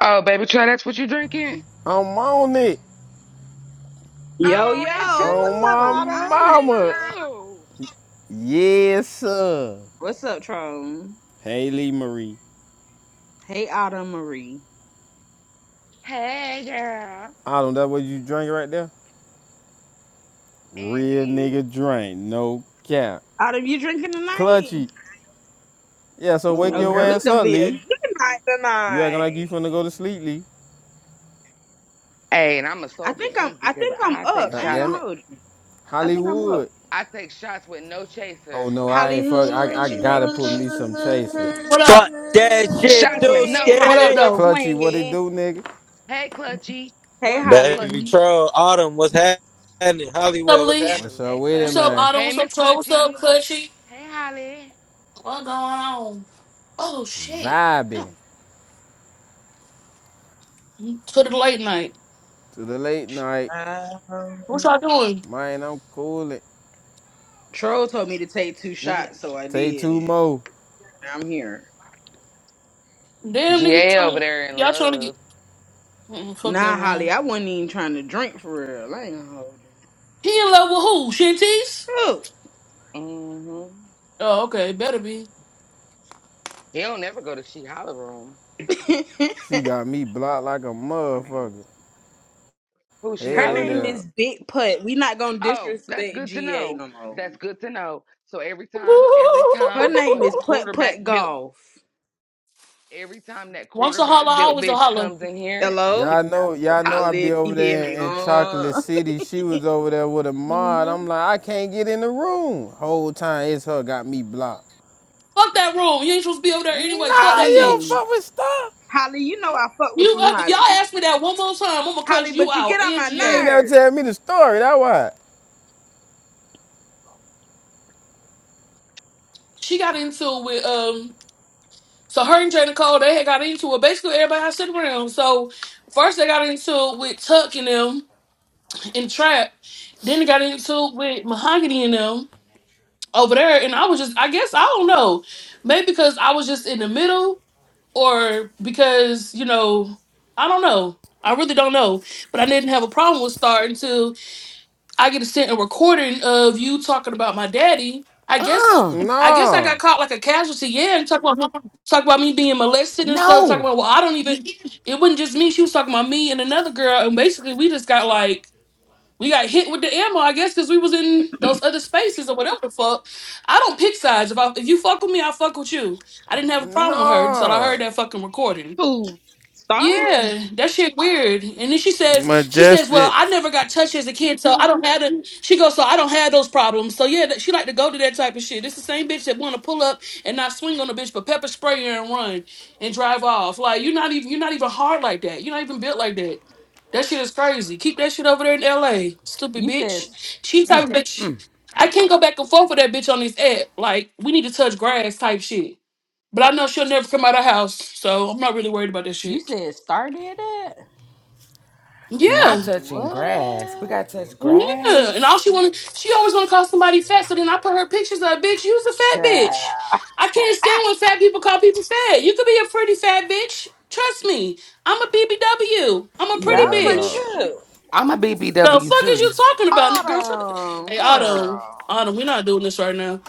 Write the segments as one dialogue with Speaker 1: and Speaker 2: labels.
Speaker 1: Oh, baby, try that's what you drinking?
Speaker 2: I'm on it.
Speaker 1: I'm
Speaker 3: Yo,
Speaker 1: on it too.
Speaker 3: yo,
Speaker 2: On
Speaker 3: what's up,
Speaker 1: I'm
Speaker 2: my
Speaker 1: on
Speaker 3: Autumn? Hey,
Speaker 1: it
Speaker 2: mama.
Speaker 3: Autumn.
Speaker 1: too.
Speaker 2: Yes, sir.
Speaker 3: What's up, Tron?
Speaker 2: Haley Marie.
Speaker 3: Hey, Autumn Marie.
Speaker 1: Hey, girl.
Speaker 2: I don't know that what you drink right there.
Speaker 1: And
Speaker 2: Real nigga
Speaker 1: is.
Speaker 2: drink. No cap.
Speaker 3: Autumn, you drinking tonight?
Speaker 2: Clutchy. Yeah, so wake
Speaker 3: Oh,
Speaker 2: your
Speaker 3: girl,
Speaker 1: hmm
Speaker 3: it's
Speaker 2: ass
Speaker 3: gonna
Speaker 2: up,
Speaker 3: be a
Speaker 2: Lee.
Speaker 3: good night
Speaker 2: You acting like you finna
Speaker 3: tonight.
Speaker 2: go to sleep, Lee.
Speaker 1: Hey, and I'm a
Speaker 3: I
Speaker 1: soldier
Speaker 3: think I'm.
Speaker 1: too
Speaker 3: I
Speaker 1: because
Speaker 3: think I'm
Speaker 1: I
Speaker 3: up.
Speaker 1: take
Speaker 3: I
Speaker 2: God
Speaker 3: ain't
Speaker 1: shots.
Speaker 2: damn
Speaker 3: gonna
Speaker 2: it.
Speaker 3: hold you. I think I'm
Speaker 2: Hollywood.
Speaker 3: up.
Speaker 1: I take shots with no
Speaker 2: Oh
Speaker 1: chaser.
Speaker 2: no, I ain't fuck.
Speaker 1: I'm a
Speaker 2: I,
Speaker 3: Hollywood,
Speaker 2: I
Speaker 1: ratchet
Speaker 2: gotta put
Speaker 1: bitch.
Speaker 2: me some chaser.
Speaker 4: What up?
Speaker 5: Fuck that shit,
Speaker 1: Shots with no
Speaker 4: What up,
Speaker 5: Dooski.
Speaker 3: Hollywood
Speaker 1: chaser.
Speaker 4: though?
Speaker 2: Clutchy, what it
Speaker 3: swinging.
Speaker 2: do, nigga?
Speaker 1: Hey, Clutchy.
Speaker 3: Hey,
Speaker 1: We're Miss
Speaker 5: Baby
Speaker 3: Holly.
Speaker 1: Clutchy.
Speaker 5: Troll, Autumn, what's happening?
Speaker 4: What's
Speaker 5: Hollywood,
Speaker 4: up,
Speaker 5: what's
Speaker 4: Lee?
Speaker 2: What's
Speaker 5: happening?
Speaker 2: up
Speaker 1: Hey,
Speaker 2: with it,
Speaker 4: What's
Speaker 1: Clutch.
Speaker 4: up,
Speaker 2: man?
Speaker 4: Autumn?
Speaker 1: Hey,
Speaker 4: What's
Speaker 1: Miss
Speaker 4: up, Toe? What's up,
Speaker 1: Clutchy.
Speaker 4: Cutchy?
Speaker 1: Hey, Holly.
Speaker 4: What going on? Oh, shit.
Speaker 2: Vibing
Speaker 4: To the late night.
Speaker 2: to the late night.
Speaker 4: What
Speaker 3: Um,
Speaker 4: y'all doing?
Speaker 2: Man, I'm coolin'.
Speaker 3: Troll told me to take two
Speaker 1: G-
Speaker 3: shots, so I
Speaker 2: Take
Speaker 3: did
Speaker 2: two
Speaker 3: it.
Speaker 2: more.
Speaker 3: I'm here.
Speaker 4: Damn, nigga, you
Speaker 1: GA over
Speaker 4: trying,
Speaker 1: there in
Speaker 4: y'all trying to get...
Speaker 1: love.
Speaker 4: Mm, fuck that
Speaker 3: Nah, Holly,
Speaker 4: room.
Speaker 3: I wasn't even trying to drink for real. I ain't gonna hold you.
Speaker 4: He in love with who? Shinties?
Speaker 3: Oh,
Speaker 1: Mm-hmm.
Speaker 4: Oh, okay. Better be.
Speaker 1: He don't never go to She Holler Room.
Speaker 2: She got me blocked like a
Speaker 1: I mean, I'm listening.
Speaker 2: motherfucker.
Speaker 1: Who
Speaker 2: Hell
Speaker 1: she
Speaker 3: Her
Speaker 1: holla
Speaker 3: name
Speaker 2: yeah.
Speaker 1: do?
Speaker 3: is Big Putt. We not gonna
Speaker 1: Oh, that's
Speaker 3: disrespect
Speaker 1: good to
Speaker 3: GA
Speaker 1: know.
Speaker 3: no more.
Speaker 1: That's good to know. So every time, every
Speaker 3: Her
Speaker 1: time that
Speaker 3: name is
Speaker 1: fucking
Speaker 3: Putt
Speaker 1: quarterback
Speaker 3: Putt
Speaker 1: built,
Speaker 3: Golf.
Speaker 1: every time that
Speaker 4: Once a holler,
Speaker 1: quarterback built
Speaker 4: always a
Speaker 1: bitch
Speaker 4: holler.
Speaker 1: comes in here, I'm
Speaker 3: Hello?
Speaker 2: Y'all
Speaker 1: kicking her
Speaker 2: know,
Speaker 1: out the
Speaker 2: y'all
Speaker 1: fucking
Speaker 2: know I
Speaker 1: room.
Speaker 3: Holly,
Speaker 2: be
Speaker 3: if
Speaker 2: over
Speaker 3: you hear me.
Speaker 2: there in Chocolate
Speaker 3: Uh,
Speaker 2: City. She was over there with a mod.
Speaker 4: hmm
Speaker 2: I'm like, I can't get in the room. Whole time it's her got me blocked.
Speaker 4: Fuck that room. You ain't supposed to be over
Speaker 2: Nah,
Speaker 4: there anyway. Fuck that
Speaker 2: you don't
Speaker 4: bitch.
Speaker 3: Holly.
Speaker 2: fuck with stuff.
Speaker 3: Holly, you know I fuck with
Speaker 4: You,
Speaker 3: you,
Speaker 4: if y'all
Speaker 3: Holly.
Speaker 4: ask me that one more time, I'm gonna
Speaker 3: Holly,
Speaker 4: cuss you
Speaker 3: but you get
Speaker 4: out.
Speaker 3: on my
Speaker 2: You ain't
Speaker 4: NGA.
Speaker 2: never
Speaker 3: nerve.
Speaker 2: tell me the story. That why.
Speaker 4: She got into it with um. So her and Jada Cole, they had got into it. Basically, everybody I sit around. So first they got into it with Tuck and them and Trap. Then they got into it with Mahogany and them over there. And I was just, I guess I don't know, maybe because I was just in the middle, or because you know, I don't know. I really don't know. But I didn't have a problem with starting to. I get to send a recording of you talking about my daddy. I guess
Speaker 1: Uh,
Speaker 4: I guess I
Speaker 2: Nah,
Speaker 4: got caught like a casualty. Yeah, and talk about talk about me being molested and stuff. Talking
Speaker 1: no,
Speaker 4: about well, I don't even. It wasn't just me. She was talking about me and another girl, and basically we just got like we got hit with the ammo. I guess because we was in those other spaces or whatever the fuck. I don't pick sides. If I, if you fuck with me, I fuck with you. I didn't have a problem with her until I
Speaker 2: nah.
Speaker 4: heard that fucking recording.
Speaker 3: Who? Star?
Speaker 4: Yeah, that shit weird. And then she says, she says, well,
Speaker 2: Majestic.
Speaker 4: I never got touched as a kid, so I don't have the. She goes, so I don't have those problems. So yeah, that- she like to go to that type of shit. It's the same bitch that want to pull up and not swing on the bitch, but pepper spray her and run and drive off. Like you're not even you're not even hard like that. You're not even built like that. That shit is crazy. Keep that shit over there in L.A. Stupid
Speaker 3: You said
Speaker 4: bitch. She type of bitch. I can't go back and forth with that bitch on this app. Like we need to touch grass type shit. But I know she'll never come out of house, so I'm not really worried about that
Speaker 3: you
Speaker 4: shit.
Speaker 3: said Star did that?
Speaker 4: Yeah,
Speaker 1: not touching grass. We
Speaker 3: What?
Speaker 1: gotta touch
Speaker 4: yeah. And all
Speaker 1: grass.
Speaker 4: she wanted, she always want to call somebody fat. So then I put her pictures of bitch. You's a fat
Speaker 3: Child.
Speaker 4: bitch. I can't stand when fat people call people fat. You could be a pretty fat bitch. Trust me, I'm a BBW. I'm a pretty
Speaker 3: Yeah, I'm
Speaker 2: Hell
Speaker 3: pretty
Speaker 4: bitch.
Speaker 2: no.
Speaker 3: too.
Speaker 1: I'm a
Speaker 4: The
Speaker 1: BBW
Speaker 4: fuck is
Speaker 1: too.
Speaker 4: you talking about, girl? shut the-
Speaker 3: Autumn,
Speaker 4: Hey, Autumn,
Speaker 3: girl.
Speaker 4: Autumn, we're not doing this right now.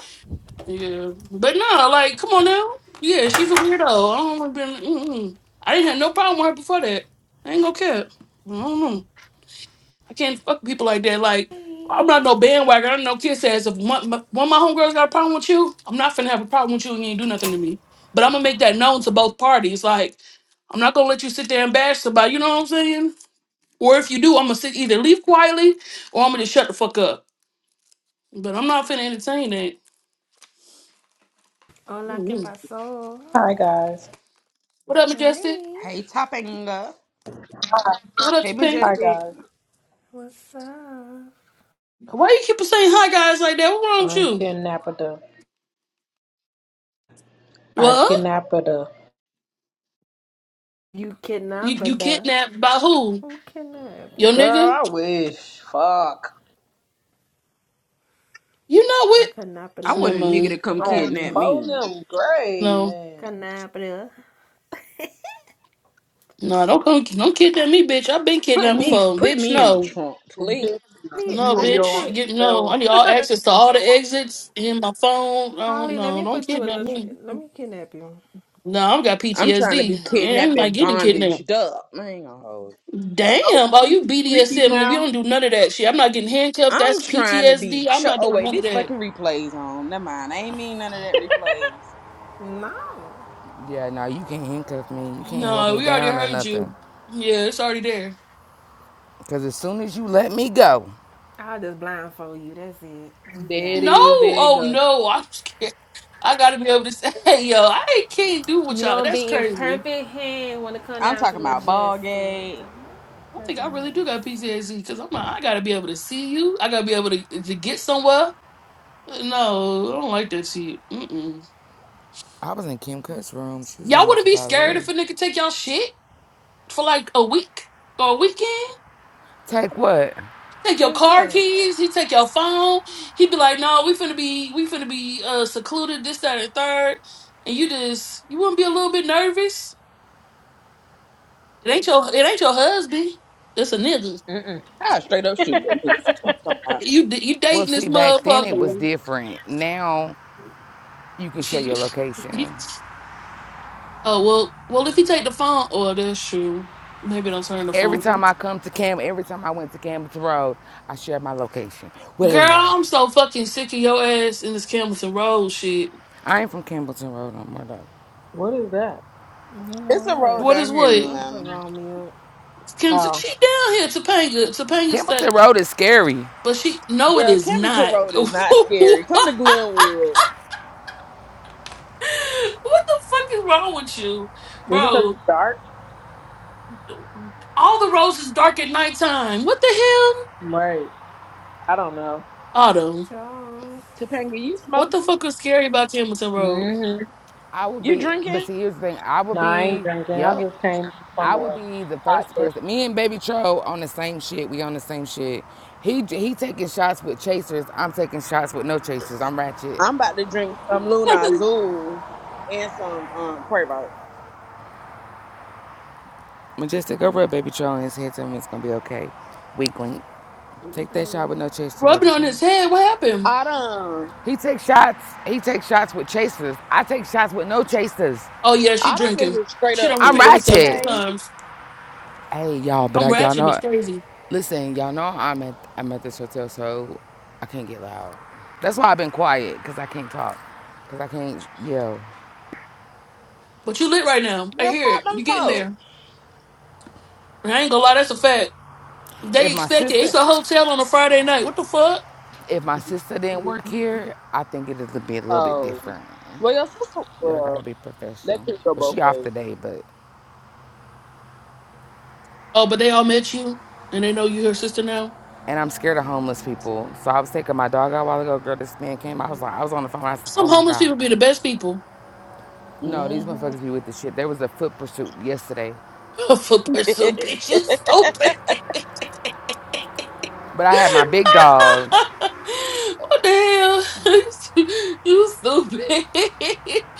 Speaker 4: Yeah, but no, like, come on now. Yeah, she's a weirdo. I don't want to be. mm-mm. I didn't have no problem with her before that. I ain't gonna care. I don't know. I can't fuck with people like that. Like, I'm
Speaker 6: Hey.
Speaker 4: not no bandwagon. I'm no kiss ass. If one, my- one of my homegirls got a problem with you, I'm not finna have a problem with you and you ain't do nothing to me. But I'm gonna make that known to both parties. Like, I'm not gonna let you sit there and bash somebody. You know what I'm saying? Or if you do, I'm gonna sit either leave quietly or I'm gonna just shut the fuck up. But I'm not finna entertain that.
Speaker 6: Hola, ¿qué
Speaker 4: mm
Speaker 6: pasó?
Speaker 7: Hi guys.
Speaker 4: What up, Majestic?
Speaker 6: Hi.
Speaker 3: Hey, Topanga.
Speaker 4: What up,
Speaker 3: Hey,
Speaker 7: Hi
Speaker 4: Topanga?
Speaker 3: Majestic.
Speaker 7: guys.
Speaker 6: What's up?
Speaker 4: Why you keep saying hi guys like that? What's wrong with
Speaker 7: I'm
Speaker 4: you?
Speaker 7: kidnapped. I
Speaker 4: What?
Speaker 7: kidnapped her.
Speaker 6: You
Speaker 4: You you
Speaker 6: canabada.
Speaker 4: kidnapped by who?
Speaker 6: Who canab
Speaker 4: Your
Speaker 6: you?
Speaker 7: Girl,
Speaker 4: nigga?
Speaker 7: I wish. Fuck.
Speaker 4: You know
Speaker 6: A
Speaker 4: what?
Speaker 3: I
Speaker 6: canapana.
Speaker 3: want
Speaker 4: Never
Speaker 3: a nigga to
Speaker 4: mind.
Speaker 3: come
Speaker 6: What
Speaker 7: On
Speaker 6: that
Speaker 3: kidnap
Speaker 6: means?
Speaker 7: phone
Speaker 3: me.
Speaker 7: them gray,
Speaker 4: No.
Speaker 7: man.
Speaker 6: Canabra. Let
Speaker 4: No, don't come, don't kidnap me, bitch. I've been
Speaker 3: Put
Speaker 4: kidnapped
Speaker 3: me,
Speaker 4: before,
Speaker 3: put
Speaker 4: bitch.
Speaker 3: me in the
Speaker 4: No,
Speaker 3: trunk, please.
Speaker 7: Bitch,
Speaker 6: me
Speaker 7: You
Speaker 4: no,
Speaker 6: let
Speaker 7: on
Speaker 6: me
Speaker 7: your
Speaker 4: bitch.
Speaker 7: own
Speaker 4: You
Speaker 6: put
Speaker 4: get no. I
Speaker 7: level.
Speaker 4: need all access to all the exits in my phone. Uh,
Speaker 6: Holly. Let
Speaker 4: no,
Speaker 6: me
Speaker 4: don't
Speaker 6: put you in
Speaker 4: kidnap
Speaker 6: a. Tr-
Speaker 4: me.
Speaker 6: let me kidnap you.
Speaker 4: No, I've got
Speaker 3: I'm trying to be
Speaker 4: PTSD. Yeah, I ain't
Speaker 6: Oh,
Speaker 3: kidnapped
Speaker 4: like
Speaker 3: and
Speaker 4: getting kidnapped.
Speaker 3: bondaged up. I ain't gonna hold.
Speaker 7: Oh
Speaker 4: Damn. Oh, you
Speaker 7: freaky freaky
Speaker 4: BDSM. We
Speaker 7: now.
Speaker 4: don't do none of that shit. I'm not getting handcuffed.
Speaker 3: I'm
Speaker 4: That's
Speaker 3: trying to be.
Speaker 4: PTSD. I'm
Speaker 3: Ch-
Speaker 4: not
Speaker 3: oh
Speaker 4: doing
Speaker 3: wait,
Speaker 4: none of
Speaker 3: this
Speaker 4: that.
Speaker 3: fucking replays on. Never mind. I ain't mean none of that replays.
Speaker 6: no,
Speaker 1: Yeah, no, you can't handcuff me. You can't hold
Speaker 4: No,
Speaker 1: me
Speaker 4: we already
Speaker 1: down or
Speaker 4: heard
Speaker 1: nothing.
Speaker 4: you. Yeah, it's already there.
Speaker 1: Cause as soon as you let me go,
Speaker 6: I'll just blindfold you. That's it. You
Speaker 7: There
Speaker 6: be
Speaker 7: it
Speaker 4: No.
Speaker 6: alright.
Speaker 7: is, there it
Speaker 4: Oh
Speaker 7: goes.
Speaker 4: no. I'm scared. I gotta be able to say, hey, yo, I can't do with
Speaker 6: You
Speaker 4: y'all.
Speaker 6: don't
Speaker 4: That's
Speaker 6: be in
Speaker 4: crazy.
Speaker 6: perfect hand when it come
Speaker 3: I'm
Speaker 6: down to
Speaker 3: talking about ball
Speaker 6: majestic.
Speaker 3: game.
Speaker 6: Okay,
Speaker 4: I think I
Speaker 6: perfect
Speaker 4: really do
Speaker 6: hands.
Speaker 4: got PTSD because I'm like, I gotta be able to see you. I gotta be able to, to get somewhere. No, I don't like that shit. Mm-mm.
Speaker 1: I was in Kim Cut's room. She was
Speaker 4: Y'all
Speaker 1: going off
Speaker 4: wouldn't be
Speaker 1: about
Speaker 4: scared if
Speaker 1: Larry.
Speaker 4: a nigga take y'all shit for like a week or a weekend?
Speaker 1: Take what?
Speaker 4: Take your
Speaker 6: Take
Speaker 4: car
Speaker 6: what?
Speaker 4: keys, he take your phone. He'd be like, no, we finna be, we finna be uh, secluded this, that, and third. And you just, you wouldn't be a little bit nervous? It ain't your, it ain't your husband. It's a nigga.
Speaker 7: Mm-mm.
Speaker 3: I straight up shoot that nigga. Fuck you talking about.
Speaker 4: You, d- you
Speaker 1: Well,
Speaker 4: dating
Speaker 1: see,
Speaker 4: this
Speaker 1: back then it was
Speaker 4: motherfucker.
Speaker 1: different. Now you can show your location.
Speaker 4: Shit. Oh well, well if you take the phone, oh that's true. Maybe don't turn the
Speaker 1: Every
Speaker 4: phone.
Speaker 1: time I come to Campbell, every time I went to Campbellton Road, I shared my location with
Speaker 4: Girl,
Speaker 1: everybody.
Speaker 4: I'm so fucking sick of your ass in this Campbellton Road shit.
Speaker 1: I ain't from Campbellton Road no more though.
Speaker 7: what is that?
Speaker 6: You know
Speaker 3: It's a road
Speaker 6: what?
Speaker 4: What
Speaker 3: down
Speaker 4: is
Speaker 3: here in
Speaker 4: what?
Speaker 6: I'm gonna go
Speaker 3: Atlanta.
Speaker 6: on mute.
Speaker 4: Kim,
Speaker 7: Oh.
Speaker 4: she down here, Topanga, Topanga
Speaker 1: Campbellton
Speaker 4: State,
Speaker 1: Road is scary.
Speaker 4: but she no, it
Speaker 3: Girl,
Speaker 4: is
Speaker 3: Camberton
Speaker 4: not.
Speaker 3: Road
Speaker 4: what
Speaker 3: is not scary. Come to Glenwood.
Speaker 4: the fuck is wrong with you,
Speaker 7: Is it because
Speaker 4: bro?
Speaker 7: it's dark?
Speaker 4: All the roads is dark at nighttime. What the hell,
Speaker 7: Right. I don't know.
Speaker 4: Otto?
Speaker 6: Joe.
Speaker 3: Topanga, you
Speaker 4: What the
Speaker 3: smoking?
Speaker 4: fuck is scary about Campbellton Road?
Speaker 7: Mm-hmm.
Speaker 1: I would
Speaker 3: You
Speaker 1: be, but
Speaker 3: drinking?
Speaker 1: see, here's the thing. I
Speaker 7: No,
Speaker 1: would
Speaker 7: I ain't
Speaker 1: be,
Speaker 7: drinking. I
Speaker 1: yep,
Speaker 7: just came
Speaker 1: I
Speaker 7: from
Speaker 1: would
Speaker 7: a
Speaker 1: be the
Speaker 7: hot
Speaker 1: first
Speaker 7: day.
Speaker 1: person. Me and Baby Tro on the same shit. We on the same shit. He he taking shots with chasers. I'm taking shots with no chasers. I'm ratchet.
Speaker 3: I'm about to drink some Luna Azul and some um Quavo.
Speaker 1: Majestic, go rub Baby Troll on his head. Tell him it's gonna be okay. Weak link. Take that shot
Speaker 6: Um,
Speaker 1: with no chaser, baby
Speaker 4: Rubbing on
Speaker 1: Troll.
Speaker 4: his head. What happened?
Speaker 3: I done,
Speaker 1: He takes shots. He takes shots with chasers. I take shots with no chasers.
Speaker 4: Oh yeah, she
Speaker 3: I done is
Speaker 4: drinking.
Speaker 3: a straight
Speaker 4: She
Speaker 3: up
Speaker 4: don't
Speaker 1: I'm
Speaker 4: repeat
Speaker 3: bitch.
Speaker 4: herself three
Speaker 1: ratchet.
Speaker 3: Okay,
Speaker 4: times.
Speaker 1: Hey y'all, but
Speaker 4: I'm
Speaker 1: I, y'all
Speaker 4: ratchet. It's
Speaker 1: know.
Speaker 4: crazy.
Speaker 1: Listen, y'all know I'm at I'm at this hotel, so I can't get loud. That's why I've been quiet, cause I can't talk, cause I can't yell.
Speaker 4: But you lit right now. I
Speaker 3: girl,
Speaker 4: hear
Speaker 3: fuck
Speaker 4: it.
Speaker 3: them
Speaker 4: You getting
Speaker 3: folks.
Speaker 4: there? And I ain't gonna lie. That's a fact.
Speaker 1: If
Speaker 4: They
Speaker 1: my
Speaker 4: expect it. It's
Speaker 1: sister,
Speaker 4: a hotel on a Friday night. What the fuck?
Speaker 1: if my sister didn't work here, I think it'd be a little bit
Speaker 3: Oh,
Speaker 1: different.
Speaker 3: well, your sister.
Speaker 1: Y'all gotta
Speaker 3: Well,
Speaker 1: be
Speaker 3: that
Speaker 1: professional.
Speaker 3: could go
Speaker 1: Well,
Speaker 3: both
Speaker 1: she off
Speaker 3: ways.
Speaker 1: today, but
Speaker 4: Oh, but they all met you and they know you her sister now.
Speaker 1: and I'm scared of homeless people. So I was taking my dog out a while ago. Girl, this man came. I was like, I was on the phone. I was like,
Speaker 4: Some
Speaker 1: oh my
Speaker 4: homeless
Speaker 1: god.
Speaker 4: people be the best people.
Speaker 1: No, these
Speaker 3: hmm
Speaker 1: motherfuckers be with the shit. There was a foot pursuit yesterday,
Speaker 4: For pursuit, bitch, you so bad.
Speaker 1: but I had my big dog.
Speaker 4: what the hell? you stupid.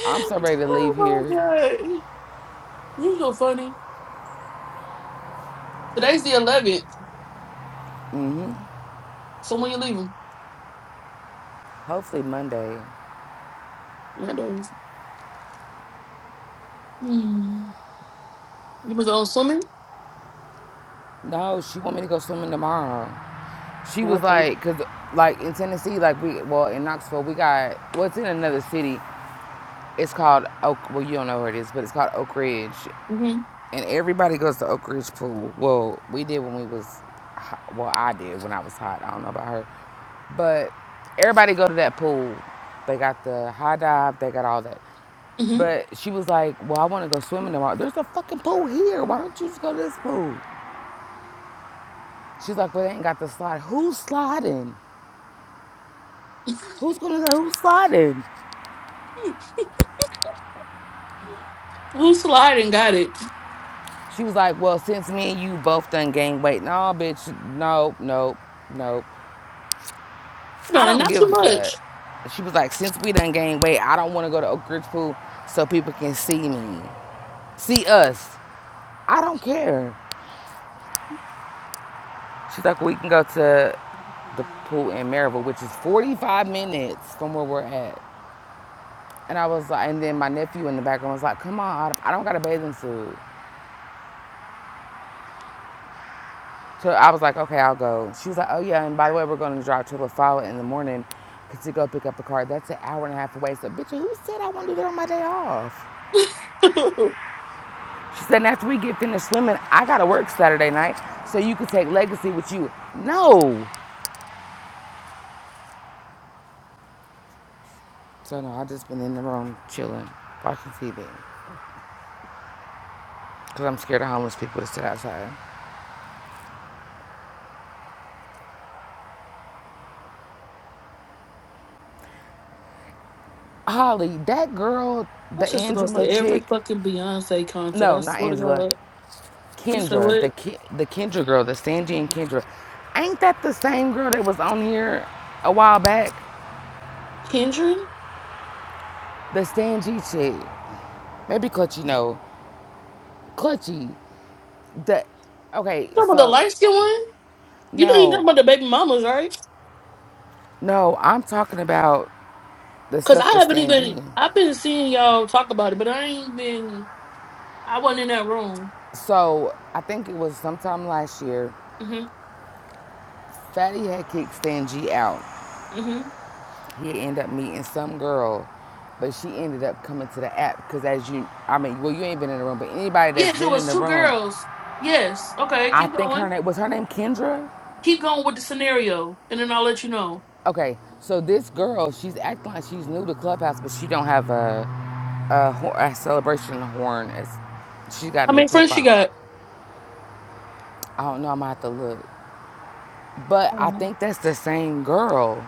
Speaker 1: I'm so ready to leave
Speaker 4: oh my
Speaker 1: here.
Speaker 4: god, you so funny. Today's the 11th. So when you leaving?
Speaker 1: Hopefully Monday.
Speaker 4: Not doing. Mm. You was on swimming.
Speaker 1: No, she want me to go swimming tomorrow. She was
Speaker 4: Okay.
Speaker 1: like, cause like in Tennessee, like we well in Knoxville, we got well it's in another city. It's called Oak. Well, you don't know where it is, but it's called Oak Ridge.
Speaker 4: Mhm.
Speaker 1: and everybody goes to Oak Ridge Pool. Well, we did when we was, well, I did when I was hot. I don't know about her, but everybody go to that pool. They got the high dive. They got all that.
Speaker 4: Mhm.
Speaker 1: But she was like, "Well, I want to go swimming tomorrow. There's a fucking pool here. Why don't you just go to this pool?" She's like, "Well, they ain't got the slide. Who's sliding? Who's gonna who's sliding?"
Speaker 4: Who slide and got it?
Speaker 1: She was like, "Well, since me and you both done gained weight, no, bitch, nope, nope, nope."
Speaker 4: I
Speaker 1: I
Speaker 4: mean,
Speaker 1: don't
Speaker 4: not
Speaker 1: give a
Speaker 4: too much.
Speaker 1: fuck. She was like, since we done gained weight, I don't want to go to Oak Ridge Pool so people can see me. See us. I don't care. She's like, we can go to the pool in Maryville, which is 45 minutes from where we're at. And I was like, and then my nephew in the background was like, come on, I don't got a bathing suit. So I was like, okay, I'll go. She was like, oh yeah, and by the way, we're going to drive to La Folla in the morning to go pick up the car. That's an hour and a half away. So, bitch, who said I want to do that on my day off? She said after we get finished swimming, I gotta work Saturday night, so you can take Legacy with you. No. So no, I just been in the room chilling, watching TV, cause I'm scared of homeless people to sit outside. Holly, that girl,
Speaker 4: My
Speaker 1: the
Speaker 4: sister goes to
Speaker 1: Angela
Speaker 4: every
Speaker 1: chick,
Speaker 4: fucking Beyonce concert.
Speaker 1: no,
Speaker 4: I
Speaker 1: not
Speaker 4: swear to
Speaker 1: Angela,
Speaker 4: God. You said
Speaker 1: Kendra,
Speaker 4: what?
Speaker 1: the Ki- the Kendra girl, the Sanji and Kendra, ain't that the same girl that was on here a while back?
Speaker 4: Kendra? You
Speaker 1: The Sanji chick, maybe Clutchy, no, Clutchy, the Okay,
Speaker 4: talking about the
Speaker 1: so
Speaker 4: light skin one? You know you
Speaker 1: no,
Speaker 4: talking about the baby mamas, right?
Speaker 1: No, I'm talking about the
Speaker 4: Cause
Speaker 1: stuff
Speaker 4: I
Speaker 1: with
Speaker 4: haven't
Speaker 1: Stan G.
Speaker 4: even. I've been seeing y'all talk about it, but I ain't been. I wasn't in that room.
Speaker 1: So I think it was sometime last year,
Speaker 4: Mhm.
Speaker 1: Fatty had kicked Stan G out.
Speaker 4: Mhm.
Speaker 1: He ended up meeting some girl, but she ended up coming to the app because as you, I mean, well, you ain't been in the room, but anybody that's
Speaker 4: Yes, it
Speaker 1: been in
Speaker 4: was
Speaker 1: the
Speaker 4: two
Speaker 1: room,
Speaker 4: girls. Yes. Okay.
Speaker 1: I
Speaker 4: Keep
Speaker 1: think
Speaker 4: going.
Speaker 1: her name, was her name Kendra?
Speaker 4: Keep going with the scenario, and then I'll let you know.
Speaker 1: Okay, so this girl, she's acting like she's new to Clubhouse, but she don't have a, a, hor- a celebration horn. As, she got a
Speaker 4: How
Speaker 1: new
Speaker 4: many friends she
Speaker 1: profile.
Speaker 4: got?
Speaker 1: I don't know, I'm gonna have to look. But
Speaker 4: Hold
Speaker 1: I
Speaker 4: on.
Speaker 1: think that's the same girl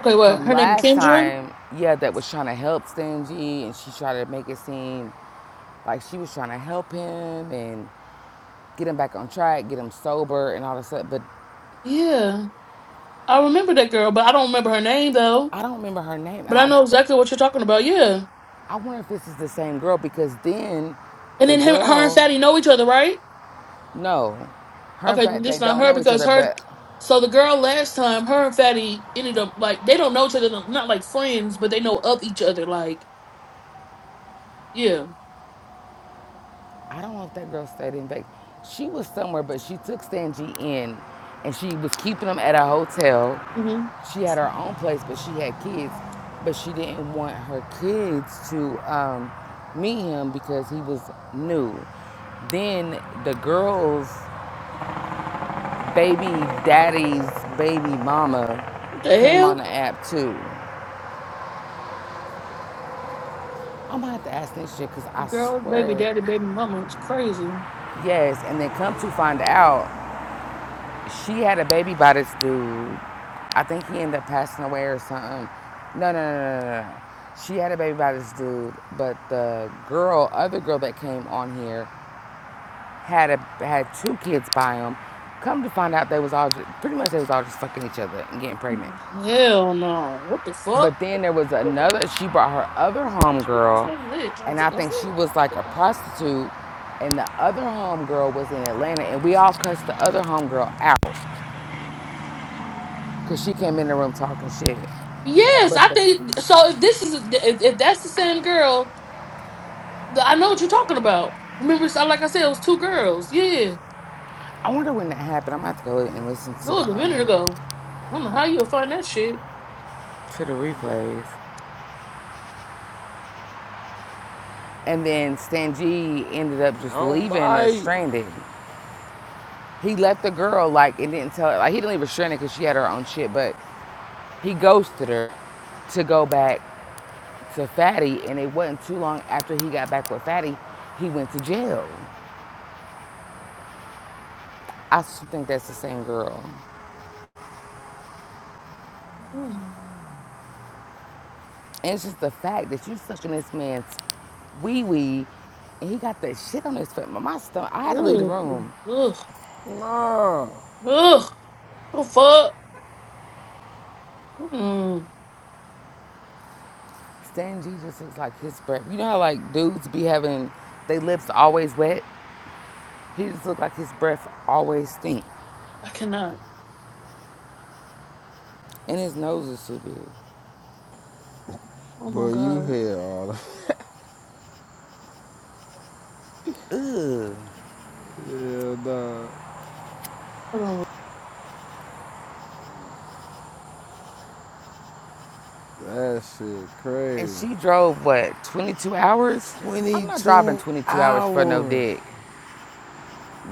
Speaker 4: Okay, what?
Speaker 1: from
Speaker 4: Her name
Speaker 1: last
Speaker 4: Kendra?
Speaker 1: time, yeah, that was trying to help Stingy and she tried to make it seem like she was trying to help him and get him back on track, get him sober and all this stuff. But
Speaker 4: Yeah. I remember that girl, but I don't remember her name though.
Speaker 1: I don't remember her name and
Speaker 4: But I
Speaker 1: I
Speaker 4: know exactly what you're talking about, yeah.
Speaker 1: I wonder if this is the same girl because then
Speaker 4: And
Speaker 1: the
Speaker 4: then him, her and
Speaker 1: girl
Speaker 4: Fatty know each other, right?
Speaker 1: no. Her and
Speaker 4: Okay, then
Speaker 1: fact they
Speaker 4: just not
Speaker 1: don't
Speaker 4: her
Speaker 1: know each
Speaker 4: because
Speaker 1: other,
Speaker 4: her
Speaker 1: but
Speaker 4: so the girl last time, her and Fatty ended up like they don't know each other, not like friends, but they know of each other, like yeah.
Speaker 1: I don't know if that girl stayed in Vegas. She was somewhere, but she took Sanji in and she was keeping them at a hotel.
Speaker 4: hmm
Speaker 1: She had her own place, but she had kids. But she didn't want her kids to um, meet him because he was new. Then the girl's baby daddy's baby mama
Speaker 4: What the
Speaker 1: came on
Speaker 4: hell?
Speaker 1: the app too. I'm gonna have to ask this shit because I
Speaker 4: girls, baby
Speaker 1: swear,
Speaker 4: daddy, baby mama, is crazy.
Speaker 1: yes. And then come to find out, She had a baby by this dude. I think he ended up passing away or something. No, no, no, no, no. no. She had a baby by this dude, but the girl, other girl that came on here, had a had two kids by him. Come to find out, they was all just, pretty much they was all just fucking each other and getting pregnant.
Speaker 4: Hell no. What the fuck?
Speaker 1: But then there was another. She brought her other homegirl, and I think she was like a prostitute. And the other homegirl was in Atlanta, and we all cussed the other homegirl out. Because she came in the room talking shit.
Speaker 4: Yes,
Speaker 1: But
Speaker 4: I
Speaker 1: the
Speaker 4: think so. If this is if, if that's the same girl, th- I know what you're talking about. Remember, so like I said, it was two girls. Yeah, it
Speaker 1: I wonder when that happened. I'm have to go and listen to the
Speaker 4: was a minute
Speaker 1: um
Speaker 4: ago. I don't know how you'll find that shit.
Speaker 1: to the replays. And then Stan G ended up
Speaker 2: I
Speaker 1: just
Speaker 2: don't
Speaker 1: leaving or
Speaker 2: bite.
Speaker 1: stranded. He left the girl like and didn't tell her like he didn't leave her stranded because she had her own shit, but he ghosted her to go back to Fatty and it wasn't too long after he got back with Fatty, he went to jail. I think that's the same girl.
Speaker 4: Mm.
Speaker 1: And it's just the fact that you sucking this man's wee wee, and he got that shit on his foot. My my stomach. I had to leave the
Speaker 4: Ugh,
Speaker 1: room.
Speaker 4: ugh,
Speaker 2: Nah.
Speaker 4: ugh. Oh fuck. Mm.
Speaker 1: Stan G just looks like his breath. You know how like dudes be having their lips always wet. He just looked like his breath always stink,
Speaker 4: I cannot.
Speaker 1: and his nose is too big.
Speaker 4: Oh my
Speaker 2: But you
Speaker 4: god.
Speaker 2: hell.
Speaker 1: Ugh.
Speaker 2: Hell no. nah.
Speaker 4: Hold on.
Speaker 2: That shit
Speaker 1: And
Speaker 2: crazy.
Speaker 1: she drove what 22 hours? I'm not driving
Speaker 2: 22
Speaker 1: 22 hours for no
Speaker 2: hours.
Speaker 1: dick.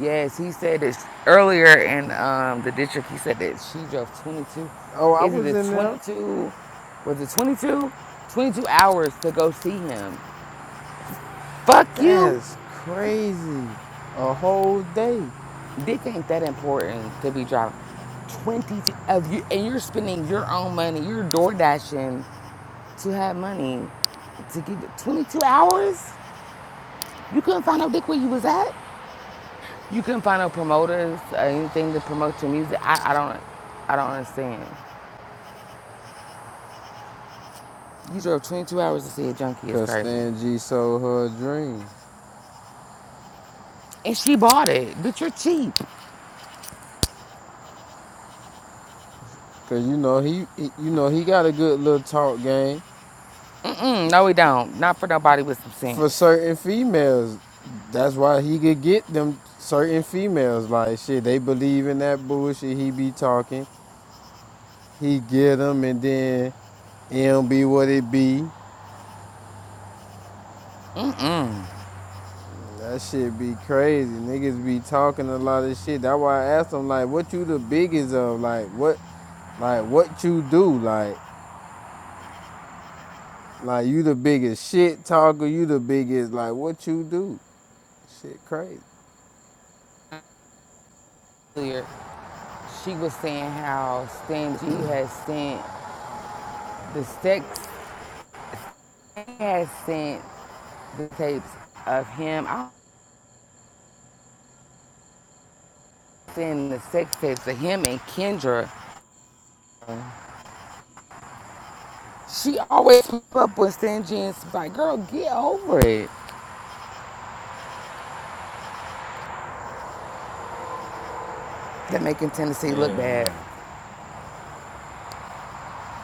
Speaker 1: Yes, he said this earlier in um, the district. He said that she drove 22.
Speaker 2: Oh, I
Speaker 1: Is it
Speaker 2: was
Speaker 1: the
Speaker 2: in there.
Speaker 1: 22? Was it 22? 22 hours to go see him. Fuck you.
Speaker 2: That's crazy. A whole day.
Speaker 1: Dick ain't that important to be driving. 22 of you, and you're spending your own money. You're door dashing to have money to get 22 hours. You couldn't find no dick where you was at. You couldn't find no promoters or anything to promote your music. I, I don't, I don't understand. You drove 22 hours to see a junkie is
Speaker 2: Cause
Speaker 1: crazy.
Speaker 2: Stan G sold her a dream.
Speaker 1: And she bought it. Bitch, you're cheap.
Speaker 2: Cause you know he, he- you know he got a good little talk game
Speaker 1: Mm-mm, no, we don't. Not for nobody with some
Speaker 2: for
Speaker 1: sense.
Speaker 2: certain females. That's why he could get them certain females. Like shit, they believe in that bullshit he be talking. He get them and then it don't be what it be. That shit be crazy. Niggas be talking a lot of shit. That's why I asked them like, what you the biggest of? Like what? Like what you do? Like like you the biggest shit talker. You the biggest like what you do? Shit crazy.
Speaker 1: Earlier, she was saying how Stan G has sent the sex He has sent the tapes of him. I send the sex tapes of him and Kendra. She always keep up with Stan G and she's like, girl, get over it. They're making Tennessee look
Speaker 2: Hell
Speaker 1: bad.
Speaker 2: no.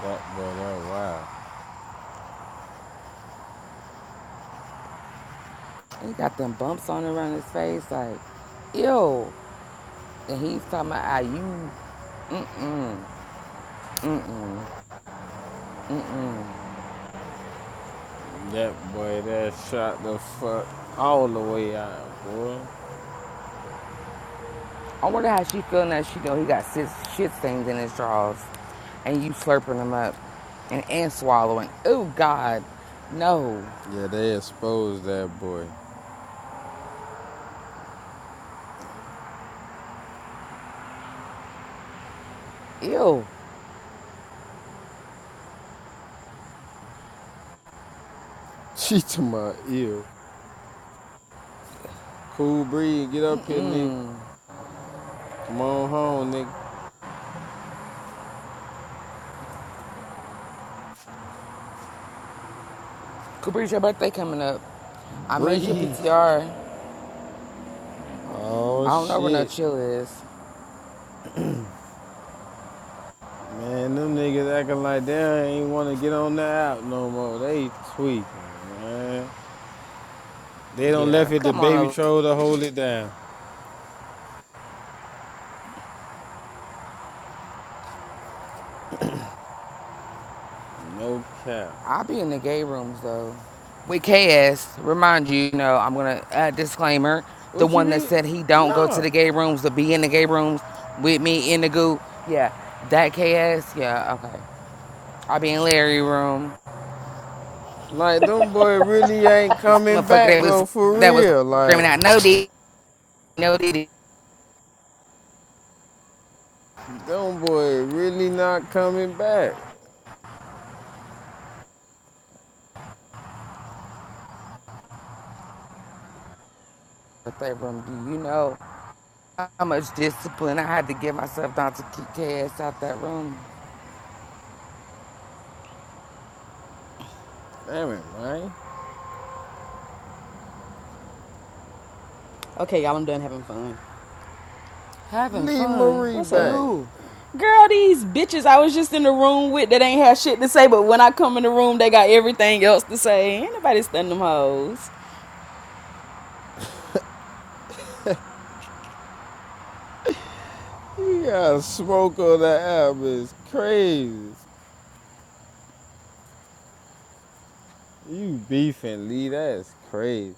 Speaker 2: That boy, that wild.
Speaker 1: He got them bumps on around his face, like, ew. And he's talking about how you.
Speaker 2: That boy, that shot the fuck all the way out, boy.
Speaker 1: I wonder how she feeling that she know he got six shit stains in his drawers, and you slurping them up, and and swallowing. Oh God, no,
Speaker 2: Yeah, they exposed that boy.
Speaker 1: ew.
Speaker 2: She to my ear. Cool breeze, get up here, nigga. Come on home, nigga.
Speaker 1: Cabri's your birthday coming up. I made you a
Speaker 2: Breeze.
Speaker 1: PTR. I
Speaker 2: Oh
Speaker 1: don't know where no
Speaker 2: shit,
Speaker 1: chill is.
Speaker 2: man, them niggas acting like they ain't want to get on the app no more. They tweaking, man. They don't left
Speaker 1: Yeah,
Speaker 2: it to
Speaker 1: come on
Speaker 2: baby
Speaker 1: over.
Speaker 2: troll to hold it down. No cap.
Speaker 1: I be in the gay rooms though. With KS, remind you, you know, I'm gonna uh, disclaimer. The
Speaker 2: What you
Speaker 1: one that
Speaker 2: mean?
Speaker 1: said he don't go to
Speaker 2: Nah.
Speaker 1: the gay rooms to be in the gay rooms with me in the goo. Yeah, that KS. Yeah, okay. I be in Larry room.
Speaker 2: Like them boy really ain't
Speaker 1: This
Speaker 2: coming
Speaker 1: motherfucker
Speaker 2: back
Speaker 1: that was
Speaker 2: though, for
Speaker 1: that was
Speaker 2: real.
Speaker 1: screaming
Speaker 2: Like
Speaker 1: out no D, no D.
Speaker 2: them boy really not coming back.
Speaker 1: that room, do you know how much discipline I had to give myself not to keep KS out that room?
Speaker 2: Damn it, man.
Speaker 3: Okay, y'all, I'm done having fun.
Speaker 1: Having
Speaker 2: Leave
Speaker 1: fun
Speaker 2: Marie
Speaker 3: What's
Speaker 1: with
Speaker 2: back.
Speaker 3: up?
Speaker 1: who?
Speaker 3: Girl, these bitches I was just in the room with that ain't have shit to say, but when I come in the room, they got everything else to say. Ain't nobody stunning them hoes.
Speaker 2: You got to smoke on the app It's crazy. You beefing, Lee. That's crazy.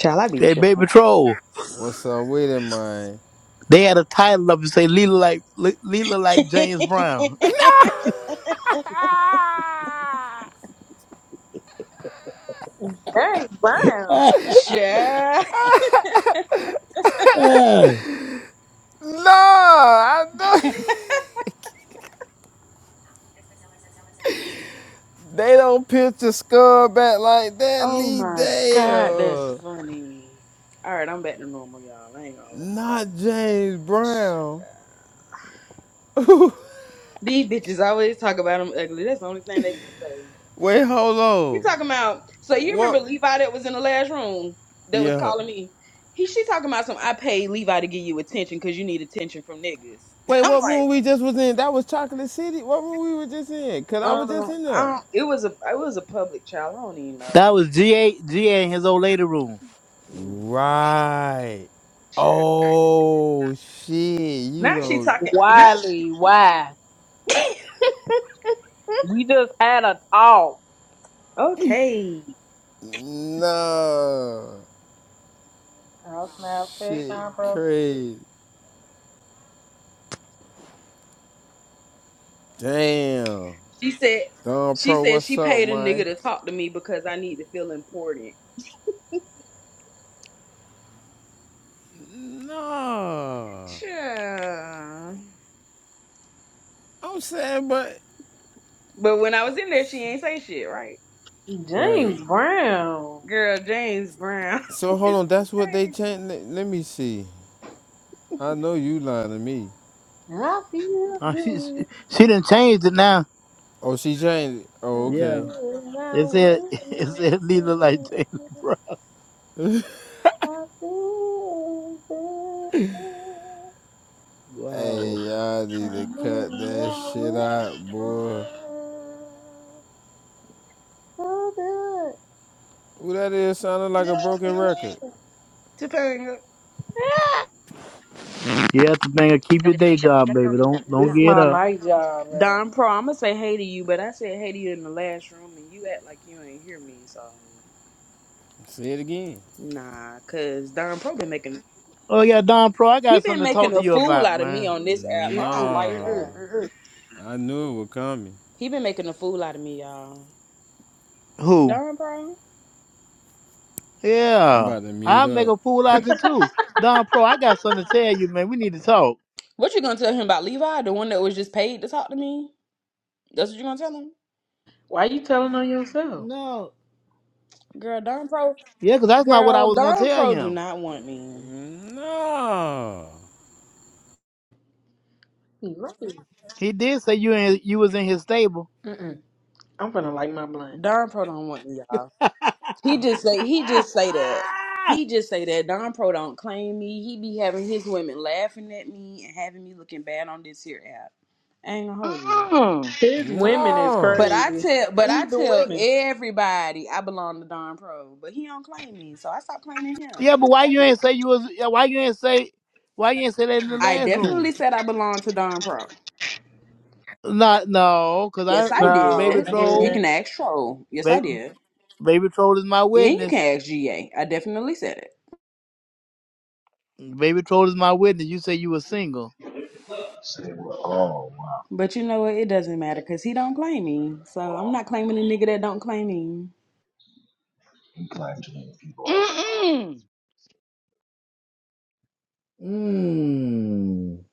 Speaker 3: Child, I be
Speaker 8: Hey,
Speaker 3: chilling.
Speaker 8: Baby Troll.
Speaker 2: What's up with it, man?
Speaker 8: They had a title up and say Leela like Le- Leela like James Brown.
Speaker 2: No!
Speaker 7: Hey, Brown.
Speaker 8: that
Speaker 3: Child.
Speaker 2: No, I don't. they don't picture Scud back like that.
Speaker 3: Oh
Speaker 2: Lee
Speaker 3: my god, that's
Speaker 2: Dale,
Speaker 3: funny. All right, I'm back to normal, y'all. I ain't gonna.
Speaker 2: not James
Speaker 3: Child.
Speaker 2: Brown.
Speaker 3: These bitches always talk about them ugly. That's the only thing they can say.
Speaker 2: Wait, hold
Speaker 3: You
Speaker 2: on.
Speaker 3: talking about? So you
Speaker 2: What?
Speaker 3: remember Levi that was in the last room that was
Speaker 2: Yeah.
Speaker 3: calling me? He she talking about some. I paid Levi to give you attention because you need attention from niggas.
Speaker 2: Wait,
Speaker 3: I'm
Speaker 2: what
Speaker 3: like,
Speaker 2: room we just was in? That was Chocolate City. What room we were just in? Cause I was just
Speaker 3: um,
Speaker 2: in
Speaker 3: I
Speaker 2: there.
Speaker 3: don't. It was a it was a public child. I don't even know.
Speaker 8: was G A G A in his old lady room.
Speaker 3: Mm,
Speaker 2: Right.
Speaker 3: child.
Speaker 2: Oh shit! You
Speaker 3: Now she
Speaker 2: know.
Speaker 3: talking. Now,
Speaker 7: Wiley, why? We just had a talk.
Speaker 3: okay.
Speaker 2: No.
Speaker 7: All snaps. Hey,
Speaker 2: Shit,
Speaker 7: nah, bro.
Speaker 2: crazy. Damn.
Speaker 3: She said
Speaker 2: Don
Speaker 3: she
Speaker 2: Pro,
Speaker 3: said
Speaker 2: what's
Speaker 3: she
Speaker 2: up,
Speaker 3: paid a nigga
Speaker 2: man?
Speaker 3: to talk to me because I need to feel important.
Speaker 2: No.
Speaker 3: Child.
Speaker 2: I'm saying, but.
Speaker 3: But when I was in there, she ain't say shit, right?
Speaker 2: Right.
Speaker 7: James Brown.
Speaker 3: Girl, James Brown
Speaker 2: So hold
Speaker 3: is
Speaker 2: on, that's what they
Speaker 3: crazy.
Speaker 2: changed. Let, let me see. I know you lying to me.
Speaker 7: I feel
Speaker 8: Uh, she, she
Speaker 7: good.
Speaker 8: she done changed it now.
Speaker 2: Oh, she changed. it.
Speaker 7: I
Speaker 2: Oh, okay.
Speaker 8: Yeah.
Speaker 7: knew I
Speaker 8: It said
Speaker 7: would.
Speaker 8: it said Leela like James Brown.
Speaker 7: I feel good.
Speaker 2: hey,
Speaker 8: Wow.
Speaker 2: y'all need
Speaker 7: I
Speaker 2: to
Speaker 7: knew
Speaker 2: cut that
Speaker 7: I
Speaker 2: shit
Speaker 7: would.
Speaker 2: out,
Speaker 7: So
Speaker 2: boy.
Speaker 7: good.
Speaker 2: Who that is sounding like
Speaker 7: So
Speaker 2: a broken record.
Speaker 7: good.
Speaker 3: Topanga.
Speaker 8: Yeah, that's the thing. Keep your day job, baby. Don't don't
Speaker 7: This is
Speaker 8: get
Speaker 7: my
Speaker 8: up.
Speaker 7: night job, man.
Speaker 3: Don Pro, I'ma say hey to you, but I said hey to you in the last room and you act like you ain't hear me, so
Speaker 2: Say it again.
Speaker 3: nah, cause Don Pro been making
Speaker 8: Oh yeah, Don Pro, I
Speaker 3: he
Speaker 8: got
Speaker 3: been
Speaker 8: something to talk
Speaker 3: making
Speaker 8: to
Speaker 3: a
Speaker 8: you
Speaker 3: fool
Speaker 8: about,
Speaker 3: out of me
Speaker 8: man.
Speaker 3: on this app. I don't
Speaker 7: Mm-mm,
Speaker 3: like
Speaker 2: Nah,
Speaker 3: that.
Speaker 7: mm-mm, mm-mm.
Speaker 2: I knew it was coming.
Speaker 3: He been making a fool out of me, y'all.
Speaker 8: Who?
Speaker 3: Don Pro?
Speaker 2: I'm
Speaker 8: Yeah.
Speaker 2: about to mute
Speaker 8: I'll make
Speaker 2: up.
Speaker 8: a fool out of you too. Don Pro, I got something to tell you, man. We need to talk.
Speaker 3: What you gonna tell him about Levi, the one that was just paid to talk to me? That's what you gonna tell him?
Speaker 7: Why you telling on yourself?
Speaker 8: No.
Speaker 3: Girl, Darn Pro
Speaker 8: Yeah, because that's not what I
Speaker 3: Girl,
Speaker 8: was gonna
Speaker 3: Darn
Speaker 8: tell
Speaker 3: Pro do
Speaker 8: him.
Speaker 3: not want me.
Speaker 2: No.
Speaker 7: You lucky.
Speaker 8: He did say you in, you was in his stable.
Speaker 7: Mm-mm. I'm gonna light my blunt.
Speaker 3: Darn Pro don't want me, y'all. He just say he just say that. He just say that Don Pro don't claim me. He be having his women laughing at me and having me looking bad on this here app. I ain't gonna hold you.
Speaker 1: Mm-mm.
Speaker 7: His women is
Speaker 2: No.
Speaker 3: But I
Speaker 7: crazy.
Speaker 3: tell but I
Speaker 7: Who's the
Speaker 3: tell
Speaker 7: women?
Speaker 3: everybody I belong to Don Pro, but he don't claim me, so I stopped claiming him.
Speaker 8: yeah, but why you ain't say you was? yeah, Why you ain't say? Why you ain't say that in the
Speaker 3: I
Speaker 8: last
Speaker 3: definitely
Speaker 8: room?
Speaker 3: said I belong to Don Pro.
Speaker 8: Not no, because I
Speaker 3: Yes, I
Speaker 8: uh,
Speaker 7: Oh
Speaker 8: baby
Speaker 3: did. You
Speaker 7: man.
Speaker 8: troll.
Speaker 3: can ask Troll. Yes, I
Speaker 8: Baby,
Speaker 3: did.
Speaker 8: baby troll is my
Speaker 3: And you
Speaker 8: witness.
Speaker 3: can ask GA. I definitely said it.
Speaker 8: Baby troll is my witness. You say you were single.
Speaker 9: So they were, oh, wow,
Speaker 3: But you know what? It doesn't matter because he don't claim me. So I'm not claiming a nigga that don't claim me.
Speaker 9: we claimed too many people already.
Speaker 1: Mm-mm.
Speaker 8: Mm.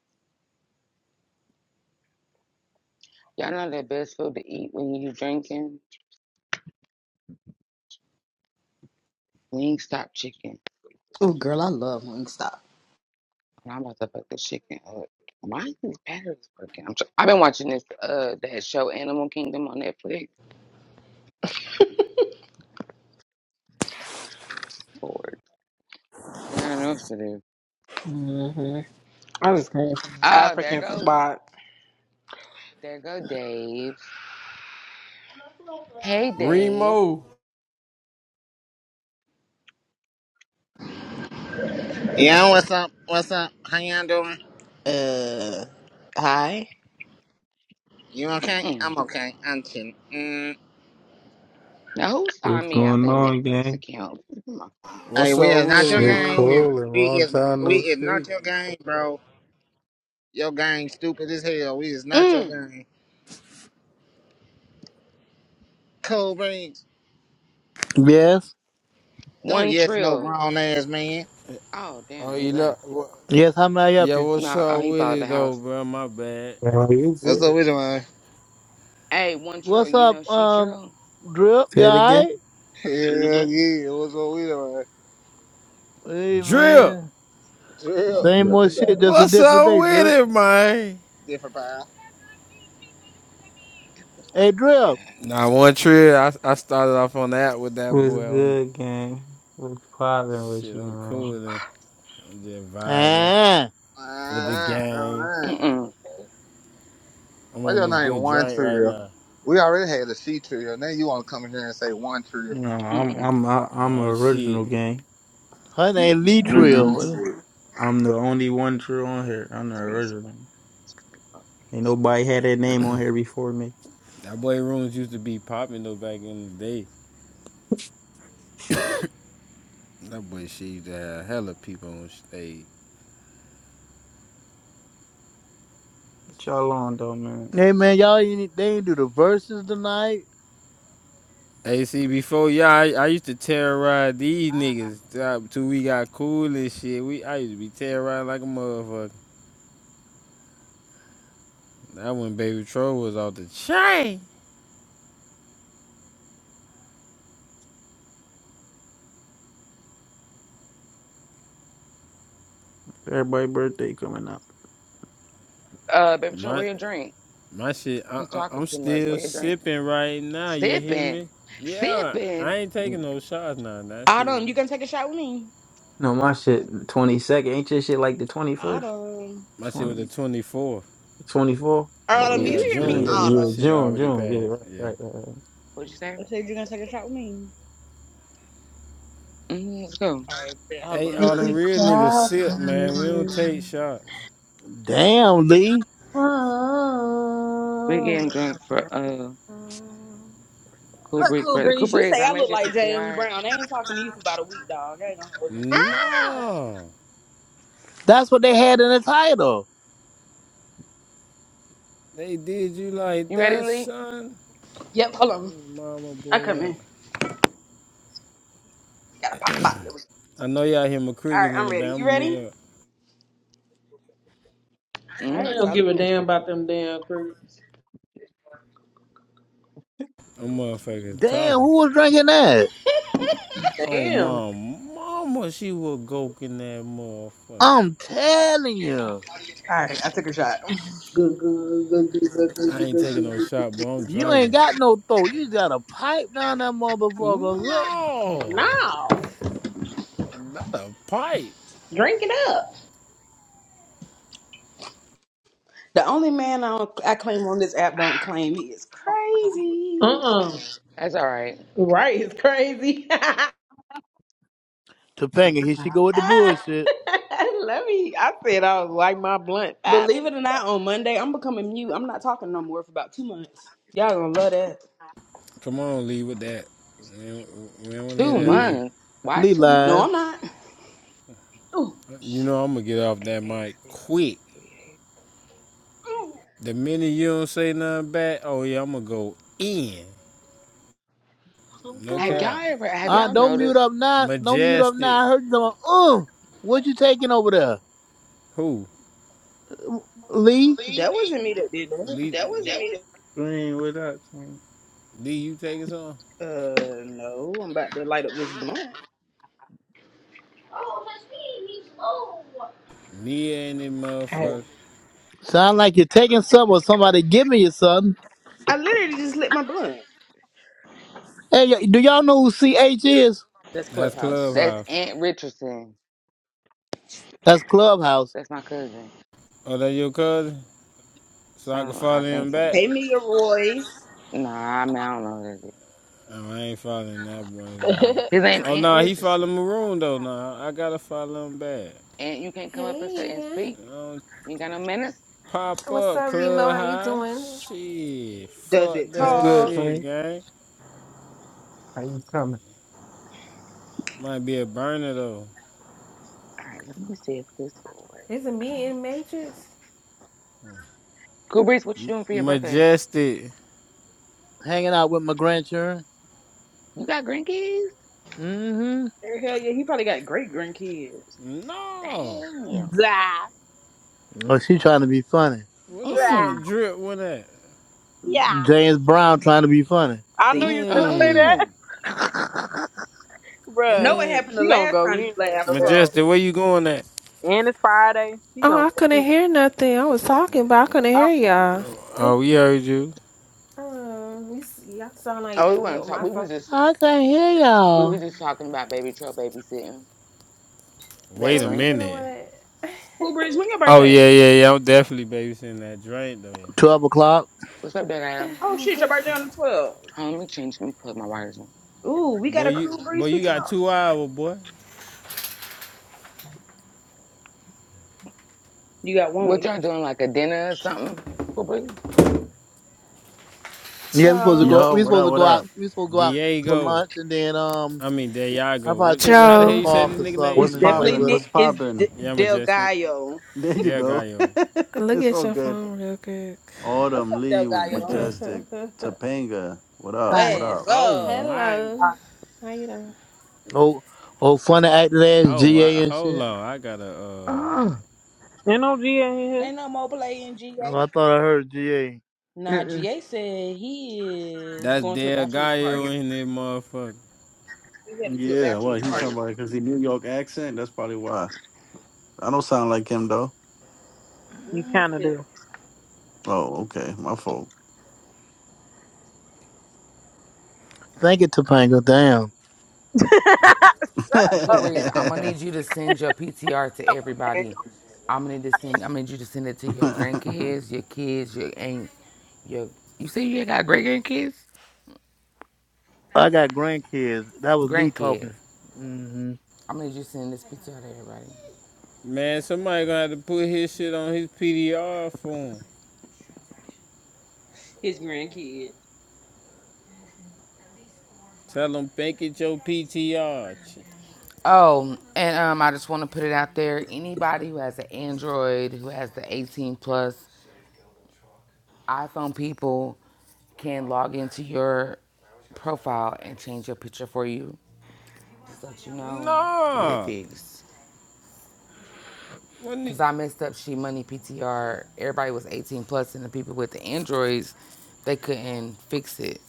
Speaker 1: Y'all know that best food to eat when you drinking? Wingstop chicken.
Speaker 3: Oh, girl, I love Wingstop.
Speaker 1: And I'm about to fuck the chicken up. Why is these batteries working? I'm tr- I've been watching this uh that show Animal Kingdom on Netflix. Lord, I don't know what else to do.
Speaker 7: hmm I just came from an
Speaker 1: Oh, there
Speaker 7: African
Speaker 1: go
Speaker 7: spot.
Speaker 1: there go Dave. Hey Dave.
Speaker 2: Remo.
Speaker 10: Yeah, what's up? What's up? How y'all doing?
Speaker 3: Uh, hi,
Speaker 10: You okay?
Speaker 1: Mm-mm.
Speaker 10: I'm okay. I'm chill. Mm,
Speaker 1: Now who
Speaker 11: What's
Speaker 1: signed me out
Speaker 11: going
Speaker 1: their
Speaker 11: on,
Speaker 1: Netflix
Speaker 11: gang?
Speaker 1: account? My phone.
Speaker 10: hey,
Speaker 2: What's
Speaker 10: we
Speaker 2: up
Speaker 10: is
Speaker 2: with
Speaker 10: not
Speaker 2: it,
Speaker 10: your
Speaker 11: Shit,
Speaker 10: gang.
Speaker 2: nigga?
Speaker 10: We is,
Speaker 11: cool. and
Speaker 10: we
Speaker 11: Long
Speaker 10: is
Speaker 11: time
Speaker 10: we
Speaker 11: no
Speaker 10: is not
Speaker 11: see.
Speaker 10: your gang, bro. Your gang stupid as hell. We is not your
Speaker 1: Mm.
Speaker 10: gang. Cold brains.
Speaker 8: Yes.
Speaker 10: Don't
Speaker 1: One
Speaker 10: yes no
Speaker 1: Trill.
Speaker 10: grown ass man.
Speaker 1: Oh
Speaker 2: Oh,
Speaker 1: damn, he
Speaker 2: you look.
Speaker 1: left.
Speaker 2: What?
Speaker 8: Yes. How may I help
Speaker 2: Yeah,
Speaker 8: you?
Speaker 2: what's
Speaker 1: No, oh
Speaker 2: up
Speaker 1: he
Speaker 2: with
Speaker 1: followed the
Speaker 2: it, though,
Speaker 1: house.
Speaker 2: bro? My bad.
Speaker 11: How you it?
Speaker 10: That's what we doing.
Speaker 1: Hey, One Trill.
Speaker 8: What's
Speaker 1: You know
Speaker 8: up,
Speaker 1: she
Speaker 8: um,
Speaker 1: Trill.
Speaker 8: Drip? You
Speaker 11: Say it
Speaker 8: all
Speaker 11: again.
Speaker 8: right?
Speaker 10: Yeah, yeah. What's what we doing?
Speaker 8: Hey
Speaker 2: Drip.
Speaker 8: man.
Speaker 9: So
Speaker 10: Yeah.
Speaker 9: I'm
Speaker 8: Same
Speaker 9: good
Speaker 8: old
Speaker 9: with
Speaker 8: shit,
Speaker 9: that.
Speaker 8: just a
Speaker 2: What's
Speaker 8: different
Speaker 2: up
Speaker 8: day,
Speaker 2: with
Speaker 8: Drip.
Speaker 2: it, man?
Speaker 10: Different pal.
Speaker 1: Yeah, let's talk
Speaker 8: Hey,
Speaker 1: about
Speaker 8: Drip.
Speaker 2: Nah, one trip. I, I started off on that with that
Speaker 11: What's
Speaker 2: boy. On
Speaker 11: good, gang? What's poppin' with
Speaker 2: shit,
Speaker 11: you,
Speaker 2: I'm
Speaker 11: man?
Speaker 2: cooling. I'm just vibing
Speaker 8: Ah,
Speaker 2: with the
Speaker 10: Ah, all
Speaker 2: gang.
Speaker 10: right.
Speaker 1: that.
Speaker 2: I'm
Speaker 10: What's
Speaker 2: on
Speaker 10: your
Speaker 2: this
Speaker 10: name?
Speaker 2: good
Speaker 10: One
Speaker 2: drink right
Speaker 10: trio.
Speaker 2: now.
Speaker 10: We already had a C trio. Now you
Speaker 11: No, I'm
Speaker 1: Mm-mm.
Speaker 11: I'm I- I'm an
Speaker 2: Oh shit,
Speaker 11: original, gang.
Speaker 8: her name Lee Trill.
Speaker 11: I'm the only one true on here. I'm the
Speaker 1: Three,
Speaker 11: original.
Speaker 1: zero, two, five, eight,
Speaker 11: Ain't
Speaker 1: six.
Speaker 11: nobody had that name on here before me.
Speaker 2: that boy rooms used to be popping though back in the day. That boy, she used to have hella people on stage.
Speaker 11: What y'all on though, man?
Speaker 8: Hey, man, y'all ain't, they ain't do the verses tonight.
Speaker 2: Hey, Hey, see, before y'all, I, I used to terrorize these niggas uh, till we got cool and shit. We, I used to be terrorized like a motherfucker. That when Baby Troll was off the chain.
Speaker 11: Everybody birthday coming up.
Speaker 1: Uh, baby, Troy,
Speaker 2: My,
Speaker 1: where your drink?
Speaker 2: my shit, I,
Speaker 1: You
Speaker 2: I,
Speaker 1: talking
Speaker 2: I'm
Speaker 1: too much.
Speaker 2: still
Speaker 1: Where your drink?
Speaker 2: sipping right now. You hear
Speaker 1: Sipping,
Speaker 2: me? Yeah, I
Speaker 1: sipping.
Speaker 2: ain't taking
Speaker 11: Mm.
Speaker 2: no shots now. That shit,
Speaker 3: Autumn, you gonna take a shot with me?
Speaker 11: No, my
Speaker 1: Yeah.
Speaker 11: shit twenty second. Ain't your shit like the twenty first?
Speaker 3: Autumn.
Speaker 2: my shit was the 24th.
Speaker 11: 24? Oh, yeah.
Speaker 3: Autumn,
Speaker 11: Yeah,
Speaker 3: you
Speaker 2: Yeah,
Speaker 3: hear
Speaker 11: yeah,
Speaker 3: me,
Speaker 2: June though, my
Speaker 11: yeah.
Speaker 3: Autumn.
Speaker 2: shit
Speaker 11: June,
Speaker 2: already
Speaker 11: June. Yeah,
Speaker 2: passed.
Speaker 11: right,
Speaker 2: Yeah.
Speaker 11: right, right.
Speaker 1: What'd you say?
Speaker 3: I said you're gonna take a shot with me.
Speaker 1: Mm-hmm, let's go.
Speaker 3: All right, bet. hold on,
Speaker 2: Hey,
Speaker 3: let me
Speaker 2: all
Speaker 3: go
Speaker 7: It's
Speaker 2: them
Speaker 3: get
Speaker 7: a
Speaker 3: it.
Speaker 2: real niggas sip, man. We don't take
Speaker 7: problem.
Speaker 2: shots.
Speaker 8: Damn, Lee.
Speaker 1: We're
Speaker 7: Oh.
Speaker 1: getting drunk for uh Cool
Speaker 3: But
Speaker 1: Breeze
Speaker 3: cool,
Speaker 1: birthday. Cool
Speaker 3: Breeze, you
Speaker 1: Breeze,
Speaker 3: say
Speaker 1: I
Speaker 3: I
Speaker 1: made
Speaker 3: look
Speaker 1: you
Speaker 3: like James
Speaker 1: PTR.
Speaker 3: Brown. I ain't talking to you for about a week, dog. I ain't gonna hold you.
Speaker 2: No,
Speaker 8: That's what they had in the title.
Speaker 2: they did you like
Speaker 1: You ready,
Speaker 2: that,
Speaker 1: Lee?
Speaker 2: son.
Speaker 3: Yep, hold on.
Speaker 2: Mama,
Speaker 3: I
Speaker 2: boy,
Speaker 3: come
Speaker 2: up.
Speaker 3: in. Gotta pop the bottle. There we go.
Speaker 2: I know y'all hear my
Speaker 3: All right,
Speaker 2: crickets in
Speaker 3: I'm
Speaker 2: the
Speaker 3: ready.
Speaker 2: back. I'ma
Speaker 3: You
Speaker 2: mute
Speaker 3: ready?
Speaker 2: up.
Speaker 7: I
Speaker 3: All right,
Speaker 1: Mm-hmm.
Speaker 7: don't
Speaker 3: salute.
Speaker 7: give a
Speaker 3: All
Speaker 1: That's
Speaker 7: damn
Speaker 1: o-
Speaker 7: about them damn creeps.
Speaker 2: I'm motherfuckers
Speaker 8: Damn,
Speaker 2: talking.
Speaker 8: who was drinking that?
Speaker 2: Oh,
Speaker 7: Damn.
Speaker 2: my mama, she was goking that motherfucker.
Speaker 8: I'm telling you.
Speaker 3: right, I took a shot.
Speaker 7: Good, good, good, good, good, good,
Speaker 2: I
Speaker 7: good,
Speaker 2: ain't
Speaker 7: good,
Speaker 2: taking
Speaker 7: good. good.
Speaker 2: no shot, but I'm
Speaker 8: You ain't
Speaker 2: drinking.
Speaker 8: got no throat. You got a pipe down that motherfucker. Something.
Speaker 2: No,
Speaker 7: No.
Speaker 2: not a pipe.
Speaker 7: Drink it up.
Speaker 3: The only man I, don't, I claim on this app don't claim me is crazy.
Speaker 7: Uh-uh.
Speaker 1: that's all right.
Speaker 7: Right, it's crazy.
Speaker 8: Topanga, here she go with the
Speaker 11: right.
Speaker 7: Ah,
Speaker 8: bullshit.
Speaker 7: Let me. I said I was like my blunt five
Speaker 3: Believe it
Speaker 7: minutes
Speaker 3: or not,
Speaker 7: ago.
Speaker 3: on Monday I'm becoming mute. I'm not talking no more for about two months. Y'all gonna love that.
Speaker 2: Come on, Lee, with that. We do we don't want to
Speaker 1: Two
Speaker 2: hear that,
Speaker 8: Lee,
Speaker 2: Lee.
Speaker 1: months. Why
Speaker 8: Lee
Speaker 1: two
Speaker 8: lying.
Speaker 3: No,
Speaker 1: months?
Speaker 3: I'm not.
Speaker 7: Ooh,
Speaker 2: You know I'm gonna get off
Speaker 1: Eight,
Speaker 2: that
Speaker 1: eight,
Speaker 2: mic
Speaker 1: six,
Speaker 2: quick.
Speaker 1: three, eight.
Speaker 2: The minute you don't say nothing back, oh yeah, I'm gonna go in.
Speaker 7: I'm
Speaker 2: No
Speaker 1: Have
Speaker 7: going.
Speaker 2: cap.
Speaker 1: y'all ever? Have
Speaker 8: Uh,
Speaker 1: y'all
Speaker 8: don't mute
Speaker 1: noticed?
Speaker 8: up now. Don't mute up now.
Speaker 2: Majestic.
Speaker 8: I heard you talking. about, Uh, what you taking over there,
Speaker 2: Who?
Speaker 8: Lee?
Speaker 1: Lee,
Speaker 3: That wasn't me that did that.
Speaker 2: Lee,
Speaker 1: that wasn't even.
Speaker 11: Green, what up, Green?
Speaker 2: Lee you taking something?
Speaker 3: Uh, no. I'm about to light up this blunt.
Speaker 7: Oh, that's me. He's old.
Speaker 2: Nia and that motherfucker.
Speaker 7: oh.
Speaker 8: Sound like you're taking some or somebody giving you something.
Speaker 3: I literally just lit my blunt.
Speaker 8: Hey, y- do y'all know who CH is?
Speaker 3: That's
Speaker 2: That's
Speaker 3: Clubhouse.
Speaker 1: That's
Speaker 2: Clubhouse.
Speaker 1: Aunt Richardson.
Speaker 8: That's Clubhouse.
Speaker 1: That's my cousin.
Speaker 2: Oh, that your cousin? So
Speaker 1: So
Speaker 2: I can
Speaker 1: I
Speaker 2: follow
Speaker 1: think
Speaker 2: him
Speaker 1: so.
Speaker 2: back?
Speaker 3: Hey, Mia Royce.
Speaker 1: Nah, I mean, I don't know who that is.
Speaker 2: Oh, I ain't following that boy then.
Speaker 1: His name
Speaker 2: Oh,
Speaker 1: Aunt
Speaker 2: no, nah, he follow
Speaker 1: Richardson.
Speaker 2: Maroon, though, now. Nah, I gotta follow him back.
Speaker 1: And you can't come up and say and
Speaker 6: hey.
Speaker 1: speak.
Speaker 2: Um,
Speaker 1: You got no minutes?
Speaker 2: pop
Speaker 6: What's
Speaker 2: up,
Speaker 6: up, Remo? How you doing?
Speaker 2: Clubhouse. Shit.
Speaker 3: Does
Speaker 2: Fuck
Speaker 3: it
Speaker 11: What's
Speaker 2: that
Speaker 11: good,
Speaker 3: talk?
Speaker 2: shit,
Speaker 11: Green?
Speaker 2: gang.
Speaker 11: How you coming?
Speaker 2: Might be a burner, though.
Speaker 1: All right, let me see if this will work.
Speaker 6: Is it me in Matrix?
Speaker 1: Cool Breeze, what you
Speaker 2: M-
Speaker 1: doing for your birthday?
Speaker 2: Majestic.
Speaker 8: Hanging out with my grandchildren.
Speaker 1: You got grandkids?
Speaker 8: Mm-hmm.
Speaker 3: Hell yeah, he probably got great grandkids.
Speaker 2: No.
Speaker 1: Damn.
Speaker 7: Zah,
Speaker 8: Oh, she trying to be funny.
Speaker 2: Where the
Speaker 7: zah,
Speaker 2: fuck
Speaker 1: Mm.
Speaker 2: Drip went at?
Speaker 7: yeah.
Speaker 8: James Brown trying to be funny.
Speaker 7: I knew
Speaker 3: See?
Speaker 7: you was gonna say
Speaker 2: Mmm.
Speaker 1: Uh-uh.
Speaker 7: that,
Speaker 3: Know
Speaker 7: bruh.
Speaker 3: what
Speaker 2: Mm,
Speaker 3: happened the
Speaker 7: We gonna
Speaker 3: last
Speaker 7: go
Speaker 3: time you
Speaker 7: in on
Speaker 3: laughed,
Speaker 7: your ass.
Speaker 3: troll?
Speaker 2: Majestic, where you going at?
Speaker 7: And it's Friday. She
Speaker 6: Oh,
Speaker 7: gonna
Speaker 6: I
Speaker 7: go in.
Speaker 6: couldn't hear nothing. I was talking, but I couldn't
Speaker 7: on
Speaker 6: hear y'all.
Speaker 7: your ass.
Speaker 2: Oh, we heard you.
Speaker 6: Um, you s- y'all sound like
Speaker 1: Oh, we weren't
Speaker 6: well,
Speaker 1: talk.
Speaker 6: my
Speaker 1: We was
Speaker 6: phone.
Speaker 1: just
Speaker 8: I can't hear
Speaker 1: we was
Speaker 8: y'all.
Speaker 1: just talking about baby truck babysitting.
Speaker 2: Wait
Speaker 1: That
Speaker 2: a
Speaker 6: Baby,
Speaker 1: drink.
Speaker 2: minute.
Speaker 6: what?
Speaker 3: Cool Breeze, when your
Speaker 2: Oh
Speaker 3: birthday?
Speaker 2: yeah, yeah, yeah. I'm definitely babysitting that drink though.
Speaker 8: Twelve o'clock.
Speaker 1: What's up, Dad Adam?
Speaker 3: Oh shit, your birthday on the
Speaker 1: Hold
Speaker 3: 12th.
Speaker 1: on, let me change. Let me put my wires in.
Speaker 3: Ooh, we got
Speaker 2: Boy,
Speaker 3: a
Speaker 2: you,
Speaker 3: Cool Breeze
Speaker 2: boy, you
Speaker 3: pick
Speaker 2: got
Speaker 3: up.
Speaker 2: two hours, boy.
Speaker 3: You got one
Speaker 1: What
Speaker 3: with
Speaker 1: y'all
Speaker 3: it.
Speaker 1: doing? Like a dinner or something? Cool Breeze?
Speaker 8: Yeah, we supposed to
Speaker 6: Joe.
Speaker 8: go.
Speaker 12: Yo,
Speaker 8: We
Speaker 12: what
Speaker 8: supposed
Speaker 12: up?
Speaker 8: to
Speaker 12: What
Speaker 8: go out.
Speaker 12: up?
Speaker 8: We supposed to go out for
Speaker 2: Diego,
Speaker 8: lunch and then um,
Speaker 2: I mean
Speaker 8: I
Speaker 2: Diego.
Speaker 8: probably
Speaker 2: What,
Speaker 8: take
Speaker 2: what?
Speaker 8: them
Speaker 2: How
Speaker 8: to
Speaker 2: the
Speaker 8: the
Speaker 2: hell
Speaker 6: Joe.
Speaker 2: you say
Speaker 8: park
Speaker 2: this
Speaker 8: or
Speaker 2: nigga name?
Speaker 3: It's
Speaker 8: something
Speaker 12: What's
Speaker 8: and
Speaker 2: Yeah,
Speaker 8: play
Speaker 3: definitely
Speaker 12: poppin'?
Speaker 8: with them.
Speaker 3: De-
Speaker 12: What's
Speaker 3: it's
Speaker 12: poppin'?
Speaker 3: De-
Speaker 2: yeah,
Speaker 3: Del
Speaker 2: Majestic.
Speaker 3: Gallo.
Speaker 12: There you go.
Speaker 2: Delgado.
Speaker 6: Look
Speaker 12: it's
Speaker 6: at
Speaker 12: all
Speaker 6: your
Speaker 12: good.
Speaker 6: phone real quick.
Speaker 3: What's
Speaker 12: Autumn,
Speaker 3: up, Del
Speaker 12: Lee,
Speaker 3: Gallo?
Speaker 12: Majestic, Topanga. What up?
Speaker 7: Hi,
Speaker 12: What
Speaker 3: What's
Speaker 12: up?
Speaker 2: Oh
Speaker 3: up?
Speaker 2: my.
Speaker 6: Hello.
Speaker 7: hi.
Speaker 6: How you doing?
Speaker 8: Oh, oh, funny acting ass
Speaker 2: Oh, I,
Speaker 8: GA and
Speaker 2: hold
Speaker 8: shit.
Speaker 2: on. I gotta. Uh,
Speaker 7: You know G ain't here.
Speaker 3: Ain't no more playing GA.
Speaker 8: Oh, I thought I heard GA.
Speaker 3: Nah,
Speaker 7: Mm-mm.
Speaker 3: GA said he is
Speaker 2: that's
Speaker 3: going to a bachelor's
Speaker 2: Delgado
Speaker 3: party.
Speaker 2: in this motherfucker.
Speaker 3: He headed to a
Speaker 12: Yeah, well,
Speaker 3: bachelor's
Speaker 12: he talking
Speaker 3: party.
Speaker 12: about because he New York accent. That's probably why. I don't sound like him though.
Speaker 7: You
Speaker 3: Mhm,
Speaker 7: kind of
Speaker 3: shit.
Speaker 7: do.
Speaker 12: Oh, okay, my fault.
Speaker 8: Thank you, Topanga. Damn.
Speaker 7: Shut up, Cooper.
Speaker 1: Cabriz, I'm gonna need you to send your PTR to
Speaker 7: Come on, damn.
Speaker 1: everybody. I'm gonna need to send. I need you to send it to your grandkids, your kids, your aunt, your. You say you ain't got great grandkids?
Speaker 8: I got grandkids. That was Lee
Speaker 1: Grandkids.
Speaker 8: talking. hmm
Speaker 1: I'm gonna need you to send this PTR to everybody.
Speaker 2: Man, somebody gonna have to put his shit on his PDR for him.
Speaker 3: His grandkids.
Speaker 2: Tell them bank it your PTR.
Speaker 1: Oh, and um, I just want to put it out there. Anybody who has an Android, who has the 18 plus iPhone, people can log into your profile and change your picture for you. Just let you know to get it
Speaker 2: Nah.
Speaker 1: fixed.
Speaker 2: When the-
Speaker 1: Cause I messed up She Money PTR. Everybody was 18 plus, and the people with the Androids, they couldn't fix it.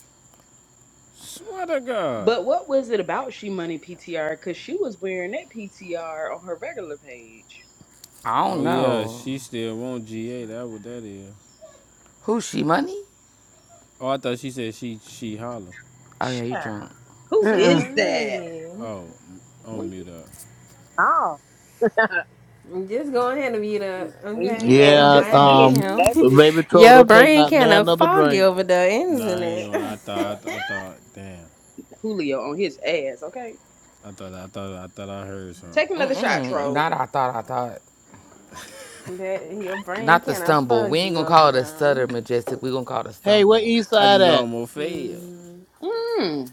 Speaker 2: swear to God.
Speaker 3: But what was it about She Money PTR? Because she was wearing that PTR on her regular page.
Speaker 1: I don't
Speaker 2: Oh yeah,
Speaker 1: know
Speaker 2: she still want GA. That what that is.
Speaker 1: who She Money.
Speaker 2: Oh, I thought she said she she holler.
Speaker 1: Oh yeah, you
Speaker 3: Child.
Speaker 1: drunk?
Speaker 3: Who
Speaker 2: Um.
Speaker 7: Mm-mm.
Speaker 3: is that?
Speaker 6: Chimani.
Speaker 2: Oh. I'm
Speaker 1: Were you?
Speaker 2: mute up.
Speaker 7: No.
Speaker 6: Just go ahead and mute up,
Speaker 7: You
Speaker 6: okay?
Speaker 7: getting,
Speaker 6: Your
Speaker 8: Yeah,
Speaker 1: Majestic,
Speaker 7: you
Speaker 1: get
Speaker 6: man,
Speaker 7: getting
Speaker 8: um,
Speaker 1: him.
Speaker 7: messy.
Speaker 8: baby troll,
Speaker 6: your
Speaker 8: don't take
Speaker 6: brain
Speaker 8: not
Speaker 6: kind
Speaker 8: now
Speaker 6: of
Speaker 8: another
Speaker 6: foggy
Speaker 8: drink.
Speaker 6: over there,
Speaker 2: Nah,
Speaker 6: isn't
Speaker 2: I ain't
Speaker 6: it?
Speaker 2: gonna. Lie. I
Speaker 3: Uh,
Speaker 2: thought. I, I thought. Damn.
Speaker 3: Julio on his ass, okay?
Speaker 2: I thought. I thought. I thought I heard something.
Speaker 3: Take another shot,
Speaker 1: Mm,
Speaker 3: troll.
Speaker 1: not I thought. I thought.
Speaker 6: that your brain
Speaker 1: Not the
Speaker 6: kind of
Speaker 1: stumble. We ain't
Speaker 6: foggy
Speaker 1: gonna
Speaker 6: over
Speaker 1: call it a stutter,
Speaker 6: there.
Speaker 1: Majestic. We gonna call it a
Speaker 8: Hey, where
Speaker 1: stumble.
Speaker 8: East
Speaker 2: I
Speaker 8: Side
Speaker 2: just
Speaker 8: at?
Speaker 2: almost failed.
Speaker 6: Mm,
Speaker 3: Mm.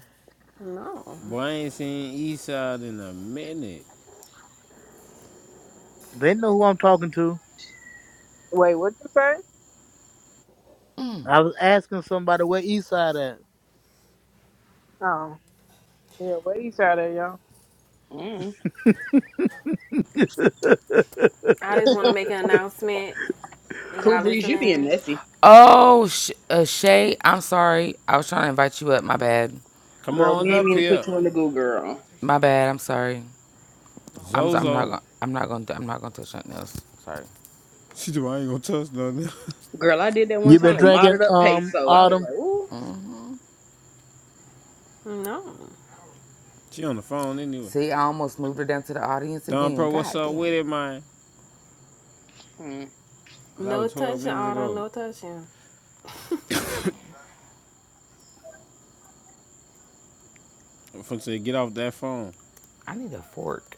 Speaker 6: no,
Speaker 2: Boy, I ain't seen Eastside in a minute.
Speaker 8: They know who I'm talking to.
Speaker 7: Wait, what you say?
Speaker 8: I was asking somebody where East Side at.
Speaker 7: Oh, yeah, what you say there, y'all?
Speaker 3: Mm.
Speaker 6: I just want to make an announcement.
Speaker 3: Cool
Speaker 6: Y'all
Speaker 3: Breeze, you being
Speaker 6: listening?
Speaker 3: messy.
Speaker 1: Oh, sh- uh, Shay. I'm sorry. I was trying to invite you up. My bad.
Speaker 2: Come
Speaker 3: Girl, we
Speaker 2: on
Speaker 3: ain't
Speaker 2: up
Speaker 3: mean to
Speaker 2: here,
Speaker 3: put you in the goo, girl.
Speaker 1: My bad. I'm sorry. I'm. I'm not.
Speaker 2: Zozo.
Speaker 1: Gonna, I'm not gonna. I'm not gonna touch nothing else. Sorry.
Speaker 2: She do. I ain't gonna touch nothing.
Speaker 3: Girl, I did that one
Speaker 8: You been
Speaker 3: time and
Speaker 8: drinking,
Speaker 3: modded up
Speaker 8: um,
Speaker 3: peso. I was
Speaker 8: Autumn?
Speaker 3: like, ooh,
Speaker 6: No,
Speaker 2: she on the phone anyway.
Speaker 1: See, I almost moved her down to the audience
Speaker 2: Don
Speaker 1: again.
Speaker 2: Pro, what's
Speaker 1: God
Speaker 2: up
Speaker 1: damn.
Speaker 2: with it, man?
Speaker 3: mm.
Speaker 2: Oh, that
Speaker 6: no
Speaker 2: was 12
Speaker 6: touching,
Speaker 2: minutes
Speaker 6: Autumn.
Speaker 2: ago.
Speaker 6: No touching.
Speaker 2: From say, get off that phone.
Speaker 1: I need a fork.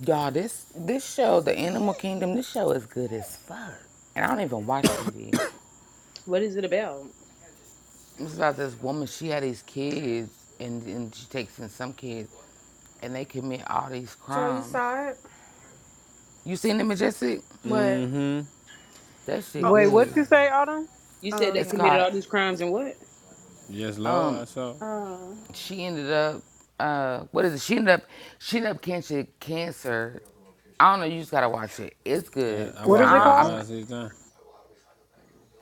Speaker 1: Y'all, this this show, The Animal Kingdom, this show is good as fuck. And I don't even watch TV.
Speaker 3: what is it about?
Speaker 1: It's about this woman, she had these kids and, and she takes in some kids and they commit all these
Speaker 6: So you
Speaker 1: crimes.
Speaker 6: saw it?
Speaker 1: You seen the majestic?
Speaker 6: What?
Speaker 2: Mm-hmm.
Speaker 1: That shit
Speaker 6: Oh,
Speaker 7: Wait, what
Speaker 1: good.
Speaker 7: you say, Autumn?
Speaker 3: You
Speaker 6: oh
Speaker 3: said they
Speaker 1: It's
Speaker 3: committed
Speaker 1: called
Speaker 6: okay.
Speaker 3: all these crimes and what?
Speaker 2: Just low,
Speaker 1: um
Speaker 2: I saw.
Speaker 6: Um,
Speaker 1: she ended up uh what is it she ended up she ended up catching cancer I don't know. You just gotta watch it. It's
Speaker 2: And
Speaker 1: good
Speaker 2: I
Speaker 1: because
Speaker 7: What is
Speaker 2: watched
Speaker 7: it
Speaker 2: about
Speaker 7: called?
Speaker 1: I'm
Speaker 2: five, six times.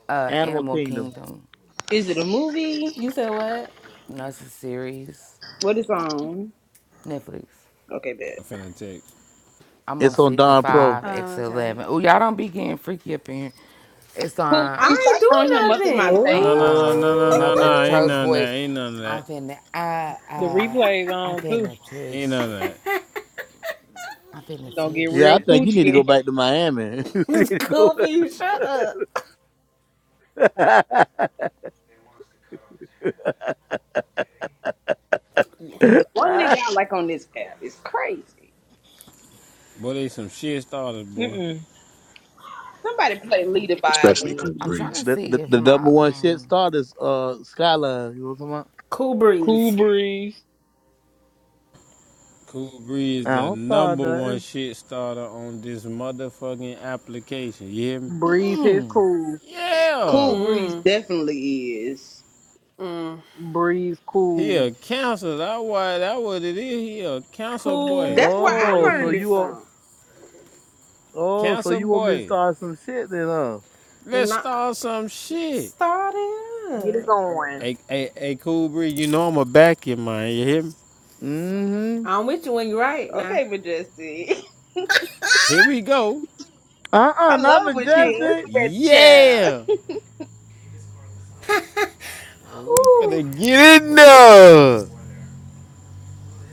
Speaker 1: uh,
Speaker 8: Animal
Speaker 1: Animal
Speaker 8: Kingdom.
Speaker 1: Kingdom.
Speaker 3: Is it a movie?
Speaker 6: you said what?
Speaker 1: You know, it's a series,
Speaker 3: What is on?
Speaker 1: Netflix.
Speaker 3: Okay,
Speaker 2: I am
Speaker 3: bet.
Speaker 2: finna text.
Speaker 1: I'm on
Speaker 8: It's on
Speaker 1: season
Speaker 8: Don Pro.
Speaker 1: five,
Speaker 6: Oh,
Speaker 1: X
Speaker 6: okay.
Speaker 1: eleven. Oh, y'all don't be getting freaky up in here. It's
Speaker 3: Cool
Speaker 1: on.
Speaker 3: Breeze,
Speaker 6: I ain't
Speaker 3: stop throwing him
Speaker 6: do
Speaker 3: up in my
Speaker 6: nothing. What
Speaker 2: No,
Speaker 3: face.
Speaker 2: no, no, no,
Speaker 1: Uh,
Speaker 2: no,
Speaker 1: no,
Speaker 2: no,
Speaker 1: baby,
Speaker 2: no.
Speaker 7: Ooh.
Speaker 2: Ain't
Speaker 1: Tro's
Speaker 2: none of that.
Speaker 1: voice.
Speaker 2: Ain't none of that.
Speaker 1: I'm finna. I
Speaker 7: The
Speaker 1: uh,
Speaker 7: replay's
Speaker 1: I'm
Speaker 7: on, too.
Speaker 1: finna
Speaker 2: Ain't none
Speaker 1: text
Speaker 2: of
Speaker 1: you.
Speaker 2: that.
Speaker 1: I'm finna
Speaker 7: It's gonna get
Speaker 1: text
Speaker 8: Yeah, I
Speaker 1: you.
Speaker 7: real
Speaker 8: think you
Speaker 7: coochie
Speaker 8: need to go
Speaker 7: in here.
Speaker 8: back to Miami. you need
Speaker 6: It's
Speaker 8: to go
Speaker 6: cool
Speaker 8: back
Speaker 6: breeze.
Speaker 8: to
Speaker 6: Shut up.
Speaker 8: Miami.
Speaker 3: The one nigga I like on this app is crazy.
Speaker 2: Boy, they some shit starters, boy.
Speaker 7: Mm-mm.
Speaker 3: Somebody play lead a
Speaker 9: especially
Speaker 3: violin.
Speaker 9: Cool
Speaker 1: I'm trying to
Speaker 9: Breeze.
Speaker 8: the, the
Speaker 1: see if
Speaker 8: the
Speaker 1: my
Speaker 8: number one shit
Speaker 1: um.
Speaker 8: started is uh Skyline. You know what I'm talking about?
Speaker 6: Cool
Speaker 7: Cool
Speaker 6: breeze.
Speaker 7: breeze.
Speaker 2: Cool Breeze,
Speaker 8: I
Speaker 2: the
Speaker 8: don't start
Speaker 2: number one
Speaker 8: nothing.
Speaker 2: shit starter on this motherfucking application. You hear me?
Speaker 7: Breeze is cool.
Speaker 3: Cool
Speaker 2: Yeah.
Speaker 3: Breeze
Speaker 6: Mm.
Speaker 3: definitely is.
Speaker 6: Mm.
Speaker 7: Breeze
Speaker 2: He
Speaker 7: cool.
Speaker 2: a cancer. That why that what it is. He a cancer boy.
Speaker 6: Cool
Speaker 3: That's where I
Speaker 8: Oh, so
Speaker 3: learned it
Speaker 8: you
Speaker 6: breeze.
Speaker 8: want
Speaker 3: from.
Speaker 8: oh, so
Speaker 2: Cancer
Speaker 8: you want me to
Speaker 2: boy.
Speaker 8: start some shit then, huh?
Speaker 6: And
Speaker 2: Let's
Speaker 6: not
Speaker 2: start some shit.
Speaker 6: start
Speaker 7: Get it
Speaker 6: up.
Speaker 7: going.
Speaker 2: Hey, hey, hey, Cool Breeze, you know I'm a back in mine. You hear me?
Speaker 8: Mm-hmm.
Speaker 6: I'm with you when you're right now.
Speaker 3: Okay, Majestic.
Speaker 2: Here we go.
Speaker 8: Uh-uh,
Speaker 3: I
Speaker 8: not
Speaker 3: love when she is
Speaker 8: majestic.
Speaker 3: that child.
Speaker 2: Yeah. We
Speaker 6: Whew.
Speaker 2: finna get in there.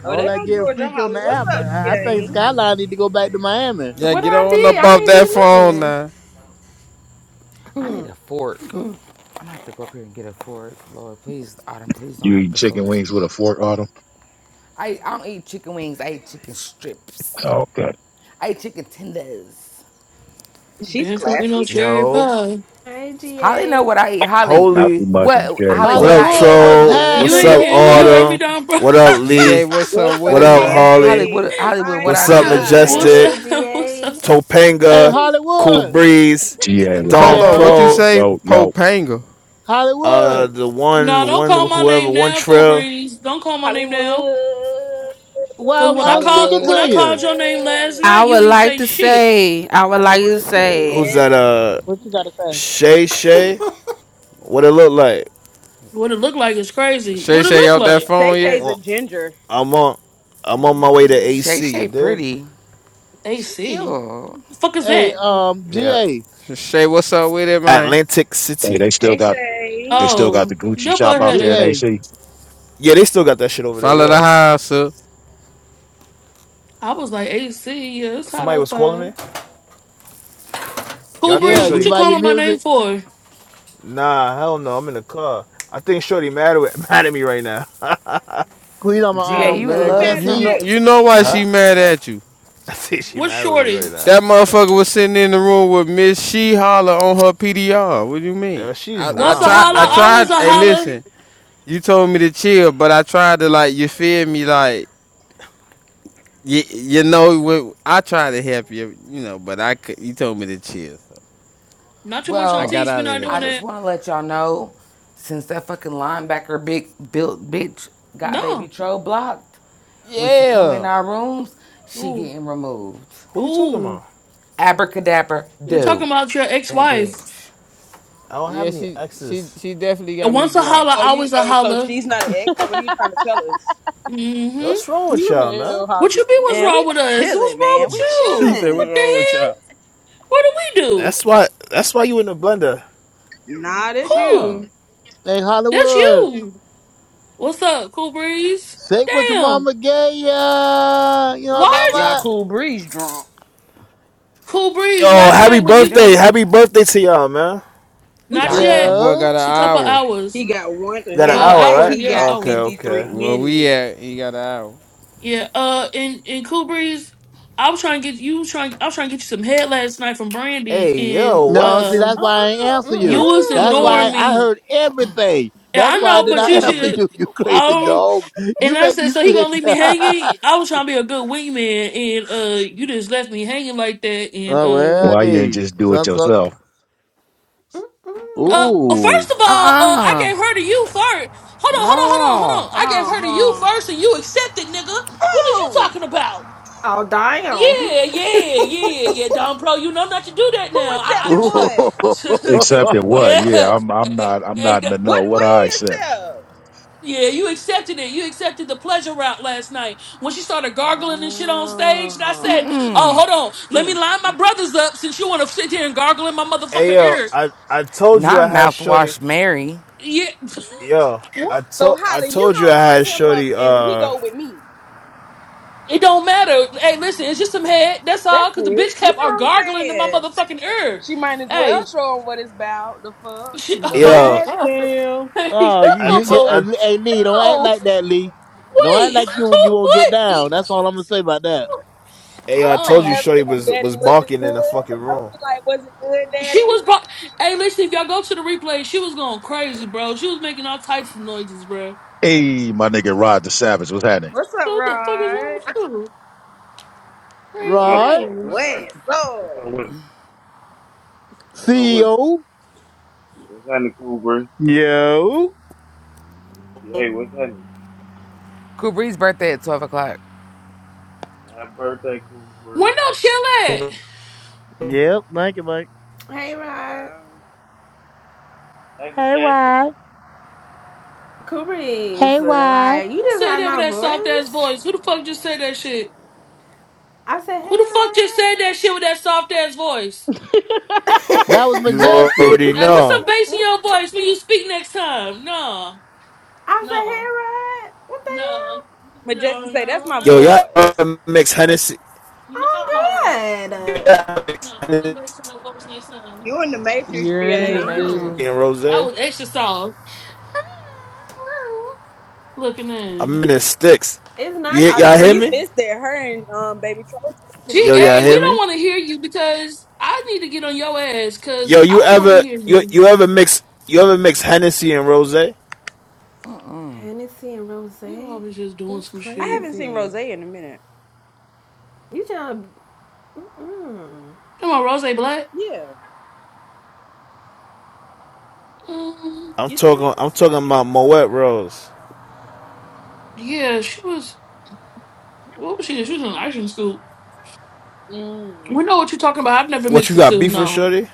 Speaker 3: Oh,
Speaker 8: All
Speaker 3: there
Speaker 8: that
Speaker 3: goes
Speaker 8: getting
Speaker 3: Georgia
Speaker 8: freaky on
Speaker 3: Holler.
Speaker 8: the
Speaker 3: What's
Speaker 8: app. I,
Speaker 3: up,
Speaker 8: I I think
Speaker 3: GA?
Speaker 8: Skyline need to go back to Miami.
Speaker 2: Yeah,
Speaker 6: What
Speaker 2: get
Speaker 6: I
Speaker 2: on
Speaker 6: did,
Speaker 2: up off that
Speaker 6: I
Speaker 2: phone
Speaker 6: ain't
Speaker 2: now.
Speaker 1: I need a
Speaker 6: do
Speaker 1: fork.
Speaker 6: nothing.
Speaker 1: I'm gonna have to go up here and get a fork. Lord, please, Autumn, please don't
Speaker 9: You
Speaker 1: act
Speaker 9: eating
Speaker 1: the
Speaker 9: chicken
Speaker 1: fool.
Speaker 9: wings with a fork, Autumn?
Speaker 1: I, I don't eat chicken wings. I eat chicken strips.
Speaker 9: Okay.
Speaker 1: I eat chicken tenders.
Speaker 3: She's
Speaker 4: Dance for Reno
Speaker 3: classy.
Speaker 4: cherry
Speaker 13: Yo,
Speaker 4: pie.
Speaker 6: hey,
Speaker 1: Holly know
Speaker 6: GA.
Speaker 1: what I eat.
Speaker 9: Hey,
Speaker 1: Holly,
Speaker 9: not
Speaker 13: holy.
Speaker 9: too much on
Speaker 1: what
Speaker 9: Cherry
Speaker 1: Holly?
Speaker 13: What
Speaker 9: Pie.
Speaker 1: What
Speaker 13: up,
Speaker 1: I eat?
Speaker 8: Hollywood, what's
Speaker 13: troll?
Speaker 1: Hollywood.
Speaker 4: You
Speaker 13: What's
Speaker 8: happening,
Speaker 4: ain't
Speaker 13: up,
Speaker 4: here. Oh, you heard
Speaker 8: baby?
Speaker 4: me,
Speaker 13: Autumn?
Speaker 4: Don, bro.
Speaker 13: What up,
Speaker 2: GA,
Speaker 13: Lee?
Speaker 2: what's up
Speaker 3: What's
Speaker 2: with
Speaker 13: What
Speaker 3: up,
Speaker 2: it,
Speaker 13: up,
Speaker 2: man?
Speaker 13: Harley?
Speaker 3: GA?
Speaker 1: Hollywood. Hollywood.
Speaker 3: My
Speaker 1: What I
Speaker 13: What's
Speaker 1: be
Speaker 13: up,
Speaker 6: What's
Speaker 4: what's
Speaker 13: Majestic?
Speaker 1: eating?
Speaker 6: good,
Speaker 3: God.
Speaker 4: up? What's
Speaker 6: GA?
Speaker 4: up?
Speaker 8: Hey
Speaker 13: Topanga, Cool
Speaker 8: Hollywood.
Speaker 13: Breeze,
Speaker 9: GA, what's
Speaker 2: Hold
Speaker 13: Dawn
Speaker 9: happening?
Speaker 2: on, what
Speaker 8: Yo,
Speaker 2: you
Speaker 13: Pro,
Speaker 2: say?
Speaker 9: Yo, yo.
Speaker 2: Popanga.
Speaker 8: Hollywood.
Speaker 13: uh, the
Speaker 4: No,
Speaker 13: one,
Speaker 4: don't
Speaker 13: one,
Speaker 4: call my
Speaker 13: whoever,
Speaker 4: name
Speaker 13: one
Speaker 4: now, Cool
Speaker 13: trail.
Speaker 4: Breeze. Don't call my name now.
Speaker 3: Hollywood.
Speaker 8: Well,
Speaker 4: Cause
Speaker 8: I'm,
Speaker 4: when I
Speaker 8: I'm
Speaker 4: called
Speaker 8: speaking
Speaker 7: Hollywood,
Speaker 4: when I
Speaker 8: to
Speaker 4: called
Speaker 8: you.
Speaker 4: your name last
Speaker 6: I
Speaker 4: night, you
Speaker 6: would
Speaker 4: ain't
Speaker 6: like
Speaker 4: say
Speaker 6: to
Speaker 4: shit.
Speaker 6: say, I would like to
Speaker 3: Hollywood queen.
Speaker 13: Who's
Speaker 6: say,
Speaker 3: yes.
Speaker 13: that? Uh,
Speaker 7: what you gotta say?
Speaker 13: Shay Shay. What it look like?
Speaker 4: What it look like is crazy.
Speaker 2: Shay
Speaker 4: What it
Speaker 2: Shay
Speaker 4: look
Speaker 2: out that
Speaker 4: like?
Speaker 3: Shay
Speaker 2: phone
Speaker 13: I'm
Speaker 2: yet?
Speaker 3: Shay's a
Speaker 13: on,
Speaker 3: ginger.
Speaker 13: I'm on, I'm on
Speaker 6: Yeah,
Speaker 13: my
Speaker 6: she
Speaker 13: way to
Speaker 6: is.
Speaker 1: Shay
Speaker 13: AC. You
Speaker 1: Shay
Speaker 13: dig?
Speaker 1: pretty. She
Speaker 4: AC.
Speaker 1: cute.
Speaker 4: The fuck is
Speaker 8: Hey,
Speaker 4: that?
Speaker 8: um,
Speaker 13: Yeah,
Speaker 8: GA,
Speaker 2: Shay, what's up with it, man?
Speaker 13: Atlantic
Speaker 9: Hey,
Speaker 13: City.
Speaker 9: they still
Speaker 3: Hey,
Speaker 9: got
Speaker 3: Shay.
Speaker 9: they still got the
Speaker 4: Oh,
Speaker 9: Gucci
Speaker 4: your boy
Speaker 9: shop out
Speaker 4: had
Speaker 9: there
Speaker 4: it.
Speaker 9: in
Speaker 8: GA,
Speaker 9: AC.
Speaker 13: Yeah, they still got that shit over there.
Speaker 2: Follow the
Speaker 13: Yeah,
Speaker 2: house up.
Speaker 4: I was like AC. Yeah, it's hot
Speaker 13: somebody was calling me.
Speaker 4: outside.
Speaker 13: Yeah,
Speaker 4: Cool
Speaker 13: I think
Speaker 8: yeah,
Speaker 4: Breeze,
Speaker 8: you
Speaker 4: what
Speaker 13: Shorty.
Speaker 4: you
Speaker 8: buy your
Speaker 4: calling my name
Speaker 8: music.
Speaker 4: for?
Speaker 13: Nah, hell no. I'm in the car. I think Shorty mad with mad at me right now.
Speaker 8: Queen on
Speaker 1: Ga,
Speaker 8: my
Speaker 3: Who?
Speaker 8: um
Speaker 1: you in
Speaker 2: Man,
Speaker 3: Who
Speaker 8: S-
Speaker 1: love or
Speaker 3: mad
Speaker 2: you
Speaker 3: at
Speaker 2: know
Speaker 8: Shanties.
Speaker 1: something?
Speaker 3: you?
Speaker 2: you know why she
Speaker 13: Huh?
Speaker 2: mad at you.
Speaker 13: I think she
Speaker 4: What's
Speaker 13: mad with me right
Speaker 4: shorty?
Speaker 13: now.
Speaker 2: That motherfucker was sitting in the room with Miss She Holler on her PDR. What do you mean?
Speaker 13: Yo, she's
Speaker 2: I, I
Speaker 4: Once a
Speaker 2: tried
Speaker 13: wildin',
Speaker 4: holler,
Speaker 2: I
Speaker 13: bro.
Speaker 4: always
Speaker 2: tried
Speaker 4: a
Speaker 2: hey
Speaker 3: Oh.
Speaker 4: holler.
Speaker 2: listen, you told me to chill, but I tried to like you feel me like you, you know I tried to help you, you know, but I could you told me to chill. So
Speaker 4: Not too much
Speaker 2: I
Speaker 4: on
Speaker 1: Well,
Speaker 2: got
Speaker 4: teach. We
Speaker 2: out of
Speaker 4: not
Speaker 1: I
Speaker 4: doing
Speaker 2: there.
Speaker 1: just
Speaker 4: that.
Speaker 1: want to let y'all know, since that fucking linebacker big built bitch got baby
Speaker 4: No.
Speaker 1: troll blocked, when she come in
Speaker 2: Yeah.
Speaker 1: our rooms, she
Speaker 4: Ooh,
Speaker 1: getting removed.
Speaker 13: Who you talking
Speaker 4: ooh.
Speaker 13: about?
Speaker 1: Abracadabra
Speaker 4: You're talking
Speaker 1: do.
Speaker 4: about your
Speaker 1: That
Speaker 4: ex-wife.
Speaker 1: bitch.
Speaker 13: I don't have
Speaker 2: Yeah,
Speaker 13: any
Speaker 2: she she
Speaker 13: exes.
Speaker 2: she definitely got
Speaker 4: And
Speaker 2: me
Speaker 4: Once a
Speaker 2: blocked.
Speaker 4: holler,
Speaker 3: Oh, you.
Speaker 4: always a
Speaker 3: Oh, so
Speaker 4: holler.
Speaker 3: she's not an ex. So what are you trying to tell us?
Speaker 13: Yo,
Speaker 4: Mm-hmm.
Speaker 13: what's wrong with
Speaker 7: You
Speaker 13: y'all, man?
Speaker 7: hell,
Speaker 4: What you
Speaker 7: Hollywood.
Speaker 4: mean? What's
Speaker 7: What
Speaker 3: And we
Speaker 4: wrong with us? What's
Speaker 3: chilling,
Speaker 4: wrong
Speaker 3: man.
Speaker 4: with
Speaker 3: We
Speaker 2: He
Speaker 4: you?
Speaker 2: said,
Speaker 3: chilling.
Speaker 2: "What's
Speaker 4: What the
Speaker 2: wrong with
Speaker 4: hell?
Speaker 2: y'all?"
Speaker 4: What do we do?
Speaker 13: That's why. That's why you in the blender.
Speaker 3: Not as
Speaker 4: Cool.
Speaker 2: No.
Speaker 3: you.
Speaker 8: Hey,
Speaker 4: That's
Speaker 8: Hollywood,
Speaker 4: you. What's up, Cool Breeze?
Speaker 8: say what your
Speaker 4: Damn.
Speaker 8: mama gave ya. You know what I'm
Speaker 4: Why did you
Speaker 3: Y'all
Speaker 8: talking
Speaker 3: cool breeze drunk.
Speaker 4: Cool
Speaker 13: Yo,
Speaker 4: Breeze last
Speaker 13: happy
Speaker 4: night when
Speaker 1: You
Speaker 4: you
Speaker 13: birthday!
Speaker 1: know, it?
Speaker 13: Happy birthday to y'all, man.
Speaker 3: Whose
Speaker 8: about?
Speaker 4: not
Speaker 1: y'all
Speaker 3: birthday?
Speaker 1: put.
Speaker 2: That
Speaker 4: yet?
Speaker 2: boy
Speaker 8: Yeah.
Speaker 2: got an
Speaker 4: It's a couple
Speaker 2: hour.
Speaker 4: hours.
Speaker 3: He got one.
Speaker 13: Got an
Speaker 3: In
Speaker 4: Oh,
Speaker 7: the
Speaker 13: hour,
Speaker 3: fact,
Speaker 4: hour.
Speaker 13: right?
Speaker 3: he
Speaker 4: Yeah,
Speaker 3: got
Speaker 13: Okay,
Speaker 4: hour.
Speaker 3: fifty three
Speaker 13: okay.
Speaker 2: Where we
Speaker 3: minutes.
Speaker 2: at, he got an hour.
Speaker 4: Yeah. Uh, and and Cool Breeze, I was trying to get you trying. I was trying to get you some head last night from Brandy,
Speaker 13: Hey,
Speaker 4: and
Speaker 13: yo,
Speaker 8: No, see,
Speaker 13: what?
Speaker 4: uh,
Speaker 8: that's why I ain't
Speaker 3: Oh,
Speaker 8: answer
Speaker 3: okay.
Speaker 4: you
Speaker 8: you.
Speaker 4: was
Speaker 8: That's
Speaker 4: ignoring
Speaker 8: why
Speaker 6: Mm-mm.
Speaker 8: I
Speaker 4: me
Speaker 8: heard everything.
Speaker 4: Yeah,
Speaker 8: That's
Speaker 4: I
Speaker 8: why I
Speaker 4: know,
Speaker 8: did
Speaker 4: but
Speaker 8: not
Speaker 4: you
Speaker 6: Mm-mm.
Speaker 8: answer
Speaker 4: should.
Speaker 8: you. You crazy
Speaker 4: Oh,
Speaker 8: dog. You
Speaker 4: and I
Speaker 8: make
Speaker 4: said,
Speaker 8: me
Speaker 4: so he
Speaker 8: sick.
Speaker 4: gonna leave me
Speaker 8: oh
Speaker 4: hanging? I was trying to be a good wingman, and uh, you just left me hanging like that. And uh,
Speaker 8: well,
Speaker 9: Why you ain't
Speaker 8: hey,
Speaker 9: just do it
Speaker 8: some, some,
Speaker 9: yourself?
Speaker 6: Mm.
Speaker 4: uh, first
Speaker 8: ooh.
Speaker 4: of
Speaker 1: Uh
Speaker 4: all, uh, I gave
Speaker 1: uh
Speaker 4: her to you first. Hold on, hold on, hold on,
Speaker 1: No.
Speaker 4: hold on.
Speaker 3: hold
Speaker 4: I gave
Speaker 3: on,
Speaker 4: her
Speaker 3: hold
Speaker 4: to you
Speaker 3: on.
Speaker 4: first, and you accepted, nigga. What is you
Speaker 3: Oh,
Speaker 4: talking about?
Speaker 6: All down.
Speaker 4: Yeah, yeah, yeah, yeah, Don Pro. You know not to do that
Speaker 3: who
Speaker 4: now. I,
Speaker 3: accepted what?
Speaker 4: I
Speaker 9: Except Accepted
Speaker 4: yeah.
Speaker 9: what? Yeah, I'm I'm
Speaker 4: Hey,
Speaker 9: not I'm not in
Speaker 4: hey,
Speaker 9: the
Speaker 3: What?
Speaker 9: know. What
Speaker 3: What
Speaker 9: I
Speaker 3: he
Speaker 9: accept?
Speaker 3: accept?
Speaker 4: Yeah, you accepted it. You accepted the pleasure route last night when she started gargling and shit on stage. And I
Speaker 3: Oh.
Speaker 4: said, "Oh, hold on, let me
Speaker 3: Mm.
Speaker 4: line my brothers up since you want to sit here and gargle in my
Speaker 13: Hey,
Speaker 4: motherfucking
Speaker 13: yo,
Speaker 4: ear."
Speaker 13: I I told you
Speaker 1: Not
Speaker 13: I had Shorty.
Speaker 1: mouthwash Mary.
Speaker 4: Yeah,
Speaker 13: Yo, I
Speaker 3: So
Speaker 13: told I
Speaker 3: Holly, you
Speaker 13: told you
Speaker 3: gonna
Speaker 13: I had
Speaker 3: line him up
Speaker 13: Shorty.
Speaker 3: and he
Speaker 13: Uh,
Speaker 3: go with me.
Speaker 4: it don't matter. Hey, listen, it's just some head. That's
Speaker 3: That's
Speaker 4: all. Cause the
Speaker 3: it.
Speaker 4: bitch
Speaker 3: You see
Speaker 4: kept on
Speaker 3: what I'm
Speaker 4: gargling in my
Speaker 3: saying?
Speaker 4: motherfucking ear.
Speaker 3: She might as well
Speaker 4: Hey,
Speaker 3: show him what it's about. The fuck.
Speaker 4: she, oh my
Speaker 13: yo,
Speaker 4: god.
Speaker 7: hell? Goddamn.
Speaker 4: Hey,
Speaker 8: Oh,
Speaker 13: I
Speaker 8: you, you,
Speaker 13: told
Speaker 4: no,
Speaker 8: uh,
Speaker 13: I
Speaker 8: hey Lee, don't act
Speaker 4: no,
Speaker 8: like that, Lee. Don't act
Speaker 4: wait,
Speaker 8: like you you won't get
Speaker 4: wait.
Speaker 8: down. That's all I'm gonna say about that.
Speaker 13: Hey, I
Speaker 3: I'm gonna
Speaker 13: told
Speaker 4: Uh-uh.
Speaker 13: you
Speaker 3: ask
Speaker 13: Shorty
Speaker 3: him,
Speaker 13: was
Speaker 3: Daddy,
Speaker 13: was
Speaker 3: was it
Speaker 13: barking in the
Speaker 3: good?
Speaker 13: fucking
Speaker 3: I'm gonna
Speaker 13: room.
Speaker 3: be like, was it good,
Speaker 4: She
Speaker 3: Daddy?
Speaker 4: was bro. Hey, listen, if y'all go to the replay, she was going crazy, bro. She was making all types of noises, bro.
Speaker 9: Hey, my nigga Rod the Savage, what's happening?
Speaker 3: What's
Speaker 4: What
Speaker 3: up,
Speaker 4: the fuck is wrong with
Speaker 3: Rod?
Speaker 4: you? Crazy
Speaker 14: Uh,
Speaker 8: Rod,
Speaker 14: bro, what's
Speaker 4: ass.
Speaker 14: that?
Speaker 3: What's
Speaker 14: What's
Speaker 3: up,
Speaker 14: up with? What's up with?
Speaker 8: CEO,
Speaker 14: What's happening, Cool Breeze?
Speaker 8: yo,
Speaker 14: Hey, what's happening?
Speaker 1: Kubri's birthday at 12 o'clock.
Speaker 14: Happy birthday, Cool Breeze.
Speaker 4: Window chill at.
Speaker 8: yep. Thank you, Mike.
Speaker 6: Hey Rod,
Speaker 3: child?
Speaker 14: Hey,
Speaker 8: Hey,
Speaker 14: Majestic.
Speaker 8: why? Hey,
Speaker 6: Kubri's uh,
Speaker 8: why?
Speaker 6: like you
Speaker 4: Who
Speaker 6: just
Speaker 4: said
Speaker 6: like
Speaker 4: that with
Speaker 6: my
Speaker 4: that soft ass
Speaker 6: voice.
Speaker 4: voice? Who the fuck just said that shit?
Speaker 6: I said,
Speaker 4: Who
Speaker 6: hey
Speaker 4: the fuck
Speaker 6: Rod.
Speaker 4: just said that shit with that soft ass voice?
Speaker 8: That was
Speaker 13: You
Speaker 8: majestic.
Speaker 13: already
Speaker 4: Hey, put some
Speaker 13: know.
Speaker 4: bass in your voice when you speak next time. No,
Speaker 6: I said,
Speaker 4: no,
Speaker 6: hey Rod, what the
Speaker 4: no,
Speaker 6: hell?
Speaker 3: Majestic
Speaker 4: no,
Speaker 3: say that's
Speaker 4: no, no,
Speaker 3: my
Speaker 13: Yo,
Speaker 4: no.
Speaker 3: voice.
Speaker 13: y'all mix Hennessy,
Speaker 4: No,
Speaker 6: I'm good.
Speaker 13: y'all mix
Speaker 4: put some
Speaker 13: Hennessy
Speaker 4: bass in your voice next time.
Speaker 3: You in the Matrix,
Speaker 7: You're
Speaker 1: You
Speaker 7: in
Speaker 1: in
Speaker 7: the
Speaker 1: the
Speaker 3: GA? Nah,
Speaker 6: Uh,
Speaker 7: zoo.
Speaker 1: Matrix.
Speaker 6: No,
Speaker 13: and
Speaker 4: That
Speaker 13: Rosé.
Speaker 4: was extra soft. Looking
Speaker 13: I'm
Speaker 4: in.
Speaker 13: in the sticks.
Speaker 6: it's
Speaker 13: You, y'all
Speaker 3: girl,
Speaker 13: hear
Speaker 3: you
Speaker 13: me?
Speaker 6: nighttime.
Speaker 3: missed that. Her and um, baby troll texting each
Speaker 4: GA.
Speaker 13: Yo,
Speaker 3: other,
Speaker 13: y'all hear
Speaker 4: we
Speaker 3: girl.
Speaker 4: don't
Speaker 13: me?
Speaker 4: want to hear you because I need to get on your ass because
Speaker 13: Yo,
Speaker 4: I
Speaker 13: you
Speaker 4: don't want to
Speaker 13: ever
Speaker 4: hear
Speaker 13: you you
Speaker 4: you.
Speaker 13: ever mix you ever mix Hennessy and Rosé?
Speaker 6: Hennessy and
Speaker 4: You
Speaker 6: rosé.
Speaker 4: always just doing
Speaker 6: That's
Speaker 4: some
Speaker 3: I
Speaker 4: shit.
Speaker 3: haven't seen Rose
Speaker 6: crazy.
Speaker 3: in a minute.
Speaker 6: You trying to? Mm-mm.
Speaker 4: Come on, Rose Black.
Speaker 3: Yeah,
Speaker 4: Um,
Speaker 13: I'm
Speaker 3: you seen her?
Speaker 13: talking I'm
Speaker 3: I ain't
Speaker 13: talking
Speaker 3: seen her.
Speaker 13: about Moet Rose.
Speaker 4: yeah, she was. What was she? She was in an action school.
Speaker 3: Mm.
Speaker 4: We know what you're talking about. I've never
Speaker 13: What
Speaker 4: mixed
Speaker 13: you
Speaker 4: the
Speaker 13: got
Speaker 4: two.
Speaker 13: beef with
Speaker 4: No,
Speaker 13: Shorty?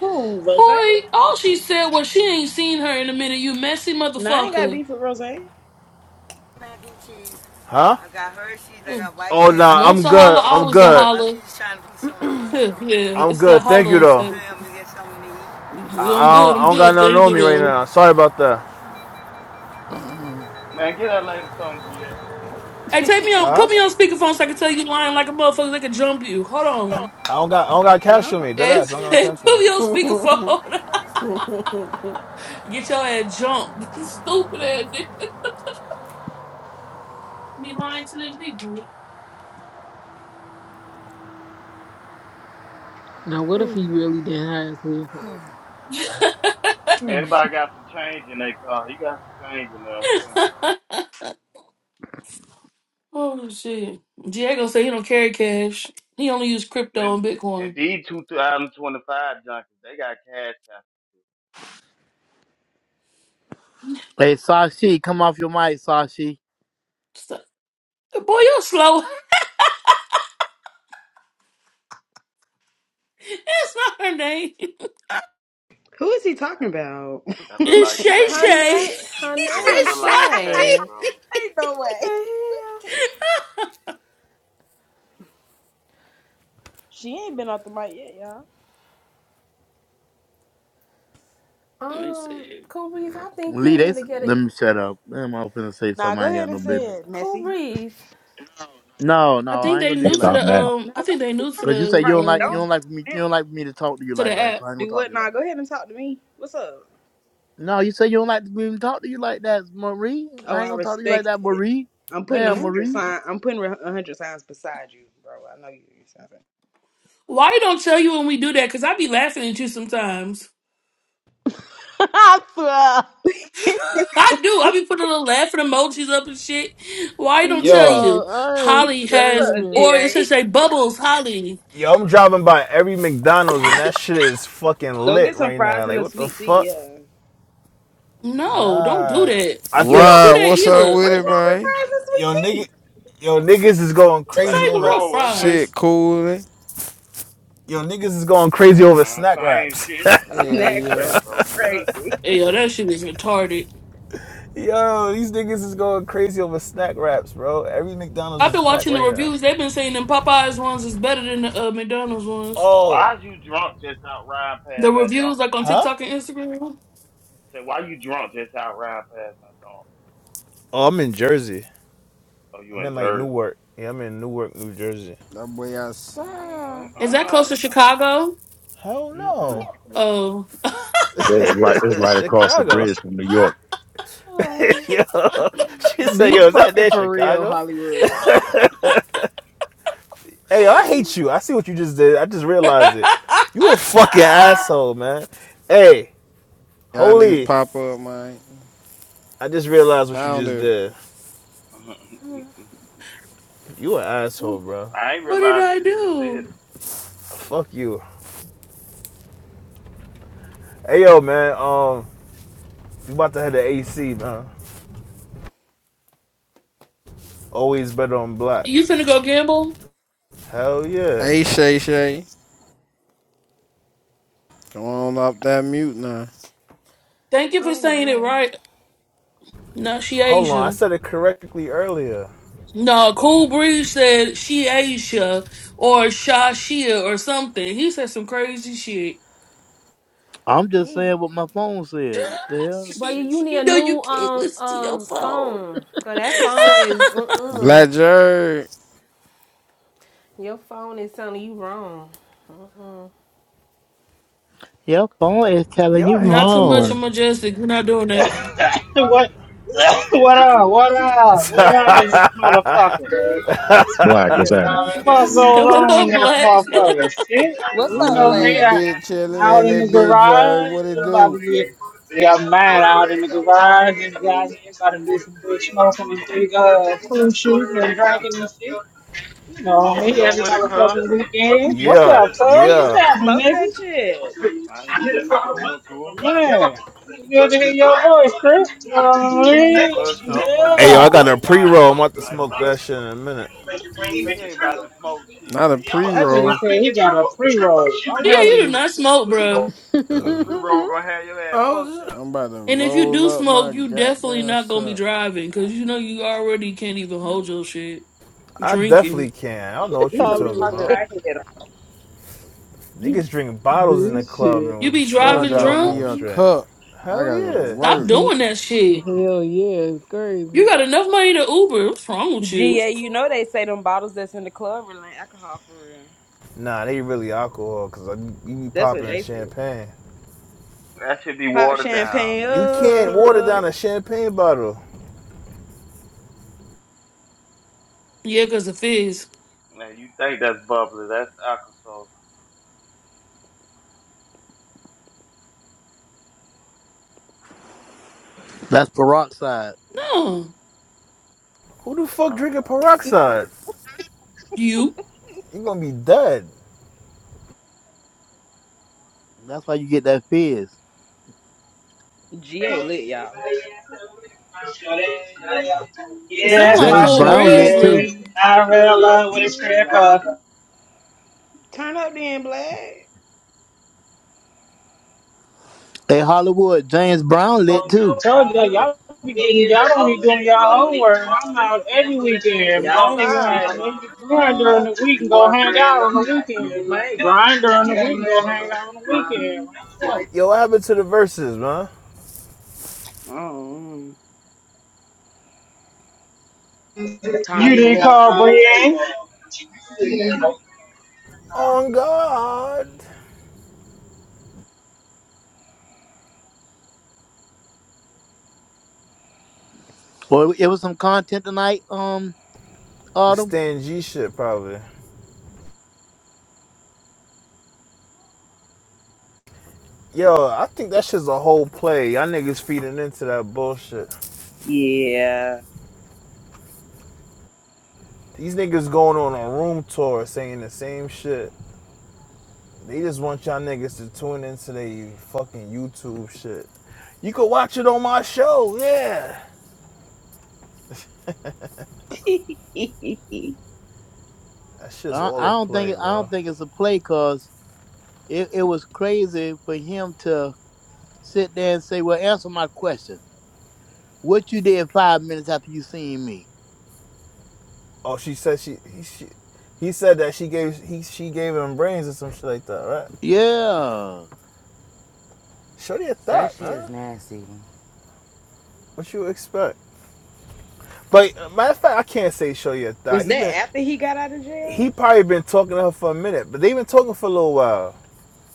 Speaker 3: Who Rose?
Speaker 4: boy. All she said was she ain't seen her in a minute. You messy
Speaker 3: No, I ain't got
Speaker 4: motherfucker.
Speaker 3: beef with Rose. Who
Speaker 13: Huh?
Speaker 4: Ugh.
Speaker 13: Oh no, Hershey's.
Speaker 4: Once
Speaker 13: I'm
Speaker 4: a
Speaker 13: good.
Speaker 4: holler,
Speaker 13: I'm
Speaker 4: always a
Speaker 13: good.
Speaker 4: holler. Huh, yeah,
Speaker 13: I'm
Speaker 4: it's that
Speaker 13: good. Thank you
Speaker 4: holler. It's
Speaker 13: though.
Speaker 4: that,
Speaker 13: to I,
Speaker 4: "You, I'm
Speaker 13: I,
Speaker 4: good.
Speaker 13: don't, I
Speaker 4: I'm
Speaker 13: don't got
Speaker 4: good.
Speaker 13: nothing
Speaker 4: Thank
Speaker 13: on
Speaker 4: you.
Speaker 13: me right
Speaker 4: though."
Speaker 13: now. Sorry about that.
Speaker 14: Man, get that lady some GA.
Speaker 4: Hey, take me on, put me on speakerphone so I can tell you lying like a motherfucker. They can jump you. Hold on.
Speaker 13: I don't got I don't got cash on me.
Speaker 6: No.
Speaker 13: That
Speaker 4: Hey,
Speaker 13: ass. I don't got cash
Speaker 4: put
Speaker 13: on me.
Speaker 4: me on speakerphone. Get your ass jumped. Stupid ass nigga. Be lying to them people.
Speaker 7: Now, what if he really did hide his headphones? Hmm.
Speaker 14: Everybody got some change in their car. He got some change in there, too.
Speaker 4: Oh shit. Diego said he don't carry cash. He only use crypto
Speaker 14: And,
Speaker 4: and
Speaker 14: and
Speaker 4: Bitcoin.
Speaker 14: these 2025 junkies, they got cash out.
Speaker 8: Hey, Sashi, come off your mic, Sashi.
Speaker 4: So- Boy, you're slow. That's not her name.
Speaker 3: is he talking
Speaker 14: That
Speaker 3: about?
Speaker 14: that look
Speaker 4: It's
Speaker 14: like
Speaker 4: Shay
Speaker 6: Her
Speaker 14: shades.
Speaker 4: Shay.
Speaker 6: name. Her
Speaker 4: he
Speaker 14: Yeah,
Speaker 6: name
Speaker 14: that look
Speaker 6: is
Speaker 4: said
Speaker 14: like shades,
Speaker 6: Shay.
Speaker 14: bro.
Speaker 4: Sashi.
Speaker 3: Ain't no
Speaker 6: What
Speaker 3: way.
Speaker 6: the
Speaker 3: She ain't been off the mic yet, y'all.
Speaker 6: hell?
Speaker 4: Let me
Speaker 6: Um,
Speaker 4: see.
Speaker 6: Kubri's. I think
Speaker 8: Lee,
Speaker 6: you
Speaker 8: they
Speaker 6: need to
Speaker 8: s-
Speaker 6: get a
Speaker 8: let me shut up. Damn, I was finna say
Speaker 3: Nah,
Speaker 8: something.
Speaker 3: go
Speaker 8: I ain't
Speaker 3: ahead
Speaker 8: got
Speaker 3: and
Speaker 8: no
Speaker 3: say
Speaker 8: business.
Speaker 3: it,
Speaker 6: Cool
Speaker 3: Messy.
Speaker 6: breeze.
Speaker 8: No,
Speaker 4: I
Speaker 8: no, I
Speaker 4: think
Speaker 8: ain't
Speaker 4: they
Speaker 8: gonna do
Speaker 9: Don't
Speaker 8: you
Speaker 4: new to
Speaker 8: like
Speaker 9: stop
Speaker 4: the
Speaker 8: that.
Speaker 9: now.
Speaker 4: um.
Speaker 3: Nah, go
Speaker 4: I think they
Speaker 3: ahead and
Speaker 4: new to
Speaker 3: say
Speaker 8: Cause you
Speaker 3: it.
Speaker 8: say
Speaker 4: the
Speaker 8: you don't
Speaker 3: Right.
Speaker 8: like you
Speaker 3: Don't stop
Speaker 8: don't
Speaker 4: um
Speaker 8: like me you
Speaker 3: now.
Speaker 8: don't like me to talk to you
Speaker 4: to
Speaker 8: like
Speaker 4: the
Speaker 8: that. So I ain't gonna
Speaker 3: Do
Speaker 8: talk to
Speaker 3: what?
Speaker 8: you like
Speaker 3: Nah,
Speaker 8: that.
Speaker 3: go ahead and talk to me. What's up?
Speaker 8: No, you say you don't like to even talk to you like that, Marie.
Speaker 3: Oh,
Speaker 8: I ain't
Speaker 3: I
Speaker 8: gonna talk to you like
Speaker 3: respect
Speaker 8: that,
Speaker 3: it.
Speaker 8: Marie.
Speaker 3: I'm putting a
Speaker 8: Damn,
Speaker 4: app.
Speaker 3: hundred
Speaker 8: Marie.
Speaker 3: sign. I'm putting a hundred signs beside you, bro. I know you. you sound bad.
Speaker 4: Why you don't tell you when we do that? Cause I be laughing at you sometimes.
Speaker 7: I swear.
Speaker 4: I do. I be putting little laughing emojis up and shit. Why you don't tell
Speaker 13: Yo,
Speaker 7: Yo,
Speaker 4: you?
Speaker 7: I am
Speaker 4: Holly
Speaker 3: What's
Speaker 4: has,
Speaker 3: up,
Speaker 7: screaming.
Speaker 4: or it should
Speaker 3: GA?
Speaker 4: say Bubbles Holly.
Speaker 13: yo, I'm driving by every McDonald's and that shit is fucking
Speaker 3: Go
Speaker 13: lit
Speaker 3: get some
Speaker 13: right now.
Speaker 3: fries and
Speaker 13: Like
Speaker 3: a
Speaker 13: what the
Speaker 3: sweet tea.
Speaker 13: fuck?
Speaker 3: Yeah.
Speaker 4: No, don't do
Speaker 13: Nah,
Speaker 4: that.
Speaker 13: I
Speaker 4: You
Speaker 13: think
Speaker 4: don't do
Speaker 2: Rod,
Speaker 4: that
Speaker 2: what's up
Speaker 4: either.
Speaker 2: with
Speaker 3: What's
Speaker 2: it,
Speaker 3: wrong with
Speaker 2: man?
Speaker 3: fries and
Speaker 13: yo
Speaker 3: sweet
Speaker 13: nigga,
Speaker 3: tea?
Speaker 13: yo niggas is going
Speaker 4: This
Speaker 13: crazy
Speaker 14: Baby
Speaker 4: ain't the
Speaker 13: over.
Speaker 4: real
Speaker 14: Troll, what's happening?
Speaker 2: Shit
Speaker 4: fries.
Speaker 2: cooling,
Speaker 13: Yo niggas is going crazy
Speaker 14: Man,
Speaker 13: over
Speaker 14: man,
Speaker 13: snack
Speaker 14: same
Speaker 13: wraps.
Speaker 14: shit.
Speaker 2: Hell
Speaker 14: Same
Speaker 3: That
Speaker 14: shit,
Speaker 2: yeah.
Speaker 3: crap
Speaker 14: bro.
Speaker 3: is
Speaker 14: You good?
Speaker 3: crazy.
Speaker 4: Hey, yo, that shit is retarded.
Speaker 13: Yo, these niggas is going crazy over snack wraps, bro. Every McDonald's
Speaker 4: I've
Speaker 13: is
Speaker 4: been
Speaker 13: packed
Speaker 4: watching the
Speaker 13: right now.
Speaker 4: reviews. They've been saying them Popeyes ones is better than the uh, McDonald's ones.
Speaker 13: Oh,
Speaker 14: Why is you drunk just out riding
Speaker 4: The
Speaker 14: past my dome?
Speaker 4: reviews, like on
Speaker 13: huh?
Speaker 4: TikTok and Instagram.
Speaker 14: Say, why you drunk just out riding past my dome?
Speaker 13: Oh, I'm in Jersey.
Speaker 14: Oh, you
Speaker 13: I'm
Speaker 14: in
Speaker 13: in like
Speaker 14: Jersey?
Speaker 13: Newark. Yeah, I'm in Newark, New Jersey.
Speaker 2: That boy outside.
Speaker 14: Mm,
Speaker 4: Is
Speaker 14: all
Speaker 4: that close to
Speaker 14: right.
Speaker 4: Chicago?
Speaker 13: Hell no.
Speaker 8: Mm-mm.
Speaker 4: Oh.
Speaker 9: It's right it's right across the
Speaker 13: Chicago.
Speaker 9: bridge from New York.
Speaker 6: Chill.
Speaker 13: Yo. She said,
Speaker 7: Be
Speaker 13: yo, is that
Speaker 7: fucking
Speaker 13: there,
Speaker 7: for real,
Speaker 13: Chicago?
Speaker 7: Hollywood.
Speaker 13: Hey, yo, I hate you. I see what you just did. I just realized it. You a fucking asshole, man. Hey,
Speaker 2: Y'all niggas
Speaker 13: holy.
Speaker 2: pop up, man.
Speaker 13: I just realized what you just
Speaker 2: Pounder.
Speaker 13: did. You an asshole, bro.
Speaker 14: I ain't
Speaker 4: What did
Speaker 14: realized it
Speaker 4: I
Speaker 14: till you said
Speaker 4: do?
Speaker 14: it.
Speaker 13: Fuck you. Hey, yo, man. Um, You about to have the AC, man. Always better on black.
Speaker 4: You finna go gamble?
Speaker 13: Hell yeah.
Speaker 2: Hey, Shay Shay. Come on off that mute now.
Speaker 4: Thank you for
Speaker 6: Oh
Speaker 4: saying it
Speaker 6: man.
Speaker 4: right. No, she
Speaker 13: Hold on, I
Speaker 4: Asia.
Speaker 13: said it correctly earlier.
Speaker 4: No, Cool Breeze said she Asia or Shashia or something. He said some crazy shit.
Speaker 8: I'm just
Speaker 6: He
Speaker 8: saying what my phone said. What the hell?
Speaker 6: Boy, you need
Speaker 4: you
Speaker 6: a
Speaker 4: know you
Speaker 6: new
Speaker 4: can't
Speaker 6: um
Speaker 4: listen to your
Speaker 6: um
Speaker 4: phone.
Speaker 6: phone. Cause that phone is mm-mm.
Speaker 2: Black Jerk.
Speaker 6: Your phone is telling you wrong.
Speaker 8: Your phone is telling
Speaker 13: Yo,
Speaker 8: you
Speaker 13: I
Speaker 4: Not
Speaker 13: hate
Speaker 4: too
Speaker 13: New
Speaker 4: much
Speaker 13: Work.
Speaker 4: of
Speaker 8: wrong.
Speaker 4: majestic. You're not doing that.
Speaker 15: What, what up? What up? What up in this motherfucker?
Speaker 9: Black, what's happening?
Speaker 15: What goes
Speaker 4: what
Speaker 15: on in
Speaker 4: up,
Speaker 15: this
Speaker 4: Black?
Speaker 15: motherfucker? Shit,
Speaker 2: You
Speaker 3: What's
Speaker 15: you
Speaker 3: up,
Speaker 2: know
Speaker 15: know
Speaker 2: we
Speaker 15: me,
Speaker 3: Black?
Speaker 15: I,
Speaker 2: bitch chilling
Speaker 15: out
Speaker 2: in
Speaker 15: in
Speaker 2: that
Speaker 15: the
Speaker 2: bitch Jerk.
Speaker 15: garage,
Speaker 2: What it
Speaker 15: it's about
Speaker 2: do?
Speaker 15: to get, got mad out in the garage, and got here, about to do some big smoking and big uh, cool shoots and drinking and shit. You know
Speaker 14: What's
Speaker 15: me,
Speaker 14: up
Speaker 15: every
Speaker 14: with it, cuz?
Speaker 15: motherfucking weekend. What's
Speaker 13: yeah,
Speaker 15: up, cuz? What's
Speaker 13: yeah.
Speaker 15: happening,
Speaker 3: Smoke
Speaker 15: nigga?
Speaker 3: that shit.
Speaker 14: I ain't shit. Cool and cool.
Speaker 15: Man, good to hear your voice,
Speaker 14: Uh,
Speaker 15: Chris. Oh, man. yeah.
Speaker 14: For sure, for
Speaker 13: Hey, yo, I
Speaker 14: sure.
Speaker 13: got a pre
Speaker 14: Likewise.
Speaker 13: roll. I'm about to smoke
Speaker 14: Likewise.
Speaker 13: that shit in a minute.
Speaker 14: You ain't about to smoke shit,
Speaker 2: Not a
Speaker 14: nigga. Shut
Speaker 15: That
Speaker 14: up.
Speaker 15: nigga
Speaker 2: pre-roll.
Speaker 15: said he got a pre-roll. I'm
Speaker 4: Yeah, you do
Speaker 15: telling
Speaker 4: not smoke,
Speaker 15: you.
Speaker 4: bro.
Speaker 14: That pre-roll gonna have your ass fucked
Speaker 6: Oh, sh-
Speaker 2: I'm about to
Speaker 4: And if you
Speaker 2: roll
Speaker 4: do
Speaker 2: up my
Speaker 4: smoke, you definitely
Speaker 2: goddamn
Speaker 4: not gonna be
Speaker 2: shirt.
Speaker 4: driving because
Speaker 14: up.
Speaker 4: you know you already can't even hold your shit
Speaker 13: I
Speaker 4: drinking.
Speaker 13: definitely can. I don't know what
Speaker 3: You
Speaker 13: you
Speaker 3: gonna be
Speaker 13: talking
Speaker 3: talking
Speaker 13: about.
Speaker 7: Hollywood.
Speaker 3: out here.
Speaker 13: Niggas drink bottles in the
Speaker 7: This
Speaker 13: club
Speaker 7: shit.
Speaker 4: You
Speaker 13: and
Speaker 4: be
Speaker 13: still
Speaker 2: Bro,
Speaker 4: driving
Speaker 13: drive
Speaker 2: drop
Speaker 4: drunk?
Speaker 2: me
Speaker 13: home
Speaker 2: a
Speaker 13: straight.
Speaker 2: cup. I
Speaker 13: Hell
Speaker 2: gotta go to
Speaker 13: yeah.
Speaker 4: Stop
Speaker 2: work.
Speaker 7: He-
Speaker 4: doing that shit.
Speaker 7: Hell yeah, it's
Speaker 4: You
Speaker 7: crazy.
Speaker 4: got enough money to Uber. What's wrong with you?
Speaker 3: GA, you know they say them bottles that's in the club are like alcohol for real.
Speaker 13: Nah, they really alcohol because like, you be
Speaker 3: That's what
Speaker 13: popping
Speaker 3: they said.
Speaker 13: champagne.
Speaker 14: That should be
Speaker 3: Pop
Speaker 14: watered
Speaker 3: champagne
Speaker 14: down,
Speaker 13: You can't water
Speaker 3: up.
Speaker 13: down a champagne bottle.
Speaker 4: Yeah, because of fizz.
Speaker 14: nigga. Man, you think that's bubbly. That's alcohol.
Speaker 8: That's peroxide.
Speaker 4: No,
Speaker 13: Who the fuck drinking
Speaker 14: Peroxide,
Speaker 13: peroxide?
Speaker 4: you.
Speaker 13: you gonna be dead.
Speaker 8: That's why you get that fizz.
Speaker 3: GA lit, y'all.
Speaker 4: It
Speaker 15: Yeah,
Speaker 4: sound
Speaker 15: that's
Speaker 4: like
Speaker 15: my
Speaker 8: James
Speaker 4: Cole
Speaker 8: Brown lit too.
Speaker 15: shorty.
Speaker 4: Breesley.
Speaker 15: I fell love with a stripper.
Speaker 3: Turn up then, Black.
Speaker 8: Hey Hollywood, James Brown lit too.
Speaker 15: Told you, y'all be getting, y'all don't be doing your homework. I'm out every weekend, man.
Speaker 3: Get
Speaker 15: You know,
Speaker 3: outside.
Speaker 15: grind during the week and go hang out on the weekend, man. Grind during the week and go hang out on the weekend, man.
Speaker 13: Yo, what happened to the verses, man?
Speaker 3: Oh,
Speaker 15: You didn't
Speaker 1: Content.
Speaker 15: call Brienne.
Speaker 13: On God.
Speaker 8: Well, it was some content tonight. Um,
Speaker 13: The
Speaker 8: Autumn.
Speaker 13: Stan G shit, probably. Yo, I think that shit's a whole play. Y'all niggas feeding into that bullshit.
Speaker 3: yeah.
Speaker 13: These niggas going on a room tour saying the same shit. They just want y'all niggas to tune into their fucking YouTube shit. You could watch it on my show, yeah. That shit's
Speaker 8: I,
Speaker 13: all
Speaker 8: I
Speaker 13: a
Speaker 8: don't
Speaker 13: play,
Speaker 8: think I don't
Speaker 13: bro.
Speaker 8: think it's a play, cause it, it was crazy for him to sit there and say, "Well, answer my question." What you did five minutes after you seen me?
Speaker 13: Oh, she said she he she he said that she gave he she gave him brains or some shit like that, right?
Speaker 8: Yeah,
Speaker 13: Shorty a
Speaker 1: That
Speaker 13: thought,
Speaker 1: shit is
Speaker 13: man.
Speaker 1: nasty.
Speaker 13: What you expect? But uh, matter of fact, I can't say Shorty a thought.
Speaker 3: Was
Speaker 13: He
Speaker 3: that
Speaker 13: been
Speaker 3: after he got out of
Speaker 13: he
Speaker 3: jail?
Speaker 13: probably been talking to her for a minute, but they have been talking for a little while.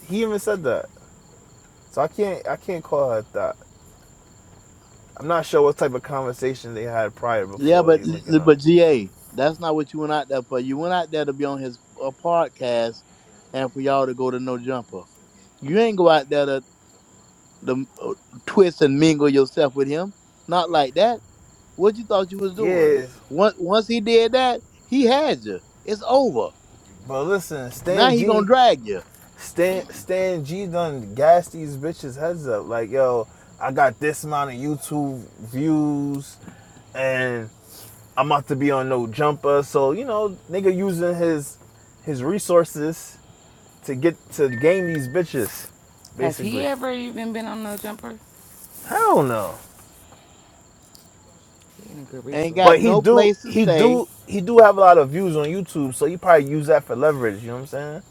Speaker 13: He even said that, so I can't I can't call her a thought. I'm not sure what type of conversation they had prior
Speaker 8: yeah,
Speaker 13: before
Speaker 8: but
Speaker 13: they linking up.
Speaker 8: but GA, that's not what you went out there for. You went out there to be on his uh, podcast, and for y'all to go to No Jumper. You ain't go out there to, to uh, twist and mingle yourself with him. Not like that. What you thought you was doing?
Speaker 13: Yes,
Speaker 8: Once once he did that, he had you. It's over.
Speaker 13: but listen,
Speaker 8: Now
Speaker 13: Stan
Speaker 8: he gonna
Speaker 13: G,
Speaker 8: drag you.
Speaker 13: Stan Stan G done gas these bitches heads up. Like yo, I got this amount of YouTube views, and I'm about to be on no jumper. So you know, nigga using his his resources to get to game these bitches,
Speaker 1: Has he
Speaker 13: basically.
Speaker 1: ever even been on No Jumper?
Speaker 13: Hell no.
Speaker 1: He ain't a good
Speaker 8: Ain't
Speaker 1: resource.
Speaker 8: got
Speaker 13: But he
Speaker 8: no
Speaker 13: do
Speaker 8: place to
Speaker 13: he
Speaker 8: stay,
Speaker 13: do he do have a lot of views on YouTube, so he probably use that for leverage. You know what I'm saying?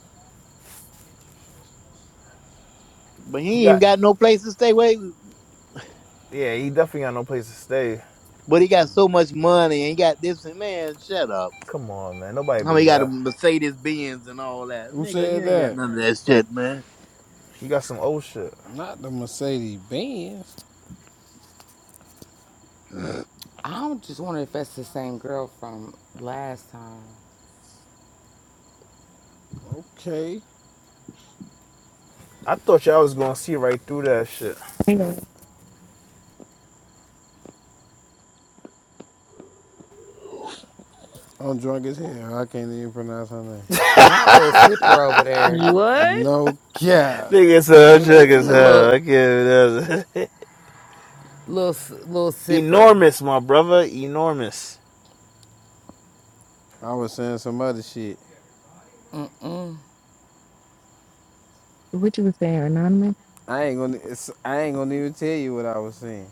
Speaker 8: but he
Speaker 13: He
Speaker 8: ain't even
Speaker 13: got
Speaker 8: got no place to stay. Wait.
Speaker 13: yeah, he definitely got no place to stay.
Speaker 8: But he got so much money and he got this and man, shut up.
Speaker 13: Come on, man, nobody
Speaker 8: How he
Speaker 13: believe
Speaker 8: got a
Speaker 13: that.
Speaker 8: Mercedes Benz and all that.
Speaker 2: Who
Speaker 8: Nigga,
Speaker 2: said
Speaker 8: you ain't got
Speaker 2: that?
Speaker 8: none of that shit, man.
Speaker 13: He got some old shit.
Speaker 2: Not the Mercedes Benz.
Speaker 1: I just wonder if that's the same girl from last time.
Speaker 2: Okay.
Speaker 13: I thought y'all was gonna see right through that shit.
Speaker 16: Hey, uh,
Speaker 2: I'm drunk as hell. I can't even pronounce her name.
Speaker 1: Not little Sipper over there.
Speaker 7: what?
Speaker 2: No cap.
Speaker 13: Nigga, so check as
Speaker 1: Listen to
Speaker 13: hell.
Speaker 1: little
Speaker 13: I can't.
Speaker 1: little S- little Sipper.
Speaker 13: Enormous, my brother. Enormous.
Speaker 2: I was saying some other shit.
Speaker 1: Mm,
Speaker 16: what you were saying, Anonymous?
Speaker 2: I ain't gonna. It's, I ain't gonna even tell you what I was saying.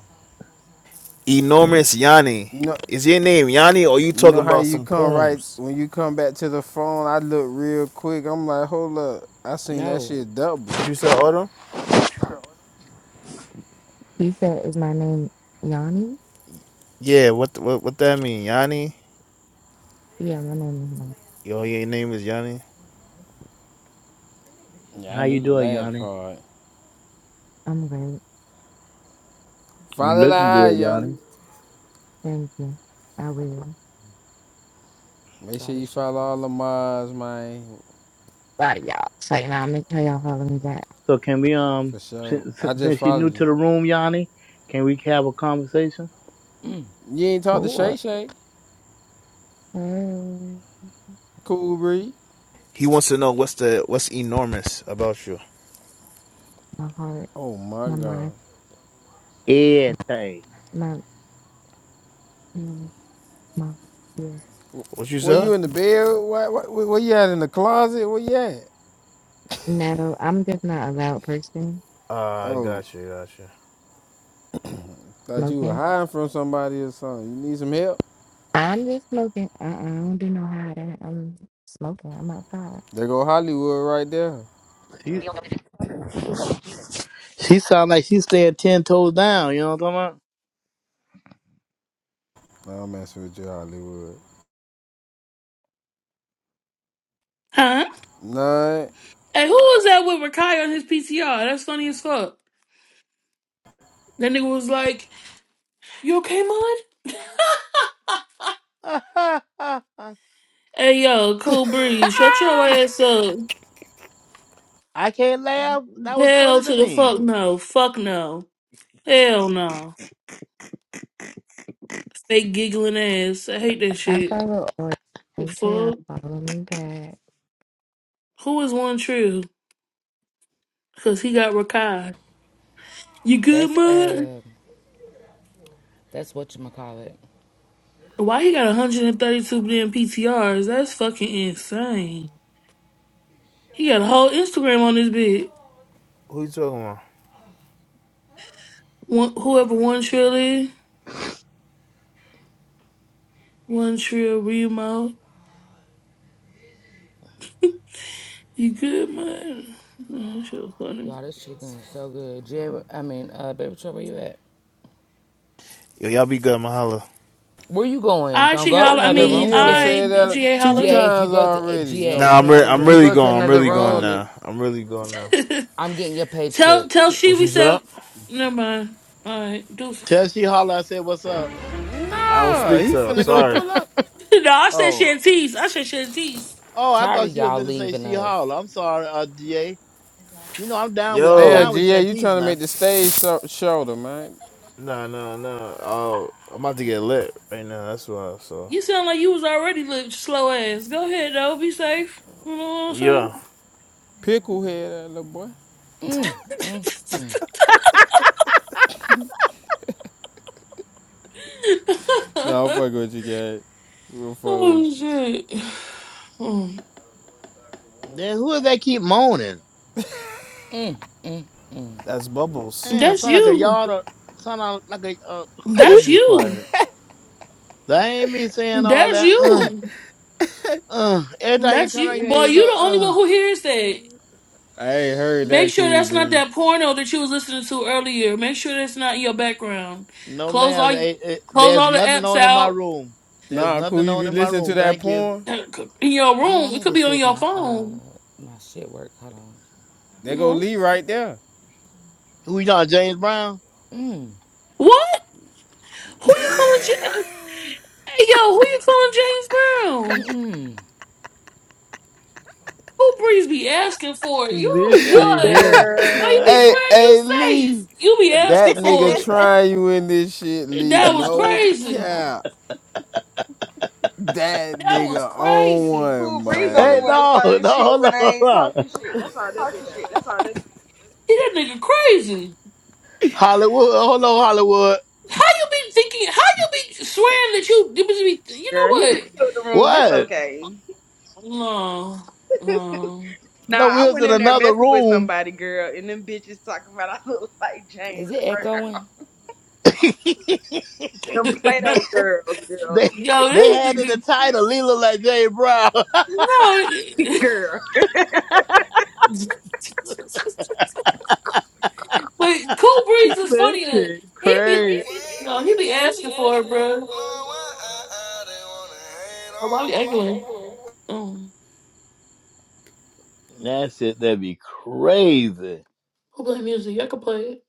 Speaker 13: Enormous Yanni.
Speaker 2: You know.
Speaker 13: Is your name Yanni or you
Speaker 2: You know
Speaker 13: talking
Speaker 2: how
Speaker 13: about
Speaker 2: you
Speaker 13: some
Speaker 2: come right
Speaker 13: poems?
Speaker 2: when you come back to the phone. I look real quick. I'm like, hold up. I seen that
Speaker 1: no.
Speaker 2: shit double.
Speaker 13: What you said, Autumn?
Speaker 16: You said, is my name Yanni?
Speaker 13: Yeah, what what what that mean? Yanni?
Speaker 16: Yeah, my name is Yanni.
Speaker 13: Yo, your name is Yanni?
Speaker 2: Yeah, I
Speaker 8: How
Speaker 2: knew
Speaker 8: you
Speaker 2: the
Speaker 8: doing,
Speaker 2: last
Speaker 8: Yanni?
Speaker 2: part.
Speaker 16: I'm great.
Speaker 8: You
Speaker 2: Follow the
Speaker 8: looking
Speaker 2: eye,
Speaker 8: good,
Speaker 2: Yanni.
Speaker 8: Yanni.
Speaker 16: Thank you. I will.
Speaker 2: Make
Speaker 1: Y'all,
Speaker 2: sure you
Speaker 1: this chicken
Speaker 2: follow all
Speaker 1: is.
Speaker 2: the mods, man.
Speaker 16: Bye, y'all. So, you know, I'm going to tell y'all follow me back.
Speaker 8: So can we um
Speaker 2: For sure.
Speaker 8: since,
Speaker 2: I just
Speaker 8: since you new
Speaker 2: followed you.
Speaker 8: to the room, Yanni, can we have a conversation?
Speaker 2: You ain't talked to Shay
Speaker 16: Sure.
Speaker 2: Shay.
Speaker 16: Hey.
Speaker 2: Cool breed.
Speaker 13: He wants to know what's the what's enormous about you.
Speaker 16: My heart,
Speaker 2: Oh my
Speaker 16: my
Speaker 2: god.
Speaker 16: mind,
Speaker 8: Everything.
Speaker 16: my, mm, my, yeah,
Speaker 13: What you
Speaker 2: Where
Speaker 13: said?
Speaker 2: you
Speaker 16: everything.
Speaker 2: in the bed? Where, where, where you at in the closet? Where you at?
Speaker 16: No, I'm just not a loud person
Speaker 13: Ah, I
Speaker 2: Oh,
Speaker 13: got you, got you.
Speaker 2: thought you were
Speaker 16: smoking.
Speaker 2: hiding from somebody or something. You need some help?
Speaker 16: I'm just smoking. Uh-uh, I don't do no hiding. I'm smoking. I'm outside.
Speaker 2: There go Hollywood right there.
Speaker 8: She, she sound like she's staying ten toes down, you know what
Speaker 2: Nah, I'm messing with you, Hollywood.
Speaker 4: Huh?
Speaker 2: Nah,
Speaker 4: Hey, who was that with Rakai on his PTR? That's funny as fuck. That nigga was like, You okay, Mud?
Speaker 8: I'm talking about?
Speaker 4: Hey, yo, Cool Breeze, shut your ass up.
Speaker 8: I can't laugh. That was funny
Speaker 4: Hell
Speaker 8: to
Speaker 4: to the
Speaker 8: me.
Speaker 4: fuck no. Fuck no. Hell no. Fake giggling ass. I hate that
Speaker 16: I
Speaker 4: shit.
Speaker 16: follow, or
Speaker 4: The
Speaker 16: make sure y'all
Speaker 4: fuck?
Speaker 16: follow me back.
Speaker 4: Who is one true? Cause he got Rakai. You good,
Speaker 1: That's
Speaker 4: Mud?
Speaker 1: uh, that's what you call it.
Speaker 4: Why he got 132 damn PTRs? That's fucking insane. He got a whole Instagram on this bit.
Speaker 13: Who you talking about?
Speaker 4: One, whoever One Trill is, One Trill Remo. You good, Mud? That shit was funny.
Speaker 1: Y'all, this chicken is so good. Jay, I mean, uh, baby, Troy, where you at?
Speaker 13: Yo, y'all be good, Mahalo.
Speaker 1: Where you going?
Speaker 4: I
Speaker 1: Don't
Speaker 4: she
Speaker 1: go to
Speaker 4: holler. I
Speaker 1: another
Speaker 2: nigga,
Speaker 4: mean,
Speaker 1: room,
Speaker 2: you don't
Speaker 1: GA.
Speaker 2: say
Speaker 4: I
Speaker 2: that
Speaker 4: GA
Speaker 2: two
Speaker 4: holler.
Speaker 1: GA, if you
Speaker 2: times
Speaker 1: go to eh,
Speaker 2: already. You
Speaker 1: GA,
Speaker 2: don't
Speaker 13: Nah, I'm re-
Speaker 2: came
Speaker 1: if
Speaker 13: I'm
Speaker 1: you
Speaker 2: back.
Speaker 13: really
Speaker 1: go to
Speaker 13: going. I'm
Speaker 1: another
Speaker 13: really
Speaker 2: Come
Speaker 13: going
Speaker 2: on,
Speaker 1: room,
Speaker 2: nigga.
Speaker 13: now. I'm really going now.
Speaker 1: I'm getting your page
Speaker 4: tell
Speaker 1: clip.
Speaker 4: tell she
Speaker 13: What
Speaker 4: we
Speaker 13: you said?
Speaker 4: said. Never mind. All right, deuces.
Speaker 8: Tell she holler, I said, What's up?
Speaker 13: I don't
Speaker 2: Nah,
Speaker 13: speak
Speaker 2: he
Speaker 13: to her.
Speaker 2: finna go
Speaker 13: Sorry.
Speaker 2: pull up.
Speaker 4: no, I said
Speaker 8: Oh.
Speaker 4: Shantice. I said Shantice.
Speaker 8: Oh, I
Speaker 1: Tired
Speaker 8: thought
Speaker 1: of
Speaker 8: she was
Speaker 1: y'all
Speaker 8: finna say
Speaker 1: leaving
Speaker 8: she
Speaker 1: us.
Speaker 8: holler. I'm sorry, uh, DA. You know I'm down with I'm
Speaker 2: Damn,
Speaker 13: Yo,
Speaker 8: down with
Speaker 2: GA, you
Speaker 8: Shantice
Speaker 2: trying to make
Speaker 8: now.
Speaker 2: the stage so- shoulder, man.
Speaker 13: nah, nah, nah. Oh, I'm about to get lit right now. That's why. So
Speaker 4: You sound like you was already little slow ass. Go ahead though, be safe. You know what
Speaker 13: yeah.
Speaker 2: Picklehead, that little boy.
Speaker 4: I'm saying?
Speaker 2: Nah, I'm fucking with you, guys. Real fuck with
Speaker 4: oh
Speaker 2: you.
Speaker 4: shit. Mm.
Speaker 8: Then who is that keep moaning?
Speaker 13: as bubbles
Speaker 8: Damn,
Speaker 4: That's
Speaker 8: sound like a
Speaker 4: you.
Speaker 8: yard or sound like like a uh, let
Speaker 4: That's
Speaker 8: me be
Speaker 4: you.
Speaker 8: quiet. That ain't me saying all
Speaker 4: That's
Speaker 8: that. Uh,
Speaker 4: you.
Speaker 8: uh. Every time you
Speaker 4: That's
Speaker 8: turn around,
Speaker 4: you.
Speaker 8: you
Speaker 4: Boy,
Speaker 8: hear some.
Speaker 4: you the only
Speaker 8: uh. uh.
Speaker 4: one who hears that.
Speaker 2: I ain't heard
Speaker 4: Make
Speaker 2: that
Speaker 4: sure
Speaker 2: cool,
Speaker 4: that's not
Speaker 2: Bree.
Speaker 4: that porno that you was listening to earlier. Make sure that's not in your background.
Speaker 8: No,
Speaker 4: Close
Speaker 8: ma'am.
Speaker 4: all
Speaker 8: They, eh,
Speaker 4: close
Speaker 8: there's
Speaker 4: all the
Speaker 8: nothing
Speaker 4: apps
Speaker 8: on in my
Speaker 4: out
Speaker 8: room. There's
Speaker 2: Nah, cool.
Speaker 8: nothing
Speaker 2: You
Speaker 8: on
Speaker 2: be
Speaker 8: in my
Speaker 2: listening to
Speaker 8: room.
Speaker 2: that
Speaker 8: Thank you.
Speaker 2: porn?
Speaker 4: in your
Speaker 1: Oh, I
Speaker 4: room. It
Speaker 1: need
Speaker 4: could
Speaker 1: to
Speaker 4: be
Speaker 1: see
Speaker 4: on
Speaker 1: if
Speaker 4: your
Speaker 1: my uh
Speaker 4: phone.
Speaker 1: my shit work. Hold
Speaker 4: You
Speaker 2: They go
Speaker 4: know?
Speaker 2: Lee right there.
Speaker 8: Who you talking, James Brown?
Speaker 1: on.
Speaker 4: What? Who you calling? Hey yo, who you calling James Brown?
Speaker 1: Mm-mm.
Speaker 4: Who Breeze be asking for it? You
Speaker 7: This
Speaker 8: hey,
Speaker 7: shit,
Speaker 4: boy,
Speaker 7: hell.
Speaker 4: boy, you be
Speaker 3: Girl.
Speaker 2: Hey,
Speaker 4: swearing you
Speaker 2: hey, Lee.
Speaker 4: safe. You be asking
Speaker 2: That
Speaker 4: for
Speaker 2: nigga
Speaker 4: it.
Speaker 2: trying you in this shit, Lee.
Speaker 4: That was
Speaker 2: No
Speaker 4: crazy.
Speaker 2: cap. That
Speaker 4: That was
Speaker 2: nigga on
Speaker 4: crazy.
Speaker 3: Cool
Speaker 2: one,
Speaker 3: Breeze only
Speaker 2: man.
Speaker 3: one to
Speaker 8: no, no,
Speaker 3: start shit
Speaker 8: hold
Speaker 3: when
Speaker 8: on,
Speaker 3: I
Speaker 8: hold
Speaker 3: ain't
Speaker 8: on.
Speaker 3: talking shit. That's all that's about.
Speaker 17: shit. That's all. That's
Speaker 4: He that nigga crazy.
Speaker 8: Hollywood, hold on, Hollywood.
Speaker 4: How you be thinking? How you be swearing that you? You be. You
Speaker 3: Girl, he
Speaker 4: know
Speaker 3: just killed the room. It's
Speaker 8: What?
Speaker 3: okay.
Speaker 4: what? No,
Speaker 3: Nah,
Speaker 8: No, we
Speaker 3: I
Speaker 8: was
Speaker 3: went
Speaker 8: in
Speaker 3: in there
Speaker 8: another
Speaker 3: messing with
Speaker 8: room.
Speaker 3: somebody, girl, and them bitches talking about I look like James
Speaker 1: Is it
Speaker 3: Brown.
Speaker 1: echoing?
Speaker 3: Them Play-Doh
Speaker 4: no.
Speaker 3: girls, girl. The
Speaker 8: They
Speaker 3: one that
Speaker 4: yo,
Speaker 3: be
Speaker 8: they
Speaker 3: with
Speaker 4: this
Speaker 8: had it the
Speaker 4: nigga.
Speaker 3: Tantina.
Speaker 8: title Leela like Jay Brown.
Speaker 3: Girl.
Speaker 4: No. But Cool Breeze is
Speaker 7: That
Speaker 4: funny. That
Speaker 7: shit
Speaker 4: he be,
Speaker 7: crazy.
Speaker 4: no, he be asking for it, bro. Oh, why we acting like? Um,
Speaker 8: that shit that'd be crazy.
Speaker 4: who play music? Y'all can play it.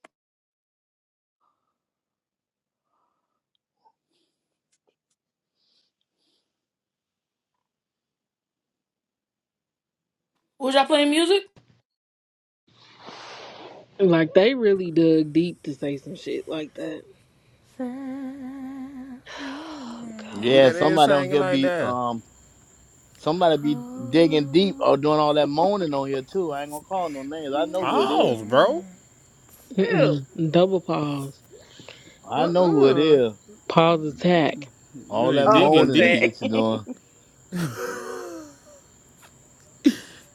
Speaker 4: Was y'all playing music?
Speaker 7: Like, they really dug deep to say some shit like that.
Speaker 6: Silent
Speaker 7: Oh, God.
Speaker 2: Who
Speaker 8: Yeah,
Speaker 2: that
Speaker 6: night,
Speaker 2: is
Speaker 8: somebody on
Speaker 2: singing
Speaker 8: here
Speaker 2: like
Speaker 8: be
Speaker 2: that?
Speaker 8: um somebody
Speaker 6: holy
Speaker 8: be digging deep or doing all that moaning on here too. I ain't gonna call no names. I know who it is.
Speaker 2: Pause, bro.
Speaker 6: night.
Speaker 3: Ew.
Speaker 7: Mm-mm. Double pause.
Speaker 8: I know who it
Speaker 6: Mm-mm.
Speaker 8: is.
Speaker 7: Pause attack.
Speaker 2: You
Speaker 8: All that
Speaker 2: ain't
Speaker 3: Oh, so
Speaker 2: digging
Speaker 8: moaning and
Speaker 2: deep.
Speaker 3: sad.
Speaker 8: shit you doing.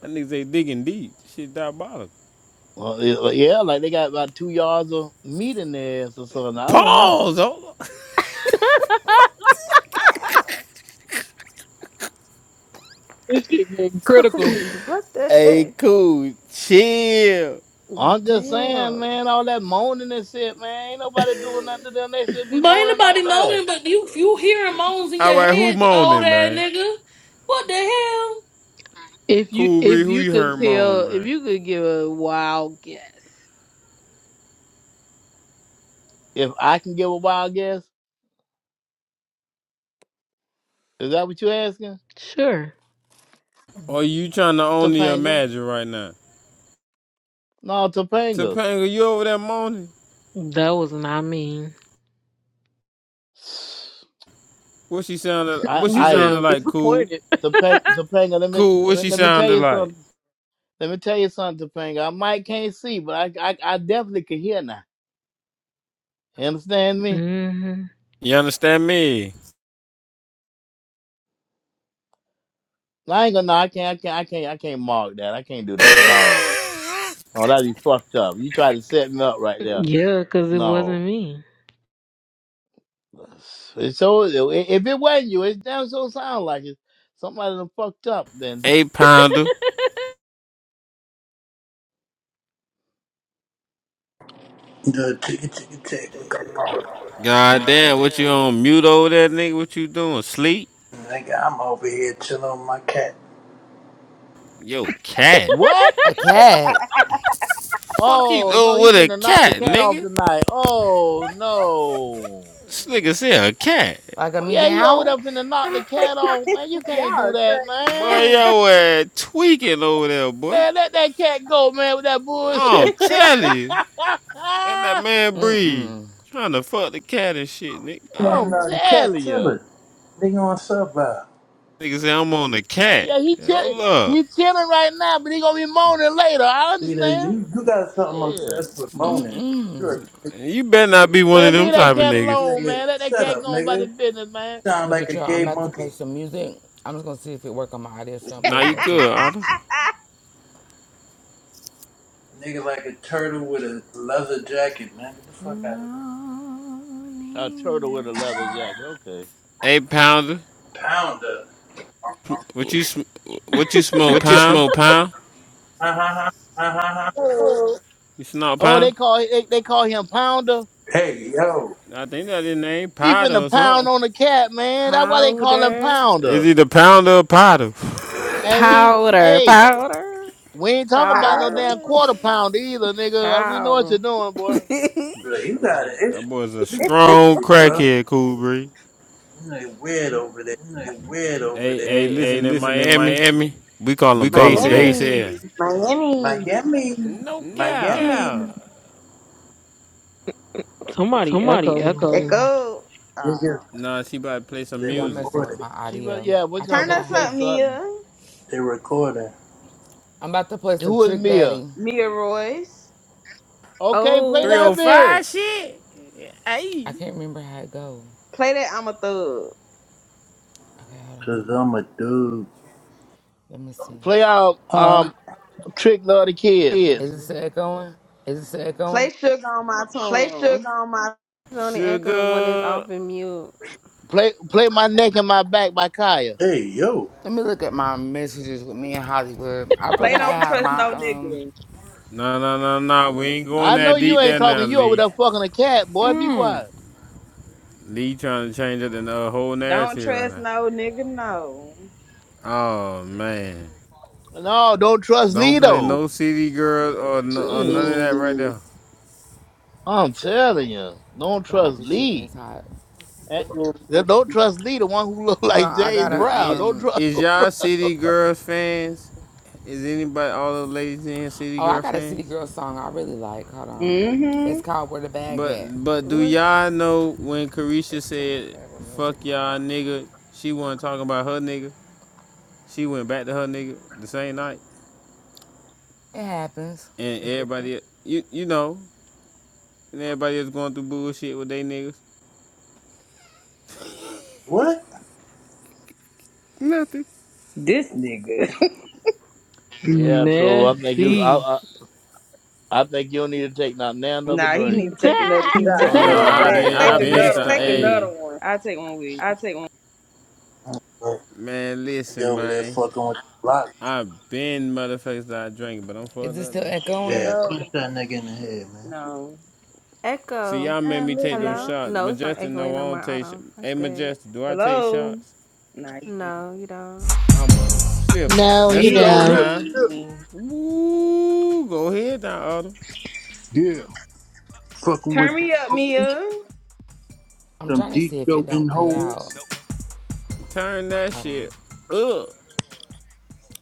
Speaker 2: That nigga say digging deep. Shit diabolical.
Speaker 8: Well, it- uh, yeah, like they got about two yards of meat in their ass or something. I don't know.
Speaker 2: Pause. Hold on.
Speaker 7: This shit getting
Speaker 6: Cool
Speaker 7: critical.
Speaker 6: breeze. What the
Speaker 2: Hey,
Speaker 6: heck?
Speaker 2: cool. Chill.
Speaker 8: I'm just saying,
Speaker 6: Damn.
Speaker 8: man, all that moaning and shit, man, ain't nobody doing nothing to them. They should be
Speaker 4: But
Speaker 8: moaning like
Speaker 4: anybody
Speaker 8: that.
Speaker 4: moaning? But you, you hearing moans in
Speaker 2: All
Speaker 4: your
Speaker 2: right, who
Speaker 4: head, old
Speaker 2: moaning,
Speaker 4: ass
Speaker 2: man?
Speaker 4: nigga. What the hell?
Speaker 7: If you
Speaker 2: Cool, Bree.
Speaker 7: if
Speaker 2: Who
Speaker 7: you
Speaker 2: you
Speaker 7: could
Speaker 2: heard
Speaker 7: tell
Speaker 2: moan,
Speaker 7: if
Speaker 2: man?
Speaker 7: you could give a wild guess.
Speaker 8: If I can give a wild guess, is that what you asking?
Speaker 7: Sure.
Speaker 2: Or you trying to only
Speaker 8: Topanga?
Speaker 2: imagine right now?
Speaker 8: No, Topanga.
Speaker 2: Topanga, you over there moaning?
Speaker 7: That was not me.
Speaker 2: What she sounded?
Speaker 8: I
Speaker 2: What she
Speaker 7: You
Speaker 8: I
Speaker 2: sounded
Speaker 7: sound
Speaker 2: like? Cool,
Speaker 7: disappointed.
Speaker 8: Topanga, Topanga let, me,
Speaker 2: cool.
Speaker 8: let
Speaker 2: What
Speaker 8: me
Speaker 2: she
Speaker 8: let me tell
Speaker 2: sounded
Speaker 8: you
Speaker 2: like?
Speaker 8: something. Let me tell you something, Topanga. I might can't see, but I I, I definitely can hear now. You understand me?
Speaker 7: hmm
Speaker 2: You understand me?
Speaker 8: I ain't gonna no, I can't I can't I can't I can't mark that. I can't do that. No. No, that'd be fucked up. You tried to set me up right there.
Speaker 7: Yeah, because it
Speaker 8: No.
Speaker 7: wasn't me.
Speaker 8: It's so if it wasn't you, it damn so sound like it. Somebody done fucked up. Then
Speaker 2: Eight pounder.
Speaker 18: The ticket, ticket, ticket. We got all.
Speaker 2: God damn, what you on mute over there, nigga? What you doing? Sleep?
Speaker 18: Nigga, I'm over here chilling with my cat.
Speaker 2: Yo, cat.
Speaker 8: what?
Speaker 1: A cat?
Speaker 2: Fuck you
Speaker 8: Oh no,
Speaker 2: doing
Speaker 8: he
Speaker 2: with a
Speaker 8: finna knock the
Speaker 2: cat,
Speaker 8: cat off
Speaker 2: nigga?
Speaker 8: tonight. Oh no.
Speaker 2: This nigga said a cat.
Speaker 1: Like a
Speaker 8: Yeah, he over
Speaker 1: meow?
Speaker 8: there finna knock the cat off, man. You can't do
Speaker 3: Y'all
Speaker 8: that,
Speaker 2: Boy,
Speaker 8: man.
Speaker 2: yo, uh, tweaking over there, boy.
Speaker 8: Man, let that cat go, man, with that bullshit.
Speaker 2: I'm
Speaker 3: crazy.
Speaker 2: telling you, let that man breathe. Trying to fuck the cat and shit, nigga.
Speaker 18: No,
Speaker 2: Damn.
Speaker 8: I'm
Speaker 18: no, the cat
Speaker 8: telling you.
Speaker 18: chilling. Nigga on Subway.
Speaker 2: Niggas say I'm on the cat.
Speaker 8: Yeah, he chill-
Speaker 2: Hold up.
Speaker 8: he chilling right now, but he gonna be moaning later. I
Speaker 18: See that
Speaker 8: understand.
Speaker 18: you you got something
Speaker 8: Shit.
Speaker 18: obsessed with moaning. You're a gay
Speaker 2: You better not be one of
Speaker 8: Man,
Speaker 2: them
Speaker 8: leave that
Speaker 2: type of
Speaker 8: cat
Speaker 2: niggas.
Speaker 8: alone,
Speaker 18: nigga.
Speaker 8: man. Let that
Speaker 18: Shut
Speaker 8: cat
Speaker 18: up,
Speaker 8: go on about his
Speaker 18: nigga.
Speaker 8: business, man.
Speaker 18: Sound
Speaker 1: But
Speaker 18: like
Speaker 1: bitch,
Speaker 18: a
Speaker 1: y'all, I'm
Speaker 18: gay
Speaker 1: about to play
Speaker 18: monkey.
Speaker 1: some music. I'm just gonna see if it work on my audio, so I'm
Speaker 2: Nah,
Speaker 1: paying
Speaker 2: you
Speaker 1: no
Speaker 2: good,
Speaker 1: attention.
Speaker 2: Otto.
Speaker 18: Nigga like a turtle with a leather jacket, man. Get the fuck out of here.
Speaker 8: A
Speaker 6: Lonely
Speaker 8: turtle with a leather jacket.
Speaker 6: night.
Speaker 8: Okay.
Speaker 2: Eight pounder.
Speaker 18: Pounder.
Speaker 2: What you sm-
Speaker 17: What you smoke,
Speaker 2: what you
Speaker 17: pound?
Speaker 2: smoke, pound?
Speaker 18: Uh huh.
Speaker 3: oh,
Speaker 2: You snort
Speaker 8: Oh, they
Speaker 2: pound?
Speaker 8: call they, they call him Pounder.
Speaker 18: Hey, yo.
Speaker 2: I think that his name,
Speaker 8: He
Speaker 2: Powder
Speaker 8: finna
Speaker 2: or
Speaker 8: pound
Speaker 2: something.
Speaker 8: on the cat, man. That's why they call him
Speaker 6: Powder.
Speaker 2: Is
Speaker 8: Pounder.
Speaker 2: he the pounder or Powder?
Speaker 8: Hey, we ain't-
Speaker 6: Powder,
Speaker 8: hey,
Speaker 6: powder,
Speaker 8: we ain't talking about
Speaker 3: proud
Speaker 8: no
Speaker 3: of
Speaker 8: damn quarter
Speaker 6: powder,
Speaker 8: pounder either, nigga. Uh, We know what
Speaker 6: powder.
Speaker 8: you're doing, boy.
Speaker 18: Bro, you got an
Speaker 2: that
Speaker 18: issue.
Speaker 2: boy's a
Speaker 18: You got an
Speaker 2: strong
Speaker 18: issue, bro.
Speaker 2: crackhead, cool breeze.
Speaker 18: You ain't weird over there.
Speaker 17: They weird over
Speaker 2: Hey,
Speaker 17: there.
Speaker 2: hey,
Speaker 17: Hey, hey,
Speaker 2: listen, in
Speaker 17: listen, in
Speaker 2: Miami,
Speaker 17: Miami,
Speaker 2: we call him
Speaker 17: we call
Speaker 2: bass
Speaker 17: them base
Speaker 2: head.
Speaker 3: Miami.
Speaker 17: head.
Speaker 18: Miami.
Speaker 2: No
Speaker 17: No Miami.
Speaker 2: cow.
Speaker 17: doubt.
Speaker 7: Somebody
Speaker 17: Somebody
Speaker 7: echoed.
Speaker 17: echo.
Speaker 3: Echo. Oh.
Speaker 18: Nigga,
Speaker 2: Nah, she about to play some
Speaker 18: they
Speaker 1: Yeah, I'm
Speaker 2: music.
Speaker 1: messing
Speaker 18: recorded.
Speaker 1: with my
Speaker 8: Chief, but
Speaker 1: audio.
Speaker 8: yeah,
Speaker 1: I
Speaker 8: what's going
Speaker 3: Turn
Speaker 8: to
Speaker 1: forgot
Speaker 3: us
Speaker 8: play
Speaker 3: up,
Speaker 1: how.
Speaker 8: something?
Speaker 3: Mia.
Speaker 18: They recording.
Speaker 1: I'm about to play some
Speaker 8: Who is
Speaker 1: Trick
Speaker 8: Mia?
Speaker 1: Daddy.
Speaker 3: Mia Royce.
Speaker 8: Okay, play that
Speaker 6: oh,
Speaker 2: 305
Speaker 8: bit.
Speaker 2: shit? Hey.
Speaker 1: I can't remember how it goes.
Speaker 3: Play that I'm a thug.
Speaker 1: Okay, hold
Speaker 18: Cause
Speaker 1: on.
Speaker 18: I'm a dude.
Speaker 1: Let me see.
Speaker 8: Play out
Speaker 18: Um,
Speaker 8: um Trick Love the Kids.
Speaker 1: Is it still going?
Speaker 3: Play sugar on my
Speaker 17: play
Speaker 3: tongue.
Speaker 17: sugar on my
Speaker 6: it's only echo when it's
Speaker 2: Sugar.
Speaker 6: off and mute.
Speaker 8: Play play my neck and my back by Kaya.
Speaker 18: hey, yo,
Speaker 1: Let me look at my messages with me in Hollywood. I
Speaker 3: Play
Speaker 1: forgot
Speaker 3: don't
Speaker 1: how
Speaker 3: trust
Speaker 1: my
Speaker 3: no
Speaker 1: um.
Speaker 3: nigga.
Speaker 2: No, no, no, no. We ain't going
Speaker 8: I know
Speaker 2: that
Speaker 8: you
Speaker 2: deep
Speaker 8: ain't
Speaker 2: there now,
Speaker 8: talking. You over
Speaker 2: Lee.
Speaker 8: there fucking a cat, boy. Be
Speaker 1: Hmm.
Speaker 8: quiet.
Speaker 2: Lee trying to change up the uh, whole
Speaker 3: Don't
Speaker 2: narrative right
Speaker 3: trust
Speaker 2: now.
Speaker 3: no nigga, no.
Speaker 2: Oh man,
Speaker 8: No, don't trust
Speaker 2: don't
Speaker 8: Lee
Speaker 2: play no
Speaker 8: though.
Speaker 2: city girls or, no, or none
Speaker 8: Shit.
Speaker 2: of that right
Speaker 3: Boo.
Speaker 2: there.
Speaker 8: I'm telling you, don't
Speaker 1: God,
Speaker 8: trust
Speaker 1: this chicken is
Speaker 8: Lee.
Speaker 1: hot.
Speaker 8: Eh, Don't trust Lee, the one who look
Speaker 1: Hold on,
Speaker 8: like
Speaker 1: I
Speaker 8: James
Speaker 1: got a
Speaker 2: Do
Speaker 8: Brown.
Speaker 2: it.
Speaker 8: Don't
Speaker 1: um.
Speaker 8: trust.
Speaker 2: Is
Speaker 8: Don't
Speaker 2: y'all
Speaker 8: trust.
Speaker 2: city girls fans? Is anybody all the ladies in here city
Speaker 1: Oh, I
Speaker 2: girl
Speaker 1: got a City
Speaker 2: fans?
Speaker 1: Girl song I really like. Hold on. It's
Speaker 3: Mm-hmm.
Speaker 1: called Where the Bag
Speaker 2: But
Speaker 1: At.
Speaker 2: but do
Speaker 6: What?
Speaker 2: y'all know when Carisha
Speaker 1: External
Speaker 2: said
Speaker 1: cable music
Speaker 2: "fuck y'all
Speaker 1: mode.
Speaker 2: nigga"? She wasn't talking about her nigga. She went back to her nigga the same night,
Speaker 1: It happens.
Speaker 2: and everybody you you know And everybody is going through bullshit with they niggas.
Speaker 18: what?
Speaker 2: Nothing.
Speaker 3: This nigga.
Speaker 8: Yeah, true. I think you.
Speaker 7: Messy.
Speaker 8: I, I I think you do need to take not now another
Speaker 3: nah, he
Speaker 8: drink.
Speaker 3: need to take another
Speaker 7: I
Speaker 17: feet. Take Oh
Speaker 3: shot.
Speaker 17: no,
Speaker 2: Oh
Speaker 17: another
Speaker 3: Fuck
Speaker 17: I've
Speaker 2: nah, I
Speaker 17: shot.
Speaker 3: that.
Speaker 17: been,
Speaker 2: been
Speaker 17: I've
Speaker 2: I
Speaker 3: Take
Speaker 17: Fuck been,
Speaker 2: been
Speaker 17: that.
Speaker 3: another
Speaker 17: st- Take
Speaker 2: start.
Speaker 3: one.
Speaker 17: hey,
Speaker 2: Hey
Speaker 17: another one.
Speaker 3: I'll take one with
Speaker 17: I
Speaker 3: you.
Speaker 17: take one.
Speaker 18: Oh,
Speaker 2: man,
Speaker 18: I get
Speaker 2: listen
Speaker 18: over there
Speaker 2: man,
Speaker 18: fucking with the block.
Speaker 2: I been motherfuckers that I drink, but I'm
Speaker 1: Is
Speaker 2: fucked
Speaker 1: it
Speaker 2: up
Speaker 1: still
Speaker 2: though.
Speaker 3: It
Speaker 1: echoing?
Speaker 18: Yeah, punch
Speaker 3: go.
Speaker 18: that nigga in the head, man.
Speaker 3: No.
Speaker 2: See
Speaker 6: Echo.
Speaker 2: y'all made
Speaker 3: I
Speaker 2: me
Speaker 3: live
Speaker 2: take them
Speaker 3: it.
Speaker 6: Hello?
Speaker 2: shots.
Speaker 6: No, it's not
Speaker 2: Majestic,
Speaker 6: echoing
Speaker 2: no,
Speaker 6: no
Speaker 2: I don't
Speaker 6: more,
Speaker 2: take. Sh-
Speaker 6: Autumn.
Speaker 2: hey
Speaker 6: That's good.
Speaker 2: Majestic, do I take
Speaker 3: Hello.
Speaker 2: shots?
Speaker 3: Nah, you good.
Speaker 6: No, you don't.
Speaker 2: I'm a sipper.
Speaker 8: No, you
Speaker 2: Let's
Speaker 18: Yeah,
Speaker 2: go
Speaker 8: don't.
Speaker 2: now.
Speaker 18: yeah,
Speaker 3: Hey.
Speaker 2: Woo, go ahead now, Autumn.
Speaker 18: yeah. Yeah, fucking
Speaker 3: Turn
Speaker 18: with them
Speaker 3: me up,
Speaker 18: hoes.
Speaker 3: Mia.
Speaker 1: I'm
Speaker 18: some
Speaker 1: trying to
Speaker 18: deep
Speaker 1: see if it
Speaker 18: go in
Speaker 1: don't cut
Speaker 18: holes.
Speaker 1: out.
Speaker 2: Turn that
Speaker 1: Hold on.
Speaker 2: shit up.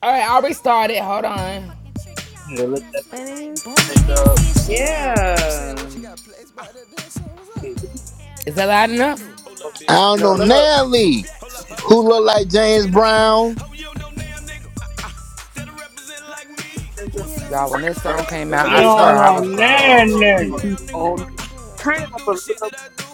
Speaker 1: All right,
Speaker 17: Hell no,
Speaker 1: I
Speaker 17: I wanna
Speaker 1: restarted.
Speaker 17: holler at
Speaker 1: Hold
Speaker 17: no
Speaker 1: on.
Speaker 17: motherfucking trick. He all
Speaker 18: Yeah,
Speaker 17: over
Speaker 18: let
Speaker 17: there
Speaker 18: that
Speaker 6: But
Speaker 17: smelling like
Speaker 6: it's
Speaker 17: bunk
Speaker 6: seen
Speaker 18: bitch
Speaker 17: and
Speaker 6: it, but
Speaker 18: nigga up.
Speaker 17: Hennessy
Speaker 6: you
Speaker 17: and shit. Hell
Speaker 6: know.
Speaker 17: no.
Speaker 3: Yeah.
Speaker 18: Hey,
Speaker 17: Hell no, nah,
Speaker 1: Is that loud
Speaker 17: I don't, I
Speaker 1: enough?
Speaker 17: don't wanna holler
Speaker 18: fuck
Speaker 17: at
Speaker 8: I
Speaker 18: this
Speaker 17: him.
Speaker 8: don't know
Speaker 18: dog.
Speaker 3: Come up.
Speaker 8: now Lee,
Speaker 18: Get this
Speaker 17: That's
Speaker 8: who
Speaker 17: all.
Speaker 8: look like
Speaker 17: Check
Speaker 8: James
Speaker 17: it out.
Speaker 8: Brown.
Speaker 17: Hope you don't know damn nigga. Uh, uh, that'll represent like me. Who'll
Speaker 18: Nigga,
Speaker 6: You
Speaker 17: say some
Speaker 1: Y'all,
Speaker 6: know,
Speaker 1: when
Speaker 17: shit
Speaker 1: this
Speaker 17: like
Speaker 1: song
Speaker 17: me?
Speaker 1: came out,
Speaker 15: You
Speaker 17: One
Speaker 1: I
Speaker 17: who'll lay
Speaker 15: don't
Speaker 1: swear
Speaker 17: the
Speaker 1: I
Speaker 15: know
Speaker 17: dick
Speaker 1: was
Speaker 17: like me.
Speaker 15: none
Speaker 1: grown.
Speaker 17: Bitch, you don't know
Speaker 18: she
Speaker 15: nigga.
Speaker 18: eat
Speaker 17: damn nigga.
Speaker 18: all
Speaker 17: Uh,
Speaker 18: nigga.
Speaker 6: man,
Speaker 17: uh,
Speaker 6: nigga.
Speaker 3: Turn it
Speaker 17: who
Speaker 3: up
Speaker 17: do
Speaker 3: a
Speaker 17: the shit
Speaker 3: little
Speaker 17: that I
Speaker 3: more.
Speaker 17: do?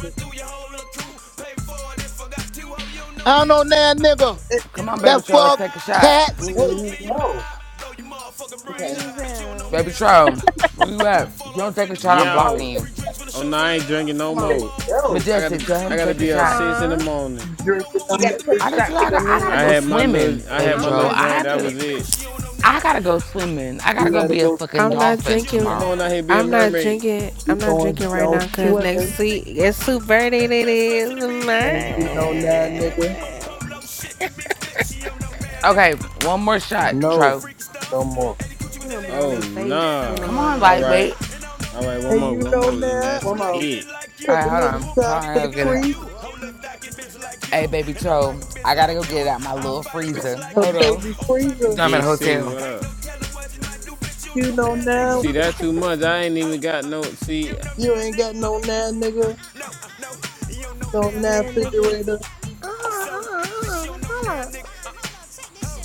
Speaker 17: Run through your whole little crew. Pay for it if I got to. Hope you don't know
Speaker 8: I don't know
Speaker 17: damn nigga.
Speaker 8: now,
Speaker 17: Uh,
Speaker 8: nigga.
Speaker 18: Hey,
Speaker 1: Come
Speaker 17: that'll
Speaker 1: on,
Speaker 17: run
Speaker 18: yo,
Speaker 1: baby
Speaker 8: That
Speaker 17: off
Speaker 1: troll,
Speaker 17: in your
Speaker 1: let's
Speaker 8: fuck
Speaker 1: take a
Speaker 17: eyes. Nope,
Speaker 1: shot.
Speaker 17: nope. Put
Speaker 8: cats.
Speaker 17: a gun
Speaker 18: hey,
Speaker 17: off in
Speaker 3: Mm-hmm.
Speaker 17: your
Speaker 18: yo,
Speaker 17: mouth. Blow your motherfucking
Speaker 6: Put
Speaker 17: brains
Speaker 3: Okay.
Speaker 6: bangs
Speaker 17: out. Bitch, you don't know
Speaker 6: out.
Speaker 1: Baby
Speaker 17: damn nigga.
Speaker 1: troll,
Speaker 17: Uh,
Speaker 1: where you
Speaker 17: who'll
Speaker 1: at?
Speaker 17: fall
Speaker 1: If you don't
Speaker 17: off
Speaker 1: take
Speaker 17: in
Speaker 1: a
Speaker 17: the
Speaker 1: shot, I'm
Speaker 17: club?
Speaker 3: Oh, let's
Speaker 2: Yo,
Speaker 1: blocking
Speaker 3: take-
Speaker 17: Free
Speaker 1: you.
Speaker 17: drinks for the
Speaker 2: oh
Speaker 17: show
Speaker 2: no,
Speaker 17: some
Speaker 2: I ain't drinking
Speaker 17: love.
Speaker 2: no
Speaker 3: come
Speaker 17: Pay the
Speaker 3: on.
Speaker 2: more.
Speaker 17: ball for
Speaker 18: yo.
Speaker 17: the
Speaker 2: I gotta
Speaker 17: thugs.
Speaker 1: Majestic,
Speaker 2: be,
Speaker 17: Bitch,
Speaker 1: tell
Speaker 17: you
Speaker 2: I
Speaker 1: him
Speaker 17: don't
Speaker 1: to
Speaker 17: know
Speaker 2: gotta
Speaker 1: take a
Speaker 2: be
Speaker 17: damn
Speaker 2: up
Speaker 1: shot.
Speaker 17: nigga.
Speaker 2: six
Speaker 17: Uh,
Speaker 2: in the
Speaker 6: Aw,
Speaker 2: morning.
Speaker 18: You
Speaker 17: who know
Speaker 18: drinking
Speaker 17: more
Speaker 18: them
Speaker 3: You got
Speaker 17: niggas
Speaker 3: to
Speaker 17: than me?
Speaker 3: take
Speaker 18: niggas?
Speaker 3: a
Speaker 1: I just,
Speaker 3: shot
Speaker 17: Nope,
Speaker 3: for
Speaker 1: I,
Speaker 17: nope.
Speaker 1: got,
Speaker 3: your
Speaker 17: Who
Speaker 1: I
Speaker 17: do
Speaker 3: man.
Speaker 1: gotta
Speaker 2: I
Speaker 17: more
Speaker 1: go
Speaker 2: had
Speaker 17: killers
Speaker 2: my
Speaker 17: than me?
Speaker 2: little
Speaker 1: swimming,
Speaker 2: I
Speaker 17: And way
Speaker 2: had
Speaker 1: baby
Speaker 2: my
Speaker 17: more
Speaker 6: I'm
Speaker 1: troll.
Speaker 2: little
Speaker 17: dope
Speaker 6: not.
Speaker 1: I
Speaker 2: drink,
Speaker 17: dealers
Speaker 1: have
Speaker 2: that
Speaker 17: than me.
Speaker 1: to,
Speaker 2: was it.
Speaker 17: Bitch, you don't know
Speaker 1: I
Speaker 17: now,
Speaker 1: gotta
Speaker 17: nigga.
Speaker 1: go
Speaker 17: Uh,
Speaker 1: swimming. I
Speaker 18: You
Speaker 1: gotta go
Speaker 18: gotta
Speaker 1: be a
Speaker 18: go
Speaker 1: fucking
Speaker 6: I'm
Speaker 18: swimming.
Speaker 6: not
Speaker 1: dolphin
Speaker 17: bitch, you don't know
Speaker 6: drinking.
Speaker 2: Come on
Speaker 17: now,
Speaker 2: out
Speaker 1: tomorrow.
Speaker 2: here, be
Speaker 17: nigga.
Speaker 2: a
Speaker 17: Uh,
Speaker 6: I'm not
Speaker 2: mermaid.
Speaker 6: drinking.
Speaker 18: You
Speaker 6: I'm not
Speaker 18: going,
Speaker 6: drinking
Speaker 18: you
Speaker 6: right
Speaker 18: know,
Speaker 6: now
Speaker 17: you
Speaker 6: because
Speaker 17: don't know
Speaker 18: swimming.
Speaker 6: next
Speaker 17: now,
Speaker 6: week
Speaker 17: nigga. Uh,
Speaker 6: it's Super Birthday.
Speaker 17: that
Speaker 6: It
Speaker 17: dress
Speaker 6: is
Speaker 17: fresher than me. And you
Speaker 18: And
Speaker 17: don't
Speaker 18: you
Speaker 17: know
Speaker 18: know
Speaker 17: now,
Speaker 18: now,
Speaker 17: nigga. That way
Speaker 18: nigga?
Speaker 17: more
Speaker 6: mine.
Speaker 17: polo shit than me, bitch. You don't know now,
Speaker 1: Okay,
Speaker 17: nigga.
Speaker 1: one more
Speaker 17: Uh,
Speaker 1: shot,
Speaker 17: who do more
Speaker 1: Tro.
Speaker 18: No,
Speaker 17: freaky stuff?
Speaker 18: no more.
Speaker 17: Eddie Gucci
Speaker 6: He
Speaker 17: with the
Speaker 6: don't be
Speaker 17: legs
Speaker 6: on
Speaker 2: Oh
Speaker 6: his
Speaker 17: up. Then
Speaker 6: face
Speaker 17: I
Speaker 6: in
Speaker 2: nah.
Speaker 6: the
Speaker 1: Come
Speaker 17: float
Speaker 1: on,
Speaker 17: all in
Speaker 6: morning.
Speaker 17: your butt.
Speaker 2: Alright.
Speaker 1: lightweight.
Speaker 17: And I don't know
Speaker 2: Alright, one
Speaker 17: now,
Speaker 18: And
Speaker 2: more,
Speaker 17: hoe.
Speaker 18: you
Speaker 2: one
Speaker 18: know
Speaker 2: more, and
Speaker 18: now?
Speaker 2: that's
Speaker 3: One
Speaker 17: Who like
Speaker 3: more.
Speaker 17: did it
Speaker 2: it.
Speaker 17: like you?
Speaker 1: All
Speaker 18: Take
Speaker 1: right, hold
Speaker 18: another
Speaker 17: Who
Speaker 1: on. Hold
Speaker 17: bite
Speaker 18: shot
Speaker 1: on,
Speaker 17: the
Speaker 18: for
Speaker 1: I
Speaker 18: the
Speaker 1: gotta
Speaker 17: dick
Speaker 1: get it
Speaker 17: like
Speaker 1: out.
Speaker 18: creek.
Speaker 17: you? Who look like a bitch like you?
Speaker 1: Hey, baby
Speaker 17: And don't like a
Speaker 1: troll,
Speaker 17: bitch
Speaker 1: I gotta
Speaker 17: like
Speaker 1: go
Speaker 17: you?
Speaker 1: get it out my
Speaker 17: I
Speaker 1: little
Speaker 17: fight a bitch
Speaker 1: freezer.
Speaker 17: like
Speaker 18: A
Speaker 1: Hold
Speaker 17: you.
Speaker 1: on.
Speaker 18: baby
Speaker 17: old trap a
Speaker 18: freezer.
Speaker 1: I'm
Speaker 17: bitch
Speaker 1: at a
Speaker 2: Big
Speaker 17: like you.
Speaker 2: six,
Speaker 1: hotel.
Speaker 2: what
Speaker 17: Ain't
Speaker 2: up?
Speaker 17: no telling what you might do, bitch. You
Speaker 18: You
Speaker 17: know
Speaker 18: know
Speaker 17: now,
Speaker 18: now?
Speaker 17: nigga.
Speaker 2: See
Speaker 17: Uh,
Speaker 2: that too much. I ain't even got no
Speaker 17: you
Speaker 2: see
Speaker 17: know
Speaker 18: You
Speaker 17: now,
Speaker 18: ain't
Speaker 17: nigga.
Speaker 18: got no
Speaker 17: Uh,
Speaker 18: now, nigga.
Speaker 17: no, uh, no. You don't know
Speaker 18: No
Speaker 17: now,
Speaker 6: And
Speaker 18: now
Speaker 17: nigga.
Speaker 6: then
Speaker 17: Uh,
Speaker 6: nigga,
Speaker 18: refrigerator.
Speaker 6: uh, uh,
Speaker 17: uh. so, bitch,
Speaker 6: uh,
Speaker 17: you don't know
Speaker 6: hold
Speaker 17: now,
Speaker 6: up.
Speaker 17: nigga. Uh, Hold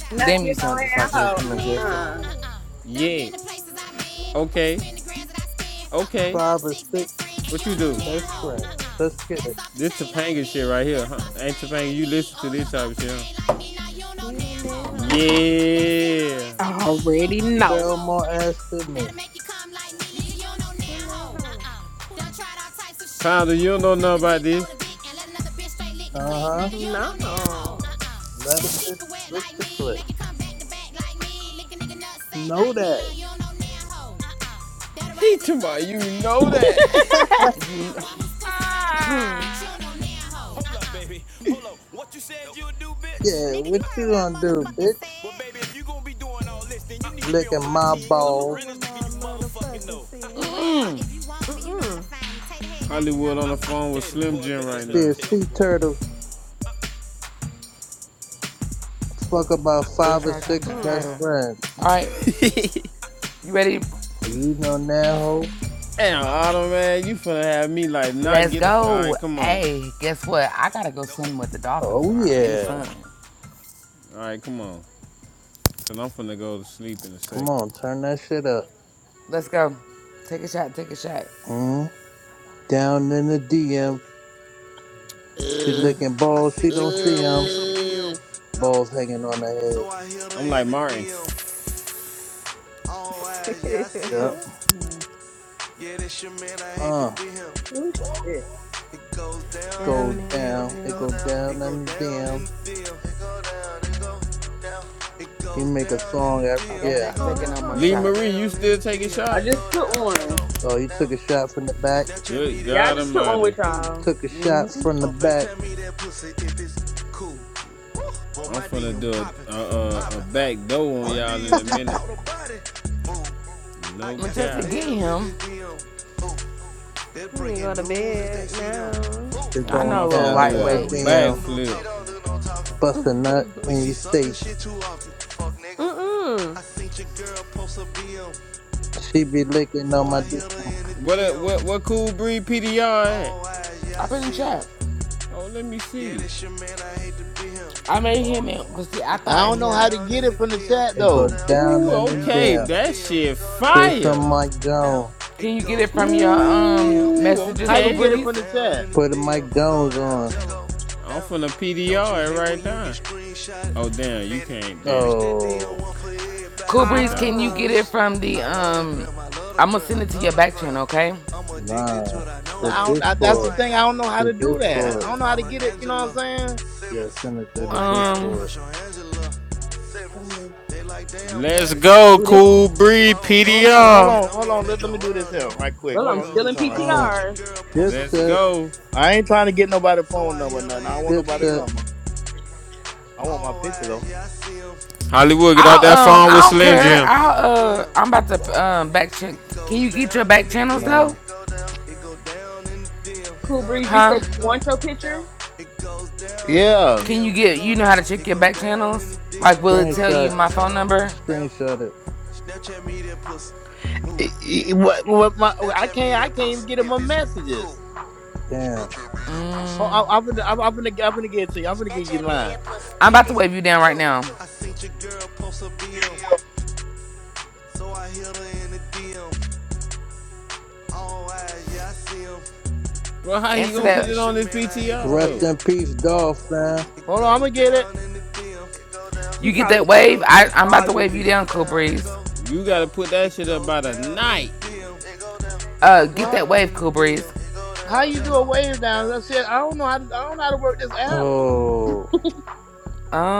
Speaker 3: No,
Speaker 17: oh,
Speaker 1: Damn, you
Speaker 3: you know
Speaker 1: sound just like
Speaker 17: You
Speaker 1: her,
Speaker 17: don't
Speaker 3: how.
Speaker 6: You
Speaker 17: know
Speaker 6: don't
Speaker 17: now,
Speaker 6: name
Speaker 1: Majestic.
Speaker 17: ho.
Speaker 3: Uh-uh.
Speaker 6: it.
Speaker 17: Uh-uh. Done
Speaker 2: yeah.
Speaker 17: been to places
Speaker 6: Mm, name
Speaker 17: I've
Speaker 6: it,
Speaker 17: been.
Speaker 6: man.
Speaker 17: Who can
Speaker 2: Okay.
Speaker 17: spend the grands that I spend? Fuck my
Speaker 2: Okay.
Speaker 17: five or
Speaker 18: Five or
Speaker 17: six
Speaker 18: six.
Speaker 17: best friends. And
Speaker 2: What
Speaker 17: you
Speaker 2: you
Speaker 17: don't
Speaker 6: You
Speaker 17: know
Speaker 2: do?
Speaker 6: don't
Speaker 17: now,
Speaker 18: That's
Speaker 17: ho.
Speaker 6: name
Speaker 18: right.
Speaker 6: you.
Speaker 17: Uh-uh.
Speaker 18: Let's get it.
Speaker 17: That's off the
Speaker 2: This
Speaker 6: Mm,
Speaker 17: chain like
Speaker 2: Topanga
Speaker 6: mm,
Speaker 2: shit right
Speaker 17: me. That
Speaker 2: here,
Speaker 6: mm.
Speaker 17: will
Speaker 2: huh?
Speaker 17: floss a
Speaker 2: Ain't
Speaker 17: thing
Speaker 2: Topanga,
Speaker 17: like
Speaker 2: you
Speaker 17: me.
Speaker 2: listen to
Speaker 17: Oh,
Speaker 2: this
Speaker 17: look
Speaker 2: type
Speaker 17: off
Speaker 2: of
Speaker 17: a
Speaker 2: shit, huh?
Speaker 17: thing like me. Now you don't know
Speaker 6: You don't
Speaker 17: now,
Speaker 6: name
Speaker 17: ho.
Speaker 6: her.
Speaker 17: Uh-uh. That'll sell more
Speaker 2: Yeah.
Speaker 17: ass than me. You don't
Speaker 7: already
Speaker 17: know now,
Speaker 18: Sell
Speaker 7: know.
Speaker 17: ho.
Speaker 18: more ass to me.
Speaker 17: That'll make you come like me. Nigga, you don't know
Speaker 6: You
Speaker 17: now,
Speaker 6: name
Speaker 17: ho.
Speaker 6: her.
Speaker 17: Uh-uh. Done tried all types of shit.
Speaker 2: Pounder, you don't
Speaker 17: Who
Speaker 2: know
Speaker 17: quick
Speaker 2: nothing
Speaker 17: to
Speaker 2: about
Speaker 17: deep throw
Speaker 2: this.
Speaker 17: the dick and let another bitch straight lick the
Speaker 18: Uh
Speaker 17: click?
Speaker 18: huh.
Speaker 17: Nigga, you don't know now, ho.
Speaker 6: No.
Speaker 17: Uh-uh.
Speaker 18: Let a
Speaker 17: That'll keep
Speaker 18: bitch
Speaker 17: it wet
Speaker 18: lick
Speaker 17: like
Speaker 18: the
Speaker 17: me.
Speaker 18: click.
Speaker 17: Make you come back to back like me. Lick a nigga nut sack
Speaker 18: Know
Speaker 17: like me.
Speaker 18: that.
Speaker 17: Nigga, You don't know now, ho. Uh-uh. That'll ride
Speaker 2: He
Speaker 17: a dick
Speaker 2: tomorrow,
Speaker 17: on a
Speaker 2: you
Speaker 17: dime.
Speaker 2: know
Speaker 17: Who love to
Speaker 2: that.
Speaker 17: fuck all the
Speaker 1: You,
Speaker 17: time? One whose pussy fatter than mine, bitch. You don't know now, ho. Hold up, Uh-uh. up, baby. Hold up. What you said nope. you would do, bitch?
Speaker 18: Yeah,
Speaker 17: Nigga, you
Speaker 18: what
Speaker 17: heard
Speaker 18: you
Speaker 17: what I
Speaker 18: gonna do,
Speaker 17: motherfucking
Speaker 18: bitch?
Speaker 17: said. Well, baby, if you gonna be doing all this, then you need to be on
Speaker 18: Licking
Speaker 17: my
Speaker 18: my
Speaker 6: She
Speaker 17: team, cause
Speaker 6: said,
Speaker 17: I'm
Speaker 6: you
Speaker 17: the
Speaker 6: know
Speaker 18: balls.
Speaker 6: what
Speaker 17: realest nigga
Speaker 6: my
Speaker 17: you motherfucking
Speaker 6: motherfucking
Speaker 17: know. Ah,
Speaker 6: said.
Speaker 17: Well, if you want me, you know how to
Speaker 6: Mm-mm.
Speaker 17: find me. Take head, got the
Speaker 2: Hollywood on
Speaker 17: number.
Speaker 2: the phone with
Speaker 17: Tatum,
Speaker 2: Slim
Speaker 17: boy,
Speaker 2: Jim
Speaker 17: bet nope.
Speaker 2: right
Speaker 17: that up,
Speaker 18: See
Speaker 2: now.
Speaker 18: a
Speaker 17: Tatum,
Speaker 18: sea
Speaker 17: boy.
Speaker 18: turtle fuck about
Speaker 1: baby
Speaker 18: five or
Speaker 1: troll, I changed
Speaker 18: six
Speaker 1: your
Speaker 6: Mm.
Speaker 18: best
Speaker 1: title.
Speaker 18: friends.
Speaker 1: All right, you ready?
Speaker 18: You know now, ho?
Speaker 2: Damn, Otto, man, you finna have me like not
Speaker 1: Let's
Speaker 2: get. A... All right,
Speaker 1: go.
Speaker 2: come on.
Speaker 1: Hey, guess what? I gotta go
Speaker 17: Nope.
Speaker 1: swimming with the dolphins
Speaker 18: Oh
Speaker 1: tomorrow in the
Speaker 18: yeah.
Speaker 1: sun.
Speaker 2: All right, come on. Cause I'm finna go to sleep in a
Speaker 18: Come
Speaker 2: second.
Speaker 18: on, turn that shit up.
Speaker 1: Let's go. Take a shot, take a shot.
Speaker 18: Mm? Down in the DM, she
Speaker 2: Ugh,
Speaker 18: licking
Speaker 17: I
Speaker 18: balls, she
Speaker 17: seen your
Speaker 18: don't see
Speaker 17: girl
Speaker 18: 'em.
Speaker 17: post a BM,
Speaker 2: ugh.
Speaker 18: Balls hanging on her head.
Speaker 17: so I hit
Speaker 2: I'm
Speaker 17: her
Speaker 2: like
Speaker 17: in the
Speaker 2: Martin.
Speaker 17: DM. All eyes, yeah, I see him.
Speaker 18: Yup.
Speaker 3: Mm.
Speaker 17: Yeah, that's your man, I hate to
Speaker 18: Uh,
Speaker 17: be him.
Speaker 3: Oh shit!
Speaker 17: It goes down in the
Speaker 6: Down
Speaker 18: go
Speaker 6: in the
Speaker 17: DM.
Speaker 18: down.
Speaker 17: It
Speaker 18: It
Speaker 17: go
Speaker 6: dim.
Speaker 18: go
Speaker 17: down.
Speaker 18: down
Speaker 17: It go
Speaker 18: in the
Speaker 17: down in
Speaker 18: DM.
Speaker 17: the DM. It go down. It go down. It
Speaker 18: You
Speaker 17: goes
Speaker 18: make a
Speaker 17: down in
Speaker 18: song
Speaker 17: the
Speaker 18: every
Speaker 1: Okay,
Speaker 17: DM.
Speaker 1: I'm
Speaker 18: year.
Speaker 17: It
Speaker 1: not
Speaker 17: go
Speaker 1: taking
Speaker 17: down.
Speaker 1: no more
Speaker 17: It
Speaker 2: Lee
Speaker 6: Uh-huh.
Speaker 17: go
Speaker 1: shots.
Speaker 2: Marie, you
Speaker 17: down in
Speaker 2: still
Speaker 17: the
Speaker 2: taking
Speaker 17: DM.
Speaker 3: I
Speaker 17: It
Speaker 2: shots?
Speaker 3: just
Speaker 17: go
Speaker 3: took
Speaker 17: down. I tell 'em.
Speaker 3: one.
Speaker 18: Oh, you
Speaker 17: down.
Speaker 18: took a shot from the back.
Speaker 17: Snapchat
Speaker 2: Good
Speaker 17: me that
Speaker 3: Yeah, I
Speaker 2: God
Speaker 3: just
Speaker 17: pussy.
Speaker 3: took one
Speaker 2: Almighty,
Speaker 3: with y'all.
Speaker 17: Move.
Speaker 18: Took a shot
Speaker 3: Mm-hmm.
Speaker 18: from the
Speaker 17: Or
Speaker 18: back.
Speaker 17: FaceTime me that pussy if it's cool. Boy,
Speaker 2: I'm
Speaker 17: my
Speaker 2: finna
Speaker 17: DM
Speaker 2: do a a,
Speaker 17: poppin'.
Speaker 2: a,
Speaker 17: Poppin'.
Speaker 2: back door on
Speaker 17: My
Speaker 2: y'all in a
Speaker 17: DM just
Speaker 2: minute.
Speaker 17: caught a body. Move. I
Speaker 2: No
Speaker 17: got
Speaker 1: Majestic,
Speaker 2: cap.
Speaker 1: get
Speaker 17: celebs in
Speaker 1: him.
Speaker 17: the DM. Move. They're
Speaker 6: You need to
Speaker 17: breaking
Speaker 6: go to
Speaker 17: news if they
Speaker 6: bed
Speaker 17: see them.
Speaker 6: now.
Speaker 17: Move.
Speaker 18: It's
Speaker 2: I'm
Speaker 1: I
Speaker 2: talking.
Speaker 18: going
Speaker 1: know a
Speaker 2: I'm
Speaker 1: little
Speaker 17: But
Speaker 2: finna
Speaker 18: down
Speaker 2: do
Speaker 18: in the
Speaker 2: a
Speaker 17: nah,
Speaker 1: lightweight.
Speaker 17: we don't do
Speaker 18: DM.
Speaker 17: no talk. We
Speaker 2: backflip.
Speaker 17: don't do no talk.
Speaker 18: Bust a nut
Speaker 17: We
Speaker 18: in
Speaker 17: see
Speaker 18: your
Speaker 17: sucker shit
Speaker 18: face.
Speaker 17: too often. Fuck niggas.
Speaker 6: Mm-mm.
Speaker 17: I seen your girl post a BM,
Speaker 18: She be licking
Speaker 17: so
Speaker 18: on my
Speaker 17: I
Speaker 18: DM.
Speaker 17: hit her in the
Speaker 2: What uh, what
Speaker 17: DM.
Speaker 2: what cool breed PDR at?
Speaker 17: All eyes, yeah, I
Speaker 1: Up in the
Speaker 17: see him.
Speaker 1: chat.
Speaker 2: Oh, let me
Speaker 17: Yeah,
Speaker 2: see.
Speaker 17: that's your man, I hate to be him.
Speaker 1: I made him in, because see, I
Speaker 17: It
Speaker 8: I
Speaker 1: thought
Speaker 8: don't
Speaker 17: goes
Speaker 8: know how
Speaker 1: him
Speaker 8: to
Speaker 17: down
Speaker 8: get
Speaker 17: in the
Speaker 8: it from the
Speaker 17: DM.
Speaker 8: chat
Speaker 17: It
Speaker 18: It
Speaker 17: go
Speaker 18: go
Speaker 8: though.
Speaker 17: down. It
Speaker 18: down
Speaker 2: Ooh,
Speaker 17: go
Speaker 18: in the
Speaker 17: down
Speaker 2: okay,
Speaker 18: DM.
Speaker 17: in the
Speaker 2: that
Speaker 17: DM.
Speaker 2: shit
Speaker 17: It go
Speaker 18: Play
Speaker 17: down. It
Speaker 18: some
Speaker 2: fire.
Speaker 18: Mike
Speaker 17: go down.
Speaker 18: Jones.
Speaker 1: Can
Speaker 17: It
Speaker 1: you get
Speaker 17: goes
Speaker 1: it from your
Speaker 17: down in the
Speaker 1: um
Speaker 17: DM. It
Speaker 2: Ooh,
Speaker 17: go
Speaker 1: messages,
Speaker 17: down.
Speaker 8: How
Speaker 1: Cool
Speaker 8: you
Speaker 2: okay.
Speaker 17: It
Speaker 8: get it
Speaker 17: go
Speaker 1: Breeze?
Speaker 8: from the
Speaker 17: down
Speaker 8: chat?
Speaker 17: in the
Speaker 18: Put a
Speaker 17: DM.
Speaker 18: Mike
Speaker 17: It go
Speaker 18: Jones
Speaker 17: down. It
Speaker 18: on.
Speaker 17: go
Speaker 2: I'm
Speaker 17: down.
Speaker 2: finna
Speaker 17: Don't you
Speaker 2: PDR it
Speaker 17: hate
Speaker 2: right
Speaker 17: when you get
Speaker 2: now. Oh
Speaker 17: screenshotted?
Speaker 2: damn, you
Speaker 17: Petty.
Speaker 2: can't. Damn,
Speaker 17: Bitch, that DM
Speaker 18: Oh,
Speaker 17: one for
Speaker 1: Cool
Speaker 17: everybody.
Speaker 2: shit,
Speaker 1: Breeze, can
Speaker 2: diver.
Speaker 1: you get
Speaker 6: Autumn.
Speaker 1: it
Speaker 17: Rules.
Speaker 1: from the
Speaker 17: I love the
Speaker 1: um?
Speaker 17: gram. I love the
Speaker 1: I'm gonna
Speaker 17: gram.
Speaker 1: send it
Speaker 17: I
Speaker 1: to your
Speaker 17: love the
Speaker 1: back
Speaker 17: gram.
Speaker 1: channel, okay?
Speaker 17: I'm addicted
Speaker 18: nah.
Speaker 17: to it. I know
Speaker 8: Well,
Speaker 18: The
Speaker 17: I
Speaker 8: I
Speaker 17: am.
Speaker 8: don't. I,
Speaker 17: I know
Speaker 8: that's the
Speaker 18: Discord.
Speaker 17: I
Speaker 8: thing. I don't know
Speaker 17: am.
Speaker 8: how
Speaker 18: The
Speaker 8: to do
Speaker 17: And I
Speaker 8: that. I
Speaker 18: Discord.
Speaker 17: just
Speaker 8: don't know how to
Speaker 17: follow
Speaker 8: get it. You know what I'm
Speaker 17: Angela
Speaker 8: saying?
Speaker 18: Yeah,
Speaker 17: Simmons.
Speaker 18: send it to
Speaker 17: Boy,
Speaker 18: the
Speaker 17: I got a
Speaker 1: Um,
Speaker 18: Discord.
Speaker 17: crush on Angela Simmons.
Speaker 3: Ooh,
Speaker 17: They like, damn,
Speaker 2: Let's
Speaker 17: got it.
Speaker 2: go,
Speaker 17: You
Speaker 3: that's
Speaker 2: cool
Speaker 17: bold,
Speaker 2: breed
Speaker 17: bold.
Speaker 8: Hold, hold
Speaker 17: Fuck
Speaker 2: PDR.
Speaker 17: it,
Speaker 8: on,
Speaker 17: I'm
Speaker 8: hold
Speaker 17: gon'
Speaker 8: on.
Speaker 17: let
Speaker 8: Let,
Speaker 17: the
Speaker 8: let me do this
Speaker 17: world
Speaker 8: here
Speaker 17: know.
Speaker 8: right quick.
Speaker 3: well.
Speaker 8: Hold
Speaker 3: I'm
Speaker 8: on, let me
Speaker 17: Go.
Speaker 3: still
Speaker 8: do
Speaker 3: in
Speaker 8: something
Speaker 17: I
Speaker 8: right
Speaker 17: seen
Speaker 8: quick.
Speaker 18: Uh,
Speaker 17: your
Speaker 3: PTR.
Speaker 17: girl post a
Speaker 2: Let's
Speaker 18: Dipset.
Speaker 17: BM,
Speaker 2: go.
Speaker 8: I ain't trying to get nobody
Speaker 17: so
Speaker 8: phone
Speaker 17: I
Speaker 8: number,
Speaker 17: hit
Speaker 8: or nothing. I
Speaker 17: her
Speaker 8: don't
Speaker 17: in
Speaker 8: want
Speaker 17: the
Speaker 8: nobody
Speaker 18: Dipset.
Speaker 8: number.
Speaker 17: DM.
Speaker 8: I want my
Speaker 17: All
Speaker 8: picture
Speaker 17: eyes,
Speaker 8: though.
Speaker 17: yeah, I see him.
Speaker 2: Hollywood, get out that
Speaker 1: I'll um,
Speaker 2: phone
Speaker 17: Yeah,
Speaker 1: I
Speaker 2: with
Speaker 1: don't
Speaker 17: this your
Speaker 2: Slim
Speaker 17: man,
Speaker 1: care.
Speaker 2: Jim.
Speaker 17: I hate to be
Speaker 1: I'll uh,
Speaker 17: him.
Speaker 1: I'm about to um back check.
Speaker 17: It
Speaker 1: Can
Speaker 17: goes
Speaker 1: you get your
Speaker 17: down in
Speaker 1: back
Speaker 17: the
Speaker 1: channels
Speaker 17: DM.
Speaker 1: though?
Speaker 18: Nah.
Speaker 17: It go down. It go down in the DM. It
Speaker 3: Cool
Speaker 17: go
Speaker 3: breeze. You
Speaker 17: down.
Speaker 1: Huh?
Speaker 3: said
Speaker 17: It
Speaker 3: you
Speaker 17: go
Speaker 3: want your picture.
Speaker 17: down. It goes down in the
Speaker 8: Yeah.
Speaker 1: Can you
Speaker 17: DM. It
Speaker 1: get?
Speaker 17: go
Speaker 1: You know
Speaker 17: down.
Speaker 1: how to check
Speaker 17: It
Speaker 1: your
Speaker 17: go
Speaker 1: back
Speaker 17: down in the
Speaker 1: channels?
Speaker 17: DM.
Speaker 1: Like, will
Speaker 17: It
Speaker 1: it
Speaker 17: go
Speaker 1: tell you
Speaker 18: Screenshot.
Speaker 17: down. It
Speaker 1: my phone
Speaker 17: go
Speaker 1: number?
Speaker 17: down.
Speaker 18: Screenshot it.
Speaker 17: Snapchat me that pussy. Move.
Speaker 8: It- it- What, what my, oh, I
Speaker 17: Snapchat me
Speaker 8: can't. I
Speaker 17: that
Speaker 8: can't even
Speaker 17: pussy
Speaker 8: get in
Speaker 17: if
Speaker 8: my
Speaker 17: it's cool.
Speaker 8: messages.
Speaker 18: Damn.
Speaker 8: Hold, I, I'm gonna. I'm, I'm gonna. I'm gonna get it to you. I'm gonna get you in
Speaker 17: Snapchat me
Speaker 8: line.
Speaker 17: that pussy
Speaker 1: I'm about
Speaker 17: if
Speaker 1: to
Speaker 17: it's
Speaker 1: wave you down right
Speaker 17: cool.
Speaker 1: now.
Speaker 17: I seen your girl post a BM, so I hit her in the DM. All eyes, yeah, I see him.
Speaker 2: Bro, how you
Speaker 1: Answer
Speaker 2: gonna
Speaker 17: Yeah,
Speaker 2: put
Speaker 1: that.
Speaker 2: it
Speaker 17: this
Speaker 2: on
Speaker 17: your
Speaker 2: this
Speaker 17: man, I hate
Speaker 2: PTR
Speaker 17: to be
Speaker 18: Rest
Speaker 2: though?
Speaker 18: in
Speaker 17: him.
Speaker 18: peace, Dolph, man.
Speaker 17: It
Speaker 8: Hold on. I'm
Speaker 17: goes
Speaker 8: gonna get it.
Speaker 17: down in the DM. It go down.
Speaker 1: You
Speaker 3: She
Speaker 17: It
Speaker 1: get
Speaker 17: go
Speaker 3: probably
Speaker 1: that
Speaker 3: gonna
Speaker 1: wave?
Speaker 3: get
Speaker 17: down in
Speaker 1: I
Speaker 17: the
Speaker 3: this
Speaker 1: I'm about to
Speaker 3: log
Speaker 17: DM.
Speaker 1: wave
Speaker 17: It
Speaker 1: you
Speaker 3: in.
Speaker 17: go
Speaker 1: down, Cool
Speaker 17: down. It
Speaker 1: Breeze.
Speaker 17: go
Speaker 2: You gotta
Speaker 17: down.
Speaker 2: put that
Speaker 17: It
Speaker 2: shit up
Speaker 17: goes
Speaker 2: by the
Speaker 17: down in the
Speaker 2: night,
Speaker 17: DM. It go down. It
Speaker 1: Uh,
Speaker 17: go
Speaker 1: get
Speaker 8: Well, how,
Speaker 1: that
Speaker 17: down
Speaker 1: wave,
Speaker 17: in the
Speaker 1: Cool
Speaker 17: DM.
Speaker 1: Breeze.
Speaker 17: It go
Speaker 8: how
Speaker 17: down.
Speaker 8: you do a
Speaker 17: It
Speaker 8: wave
Speaker 17: go
Speaker 8: down?
Speaker 17: down.
Speaker 8: I said I don't know how to. I don't know how to work this app.
Speaker 18: Oh.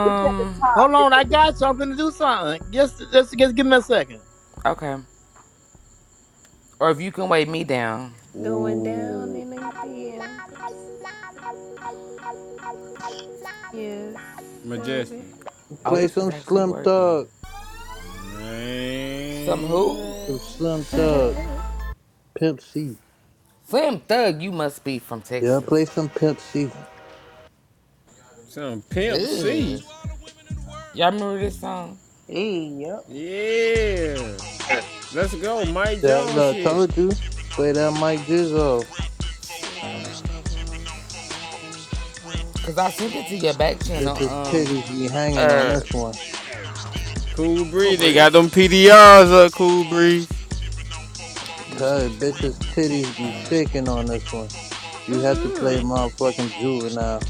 Speaker 3: It's at the top.
Speaker 8: Hold
Speaker 3: It's
Speaker 8: on, I
Speaker 3: at the
Speaker 8: got something to do something. Just, just, just give me a second.
Speaker 1: okay. Or if you can weigh me down.
Speaker 6: Going down
Speaker 18: Ooh.
Speaker 6: in the dim. Yes,
Speaker 2: Majestic.
Speaker 6: baby.
Speaker 1: Oh,
Speaker 18: Play
Speaker 1: this is
Speaker 18: some
Speaker 1: actually
Speaker 18: Slim
Speaker 1: working.
Speaker 18: Thug.
Speaker 1: Some
Speaker 2: Man,
Speaker 1: who?
Speaker 6: Yeah.
Speaker 18: Some Slim Thug. Pimp C.
Speaker 1: Slim Thug, you must be from
Speaker 18: Yeah, play
Speaker 1: Texas.
Speaker 18: some Pimp C.
Speaker 2: some pimp
Speaker 17: This goes out
Speaker 2: C.
Speaker 1: Ugh.
Speaker 17: to all the women in the
Speaker 1: Y'all
Speaker 17: world.
Speaker 1: remember this song?
Speaker 3: Hey, yep.
Speaker 2: Yeah. Let's go, Mike
Speaker 18: That
Speaker 2: Jones
Speaker 18: look, I
Speaker 2: shit.
Speaker 18: told you. Play that Mike Jizzo.
Speaker 6: Sipping on bubbles. Rapping bubbles.
Speaker 1: Cause I sent it to
Speaker 6: Sipping
Speaker 1: your
Speaker 6: on
Speaker 1: back channel.
Speaker 6: bubbles.
Speaker 18: Bitches
Speaker 1: Um,
Speaker 18: titties be hanging on
Speaker 1: uh,
Speaker 18: this one.
Speaker 2: Cool
Speaker 1: Cool
Speaker 2: Breeze, they got
Speaker 1: Breeze.
Speaker 2: them PDRs up, Cool Breeze.
Speaker 1: Let me
Speaker 18: Cuz
Speaker 1: change mine.
Speaker 18: bitches
Speaker 1: Hold on.
Speaker 18: titties be shaking on this one. You had to play
Speaker 6: Mm-mm.
Speaker 18: motherfucking juvenile.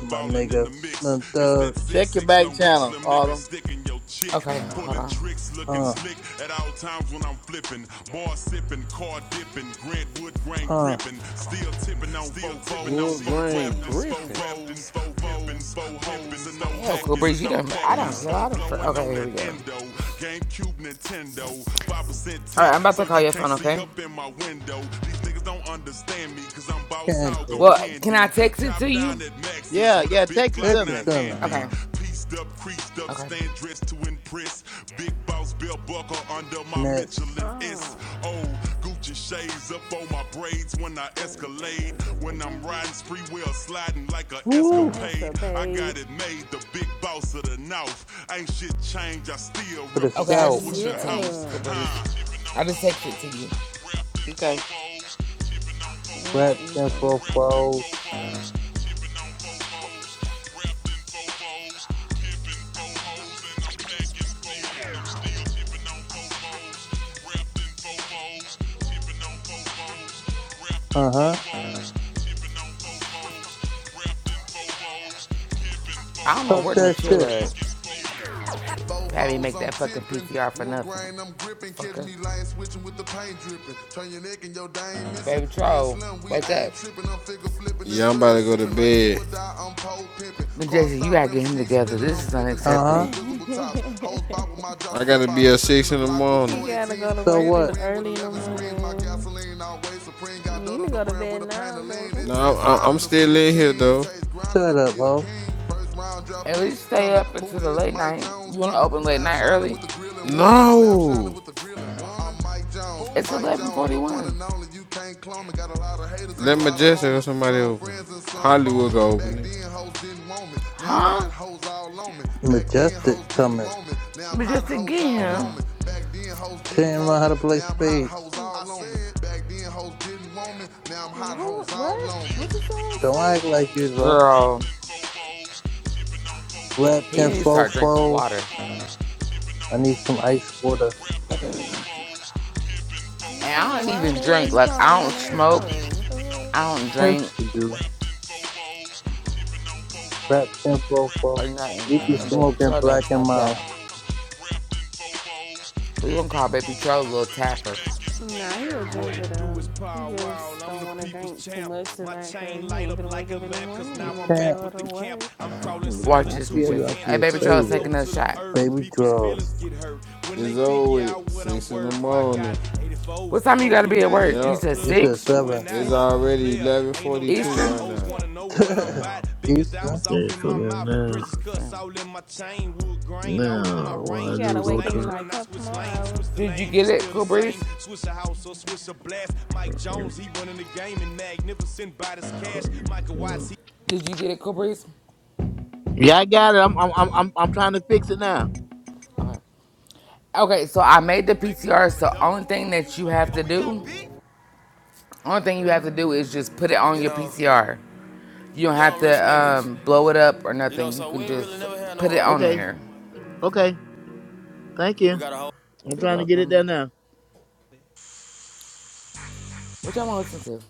Speaker 18: My nigga Slim Thug.
Speaker 8: Check your back channel, Autumn.
Speaker 1: Okay, hold on.
Speaker 18: Uh, uh,
Speaker 2: Wood grain gripping.
Speaker 1: Hell, Cool Breeze, you done. I don't. Hell, I done. For, okay, here we go. All right, I'm about to call your phone. Okay.
Speaker 18: can't do it.
Speaker 1: Well, can I text it to you?
Speaker 8: Yeah, yeah, text it to
Speaker 18: Text it
Speaker 8: me.
Speaker 18: to me.
Speaker 1: Okay. Okay.
Speaker 18: Nets.
Speaker 6: Oh. Dun, dun, dun, dun, dun, dun.
Speaker 18: Woo!
Speaker 6: It's a babe.
Speaker 18: For the
Speaker 1: Okay, I
Speaker 18: South.
Speaker 1: just sent it to you, Cool
Speaker 6: Yeah.
Speaker 1: Breeze. I just texted it to
Speaker 17: Vovos,
Speaker 1: you.
Speaker 17: wrapped in
Speaker 8: Okay.
Speaker 17: Vovos, tipping on
Speaker 18: Rap
Speaker 17: Vovos,
Speaker 6: Repping
Speaker 18: info
Speaker 17: wrapped in
Speaker 18: fold.
Speaker 17: Vovos, tipping on Vovos, wrapped in Vovos, tipping Vos and I'm tipping wrapped in Vos, tipping on Vovos,
Speaker 18: Uh huh.
Speaker 1: I don't know
Speaker 18: Talk
Speaker 1: where no
Speaker 18: that
Speaker 1: chill
Speaker 18: shit.
Speaker 1: at. Had me
Speaker 17: Fofos,
Speaker 1: make
Speaker 17: I'm
Speaker 1: that fucking
Speaker 17: tipping.
Speaker 1: PTR for
Speaker 17: Wood
Speaker 1: nothing.
Speaker 17: grain, I'm gripping. Catch
Speaker 1: Fucker.
Speaker 17: me lane switching with the paint dripping. Turn your neck and your dame missing.
Speaker 1: Baby
Speaker 17: Me and
Speaker 1: troll,
Speaker 17: Slim, we
Speaker 1: wake up.
Speaker 17: ain't tripping. I'm figure flipping and
Speaker 2: Yeah, I'm about
Speaker 17: syrup
Speaker 2: to go to
Speaker 17: sipping. Like do or
Speaker 2: bed.
Speaker 17: die, I'm pole pimping.
Speaker 1: But
Speaker 17: Car
Speaker 1: Jason, you
Speaker 17: stop,
Speaker 1: gotta get
Speaker 17: rims
Speaker 1: him
Speaker 17: keep
Speaker 1: together.
Speaker 17: spinning.
Speaker 1: This
Speaker 17: I'm
Speaker 1: is
Speaker 17: flipping
Speaker 18: Uh
Speaker 17: drop with
Speaker 18: huh.
Speaker 1: unacceptable.
Speaker 17: invisible tops. Hose by
Speaker 6: fofos.
Speaker 17: with my drop
Speaker 2: I
Speaker 17: step
Speaker 2: gotta
Speaker 17: out.
Speaker 2: be
Speaker 17: I'm
Speaker 2: at
Speaker 17: shaking
Speaker 2: six
Speaker 17: the
Speaker 2: in the
Speaker 17: block with
Speaker 6: He
Speaker 2: morning.
Speaker 6: gotta go
Speaker 17: 418s.
Speaker 6: to
Speaker 18: So
Speaker 6: work
Speaker 17: Candy
Speaker 6: in the
Speaker 18: what?
Speaker 17: green with
Speaker 6: early in the
Speaker 17: 11 screens. My
Speaker 6: morning.
Speaker 17: gasoline always supreme.
Speaker 6: You
Speaker 17: Got
Speaker 6: need
Speaker 17: Dodo
Speaker 6: to
Speaker 17: the
Speaker 6: go to
Speaker 17: brand
Speaker 6: bed
Speaker 17: with a pain
Speaker 6: now,
Speaker 17: of lean.
Speaker 6: baby.
Speaker 17: It
Speaker 2: No,
Speaker 17: takes
Speaker 2: I, I'm
Speaker 17: grinding to
Speaker 2: still
Speaker 17: be a
Speaker 2: in here
Speaker 17: king. It
Speaker 2: though.
Speaker 17: takes grinding to
Speaker 18: Shut up,
Speaker 17: be a
Speaker 18: ho.
Speaker 17: king. First round drop
Speaker 1: At
Speaker 17: piece
Speaker 1: least stay
Speaker 17: coming.
Speaker 1: up
Speaker 17: Who
Speaker 1: until the
Speaker 17: is
Speaker 1: late
Speaker 17: Mike
Speaker 1: night.
Speaker 17: Jones
Speaker 1: You wanna
Speaker 17: coming?
Speaker 1: open late
Speaker 17: Slab
Speaker 1: night
Speaker 17: shining
Speaker 1: early?
Speaker 17: with the grillin' woman. Slab shining
Speaker 2: No,
Speaker 17: with the grillin'. woman. I'm Mike Jones.
Speaker 1: It's
Speaker 17: Who? Mike
Speaker 1: eleven
Speaker 17: Jones,
Speaker 1: forty
Speaker 17: the one
Speaker 1: one.
Speaker 17: and only. You can't clone me. Got a lot of haters and
Speaker 2: let
Speaker 17: a lot of
Speaker 2: Majestic or
Speaker 17: homies.
Speaker 2: somebody
Speaker 17: Some
Speaker 2: open.
Speaker 17: friends and some
Speaker 2: Hollywood
Speaker 17: phony.
Speaker 2: go open
Speaker 17: Back
Speaker 2: it.
Speaker 17: then, hoes didn't want me. Now I'm
Speaker 1: Huh?
Speaker 17: hot hoes all on me. Back then, hoes
Speaker 18: Majestic
Speaker 17: didn't
Speaker 18: coming.
Speaker 17: want me. Now I'm
Speaker 1: But
Speaker 17: hot
Speaker 1: just to
Speaker 17: hoes
Speaker 1: get
Speaker 17: all on
Speaker 1: him.
Speaker 17: me. Back then, hoes
Speaker 18: She
Speaker 17: didn't
Speaker 18: didn't know
Speaker 17: want
Speaker 18: how
Speaker 17: me.
Speaker 18: to play
Speaker 17: Now I'm hot
Speaker 18: spades.
Speaker 17: hoes all on me. Back then, hoes didn't want me. Now I'm hot hoes
Speaker 6: What?
Speaker 17: all
Speaker 6: What?
Speaker 17: on me.
Speaker 6: What you said,
Speaker 18: Don't
Speaker 6: sir?
Speaker 18: act like you drunk.
Speaker 1: Girl,
Speaker 18: Wrapped
Speaker 1: he
Speaker 18: in
Speaker 1: needs to start drinking
Speaker 18: fofos.
Speaker 1: water.
Speaker 18: I need some ice water.
Speaker 6: I
Speaker 1: And
Speaker 6: don't
Speaker 1: I
Speaker 6: know
Speaker 1: don't
Speaker 6: why
Speaker 1: even
Speaker 6: the hell
Speaker 1: drink.
Speaker 6: you
Speaker 1: Like
Speaker 6: calling
Speaker 1: I
Speaker 6: my
Speaker 1: don't
Speaker 6: name
Speaker 1: smoke.
Speaker 6: for. What the
Speaker 1: I don't
Speaker 18: That's
Speaker 1: drink
Speaker 18: what you do. Wrapped in fofo.
Speaker 1: or nothing.
Speaker 18: You be
Speaker 1: And baby
Speaker 18: smoking
Speaker 1: troll done
Speaker 17: Tipping
Speaker 18: black
Speaker 17: on
Speaker 18: and
Speaker 1: tapped
Speaker 18: mild.
Speaker 1: out.
Speaker 17: Bobos, rapping Bobos,
Speaker 1: We gonna call
Speaker 17: pimping
Speaker 1: baby troll little
Speaker 17: Bobos, and
Speaker 1: tapper.
Speaker 17: I'm
Speaker 6: fuck? Nah, he a
Speaker 17: back. What
Speaker 6: drinker
Speaker 17: it do
Speaker 6: though.
Speaker 17: is
Speaker 6: He
Speaker 17: power wild,
Speaker 6: just
Speaker 17: I'm
Speaker 6: don't
Speaker 17: the
Speaker 6: want to
Speaker 17: people's
Speaker 6: drink too
Speaker 17: champ.
Speaker 6: much
Speaker 17: My
Speaker 6: tonight because
Speaker 17: chain
Speaker 6: he
Speaker 17: light up
Speaker 6: ain't finna
Speaker 17: like
Speaker 6: wake
Speaker 17: a
Speaker 6: up in the
Speaker 17: lamp, cause
Speaker 6: morning
Speaker 17: now I'm
Speaker 6: and
Speaker 18: Can't
Speaker 17: back
Speaker 6: go
Speaker 17: with the
Speaker 6: to
Speaker 17: camp.
Speaker 6: work.
Speaker 17: I'm crawling
Speaker 8: Hmm,
Speaker 17: similar
Speaker 1: Watch this,
Speaker 17: to
Speaker 8: Copy it.
Speaker 17: an
Speaker 8: I'm
Speaker 1: Majestic.
Speaker 17: ant,
Speaker 1: Hey,
Speaker 8: gonna
Speaker 1: baby,
Speaker 17: cause
Speaker 1: Charles,
Speaker 8: save
Speaker 17: I'm
Speaker 1: take
Speaker 17: low
Speaker 8: it.
Speaker 1: another
Speaker 17: to the
Speaker 1: shot.
Speaker 17: earth.
Speaker 18: baby
Speaker 17: People's feelings
Speaker 18: draws.
Speaker 17: get hurt when they
Speaker 2: It's over.
Speaker 17: figure out
Speaker 2: With.
Speaker 17: what I'm
Speaker 2: Six in the
Speaker 17: worth. I got
Speaker 2: morning.
Speaker 17: 84s
Speaker 1: What time you gotta be
Speaker 17: poking
Speaker 1: at
Speaker 17: out
Speaker 1: work?
Speaker 17: at
Speaker 1: You
Speaker 2: Yep,
Speaker 17: the
Speaker 1: said
Speaker 18: He
Speaker 17: club, I'm
Speaker 18: said
Speaker 1: six
Speaker 18: seven.
Speaker 17: showing out.
Speaker 2: it's
Speaker 6: Sis,
Speaker 17: I'm
Speaker 2: already
Speaker 17: player,
Speaker 2: eleven
Speaker 17: ain't no
Speaker 2: forty-two
Speaker 17: doubt.
Speaker 1: Eastern.
Speaker 2: right
Speaker 17: Hoes
Speaker 2: now.
Speaker 17: wanna know what I'm about. Biggest
Speaker 18: Keisha.
Speaker 17: diamonds off
Speaker 8: Okay,
Speaker 17: in
Speaker 8: so
Speaker 17: my
Speaker 8: then
Speaker 17: mouth.
Speaker 8: now,
Speaker 17: Princess cuss
Speaker 1: Damn.
Speaker 17: all in my chain. Wood grain all in my
Speaker 8: now what
Speaker 6: he
Speaker 8: I
Speaker 17: range.
Speaker 6: gotta
Speaker 8: do?
Speaker 17: Dripping
Speaker 6: wake
Speaker 8: Go
Speaker 6: up in
Speaker 17: stains
Speaker 8: to.
Speaker 6: like
Speaker 17: when
Speaker 6: a
Speaker 17: I
Speaker 6: couple
Speaker 17: switch
Speaker 6: more
Speaker 17: lanes. Switch
Speaker 6: hours.
Speaker 17: the
Speaker 1: Did you
Speaker 17: name,
Speaker 1: get
Speaker 17: it's
Speaker 1: it,
Speaker 17: still the
Speaker 1: Cool
Speaker 17: same.
Speaker 1: Breeze?
Speaker 17: Switch a house or switch a blast. Mike Jones, he running the game and magnificent by this cash. Michael
Speaker 8: Hmm.
Speaker 17: Watts, he.
Speaker 1: Did you get it, Cool Breeze?
Speaker 8: Yeah, I got it. I'm, I'm, I'm, I'm, I'm trying to fix it now.
Speaker 1: Okay. Okay. So I made the
Speaker 17: Don't make me
Speaker 1: PCR.
Speaker 17: call a
Speaker 1: So only thing
Speaker 17: dog. do
Speaker 1: that
Speaker 17: use
Speaker 1: you
Speaker 17: my
Speaker 1: have
Speaker 17: ghetto. Oh,
Speaker 1: to
Speaker 17: we got
Speaker 1: do,
Speaker 17: big.
Speaker 1: only thing you have to do is just put it on
Speaker 17: You
Speaker 1: your
Speaker 17: know,
Speaker 1: PCR. You don't have
Speaker 17: young rich
Speaker 1: to
Speaker 17: niggas.
Speaker 1: um, blow it up or
Speaker 17: You know,
Speaker 1: nothing. You
Speaker 17: so we
Speaker 1: can
Speaker 17: ain't really
Speaker 1: just
Speaker 17: never had no
Speaker 1: put it
Speaker 17: old
Speaker 1: on
Speaker 17: money.
Speaker 8: Okay,
Speaker 1: there.
Speaker 8: okay. Thank
Speaker 17: We
Speaker 8: you.
Speaker 17: got a
Speaker 8: I'm
Speaker 1: You're
Speaker 8: trying to get it
Speaker 1: welcome.
Speaker 8: there now.
Speaker 1: What y'all want to listen to?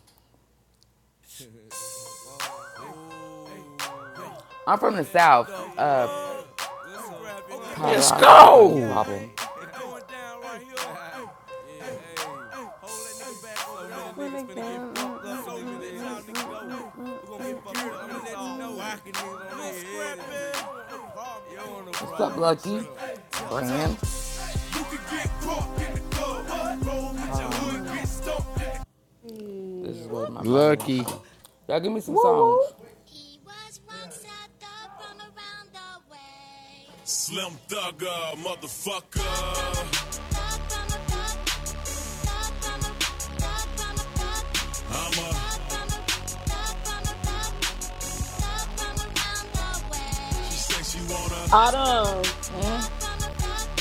Speaker 1: I'm from the South.
Speaker 17: So,
Speaker 1: Uh,
Speaker 17: uh, listen, okay, okay,
Speaker 1: Powder,
Speaker 2: Let's
Speaker 1: I was about to call you
Speaker 2: go.
Speaker 17: okay,
Speaker 1: Problem.
Speaker 17: It's going down right here. Yeah, hey, so
Speaker 6: We're
Speaker 17: many niggas
Speaker 6: like
Speaker 17: finna get
Speaker 6: down.
Speaker 17: fucked up.
Speaker 6: Mm,
Speaker 17: So many
Speaker 6: mm,
Speaker 17: niggas, y'all
Speaker 6: mm, mm,
Speaker 17: niggas
Speaker 6: mm,
Speaker 17: go.
Speaker 6: mm,
Speaker 17: We gon'
Speaker 6: mm, mm,
Speaker 17: get fucked up? I'ma let you know.
Speaker 6: mm,
Speaker 17: Whacking niggas on this. head. You don't know
Speaker 1: What's up,
Speaker 17: problem, nigga.
Speaker 1: Lucky?
Speaker 17: Shut
Speaker 1: Brand.
Speaker 17: up. Big
Speaker 6: mm, mm,
Speaker 17: Crock in the
Speaker 6: mm,
Speaker 17: club, Roll
Speaker 6: mm,
Speaker 17: with
Speaker 1: Hold
Speaker 17: your
Speaker 1: on.
Speaker 17: hood,
Speaker 6: mm, mm.
Speaker 17: get stumped.
Speaker 1: This is what
Speaker 6: Yeah.
Speaker 1: my my, my
Speaker 2: Lucky.
Speaker 1: phone. Y'all give me some
Speaker 6: Woo woo.
Speaker 1: songs.
Speaker 17: He was once a thug from around the way.
Speaker 3: Autumn.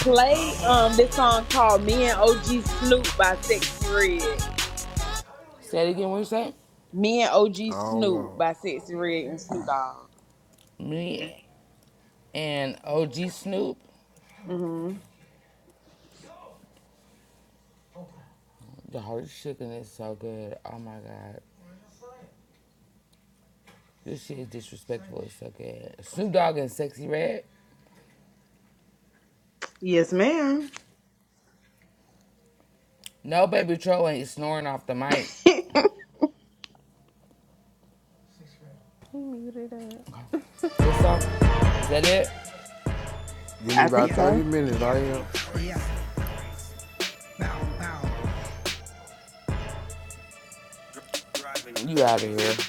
Speaker 3: Play um this song called "Me and OG Snoop" by Sexy Red.
Speaker 1: Say it again. What you say?
Speaker 3: Me and OG
Speaker 2: Oh
Speaker 3: Snoop
Speaker 2: Lord,
Speaker 3: by Sexy Red and Snoop Dogg.
Speaker 1: Me and OG Snoop.
Speaker 3: Mm-hmm.
Speaker 1: The whole chicken is so good. Oh my god. This shit is disrespectful. It's so good. Snoop Dogg and Sexy Red.
Speaker 3: Yes, ma'am.
Speaker 1: No baby troll ain't snoring off the mic.
Speaker 6: He muted up.
Speaker 1: Okay. This song? Is that it?
Speaker 2: give me
Speaker 3: I think
Speaker 2: about
Speaker 3: so.
Speaker 2: thirty minutes. I am.
Speaker 1: You out of here.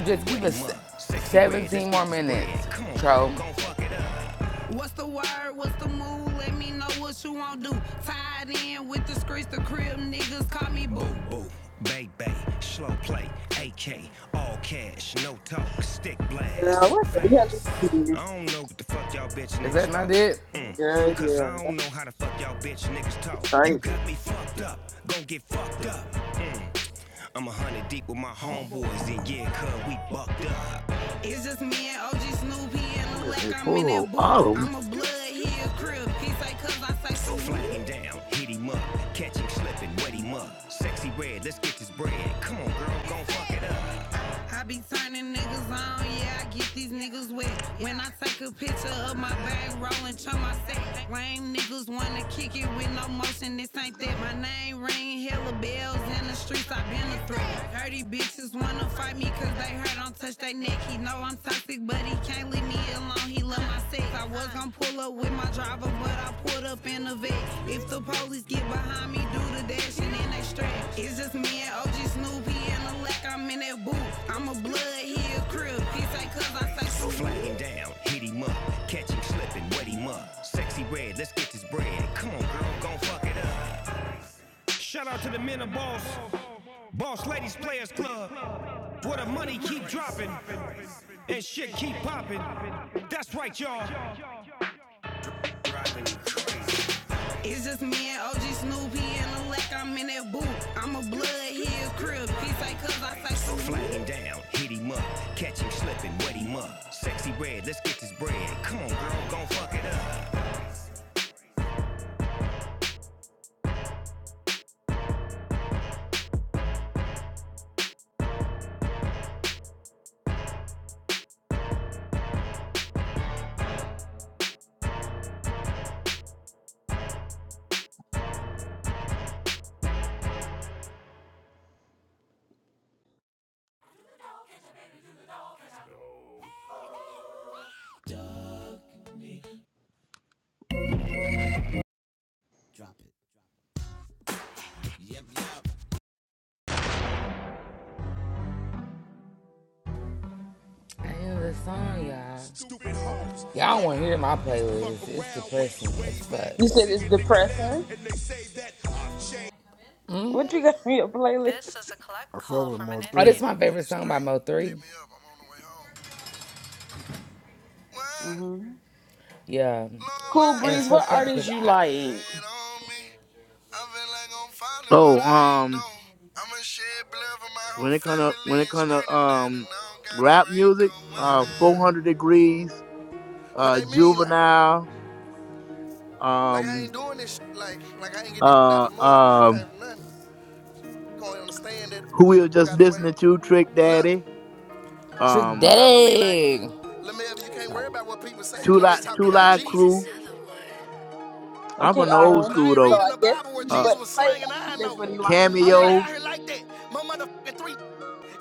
Speaker 1: Just give us 17 more minutes, Tro.
Speaker 17: Ooh, baby, slow play, AK, all cash, no talk, stick blast,
Speaker 3: Girl, what the
Speaker 17: fast.
Speaker 3: hell is this?
Speaker 17: I don't know what the fuck y'all bitch
Speaker 1: Is that
Speaker 17: niggas
Speaker 1: not
Speaker 17: thought.
Speaker 1: it?
Speaker 17: Mm.
Speaker 3: Girl,
Speaker 17: Cause I
Speaker 3: yeah,
Speaker 17: don't know how the fuck y'all bitch niggas talk.
Speaker 3: that's
Speaker 17: You
Speaker 3: crazy.
Speaker 17: got me fucked up, gon' get fucked up. Mm. I'm a hundred deep with my homeboys, and yeah, cuz we bucked up.
Speaker 8: I'm gonna say photo of autumn.
Speaker 17: know I'm toxic, but he can't leave me alone. He love my sex. I was going pull up with my driver, but I pulled up in a vex. If the police get behind me, do the dash and then they strap. It's just me and OG Snoopy and the lack. I'm in that booth. I'm a blood, he a crib. He say cuz I say So so. fly him down, hit him up, catch him slipping, wet him up. Sexy red, let's get this bread. Come on, girl, gon' fuck it up. Shout out to the men of Boss, Boss Ladies Players Club, where the money keep dropping and shit keep popping. That's right, y'all. It's just me and OG Snoop, he in the lack, I'm in that boot. I'm a blood, he crib. He like cuz I say So so. fly him down, hit him up, catch him slipping, wet him up. Sexy red, let's get this bread. Come on, girl, gon' fuck it up.
Speaker 1: I end the song, y'all. Y'all want to hear my playlist. It's depressing as
Speaker 3: You
Speaker 1: fuck.
Speaker 3: said it's depressing. What you got for your playlist?
Speaker 2: I fuck with Mo
Speaker 1: Oh, this
Speaker 2: three.
Speaker 1: is my
Speaker 17: Hey,
Speaker 1: favorite
Speaker 17: this
Speaker 1: song by
Speaker 17: three, pick
Speaker 1: Mo3.
Speaker 17: me up. I'm on the way home. What?
Speaker 3: hmm
Speaker 1: Yeah. And
Speaker 17: Lord, why
Speaker 3: Cool
Speaker 17: I,
Speaker 1: it's
Speaker 3: Breeze, what
Speaker 1: fucked up
Speaker 17: I,
Speaker 1: because
Speaker 3: artist
Speaker 17: they
Speaker 3: you
Speaker 1: I...
Speaker 17: wanna
Speaker 3: like?
Speaker 17: hate on me. I feel like I'm falling, but
Speaker 8: Oh,
Speaker 17: I ain't
Speaker 8: um.
Speaker 17: though. I'ma shed blood for my
Speaker 8: when
Speaker 17: whole
Speaker 8: it kind of
Speaker 17: family.
Speaker 8: when it
Speaker 17: It's
Speaker 8: kind of
Speaker 17: raining down
Speaker 8: um
Speaker 17: and I don't got a
Speaker 8: rap music
Speaker 17: raincoat.
Speaker 8: uh
Speaker 17: Uh-uh.
Speaker 8: 400 degrees
Speaker 17: What
Speaker 8: uh
Speaker 17: they mean, like,
Speaker 8: juvenile
Speaker 17: like I
Speaker 8: um
Speaker 17: ain't doing this, shit, like, like I ain't get this shit out
Speaker 8: uh
Speaker 17: the mud. I
Speaker 8: um
Speaker 17: can't do nothing. Gonna understand that.
Speaker 8: who we
Speaker 17: Get the
Speaker 8: were
Speaker 17: fuck out
Speaker 8: just
Speaker 17: of the way.
Speaker 8: listening to trick
Speaker 17: Look,
Speaker 8: daddy
Speaker 1: Trick
Speaker 17: my
Speaker 8: um
Speaker 17: mama be like,
Speaker 1: Daddy!
Speaker 17: Lamev, you can't worry
Speaker 1: Sorry.
Speaker 17: about what people say. You
Speaker 8: two
Speaker 17: know they
Speaker 8: lot
Speaker 17: talking
Speaker 8: two
Speaker 17: about
Speaker 8: lot
Speaker 17: Jesus.
Speaker 8: crew i'm
Speaker 3: Okay,
Speaker 8: from the old
Speaker 3: Autumn.
Speaker 17: But I
Speaker 8: school
Speaker 17: ain't
Speaker 3: So
Speaker 8: though
Speaker 17: reading
Speaker 3: I
Speaker 17: the
Speaker 3: guess
Speaker 17: Bible where
Speaker 3: this is
Speaker 8: uh
Speaker 17: Jesus
Speaker 3: what
Speaker 17: was
Speaker 3: play.
Speaker 17: slanging
Speaker 3: I think
Speaker 17: iron
Speaker 3: that's
Speaker 17: though.
Speaker 3: what he like.
Speaker 17: I'm really out
Speaker 8: cameo
Speaker 17: here like that. My motherfucking three.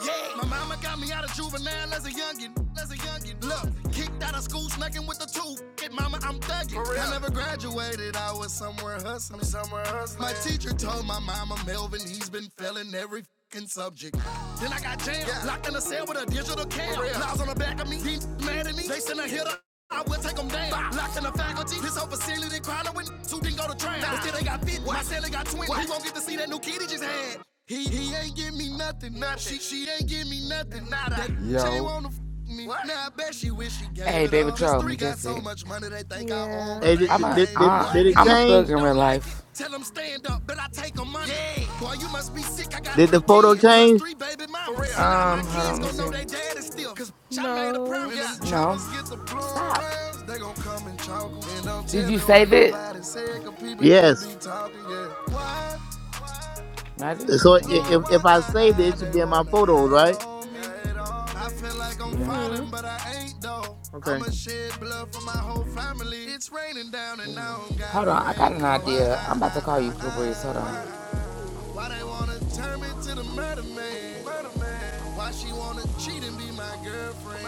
Speaker 17: Yeah. My mama got me out of juvenile as a youngin. As a youngin. Look, kicked out of school, snacking with the two. Get mama, I'm thuggin'. I never graduated. I was somewhere hustling. Somewhere hustling. My teacher told my mama, Melvin, he's been failing every fucking subject. Then I got jammed, Yeah. locked in a cell with a digital cam. For on the back of me, he mad at me. They sent a hitter. I will take them down. Five. Locked in the faculty. This whole facility crying with two didn't go to train. But still they got 50. What? My celly got 20. What? He won't get to see that new kid he just had. He he ain't give me nothing. nothing. She she ain't give me nothing. Nada. That chain
Speaker 2: Yo,
Speaker 17: wanna f- me. What? Now I bet she wish she gave
Speaker 1: Hey,
Speaker 17: it
Speaker 1: Baby
Speaker 17: up. Cause
Speaker 1: Troll,
Speaker 17: three got so
Speaker 1: Majestic.
Speaker 17: much money they think I own,
Speaker 6: Yeah.
Speaker 17: but
Speaker 8: hey did,
Speaker 17: they
Speaker 1: I'm
Speaker 17: ain't
Speaker 8: did,
Speaker 1: a,
Speaker 8: did,
Speaker 17: gave me
Speaker 8: did
Speaker 1: I,
Speaker 8: did
Speaker 17: nothing.
Speaker 8: it
Speaker 17: And
Speaker 1: I'm a
Speaker 17: any
Speaker 1: thug
Speaker 8: change
Speaker 1: in real
Speaker 17: don't like it,
Speaker 1: life.
Speaker 17: tell them stand up, but I take them money. Yeah. Boy, you must be sick, I got
Speaker 8: did
Speaker 17: three
Speaker 8: the photo
Speaker 17: kids. Plus
Speaker 8: change
Speaker 17: three baby mamas. And now my
Speaker 1: Um, hold on,
Speaker 17: kids
Speaker 1: let me
Speaker 17: gon'
Speaker 1: see.
Speaker 17: know they dad is still. Cause around.
Speaker 6: No.
Speaker 17: When yeah. them
Speaker 1: No.
Speaker 17: choppers get the blowing
Speaker 1: Stop.
Speaker 17: rounds, they gon' come and chalk 'em. And don't
Speaker 1: Did
Speaker 17: tell
Speaker 1: you
Speaker 17: me what
Speaker 1: save it?
Speaker 17: nobody said, cause people just
Speaker 8: yes
Speaker 17: be talking, yeah. Why? Why?
Speaker 1: No, I didn't
Speaker 8: so
Speaker 1: change
Speaker 8: i-
Speaker 1: on there
Speaker 17: Lord,
Speaker 8: if
Speaker 1: yet.
Speaker 17: why
Speaker 8: if i
Speaker 17: I,
Speaker 8: saved it
Speaker 17: I,
Speaker 8: it should
Speaker 17: they
Speaker 8: be in my
Speaker 17: wanna
Speaker 8: photos
Speaker 17: hate
Speaker 8: right
Speaker 17: on me? I feel like I'm
Speaker 1: Yeah.
Speaker 17: falling,
Speaker 6: Mhm.
Speaker 17: but I ain't though.
Speaker 8: okay
Speaker 17: I'ma shed blood for my whole family. It's raining down and I don't got
Speaker 1: Hold
Speaker 17: a
Speaker 1: on, I got an
Speaker 17: raincoat. Why
Speaker 1: idea. I'm
Speaker 17: I,
Speaker 1: about to
Speaker 17: I,
Speaker 1: call you
Speaker 17: I,
Speaker 1: Cool Breeze. Hold
Speaker 17: I,
Speaker 1: on.
Speaker 17: why they wanna turn me to the murder man? Why she wanna cheat and be my girlfriend?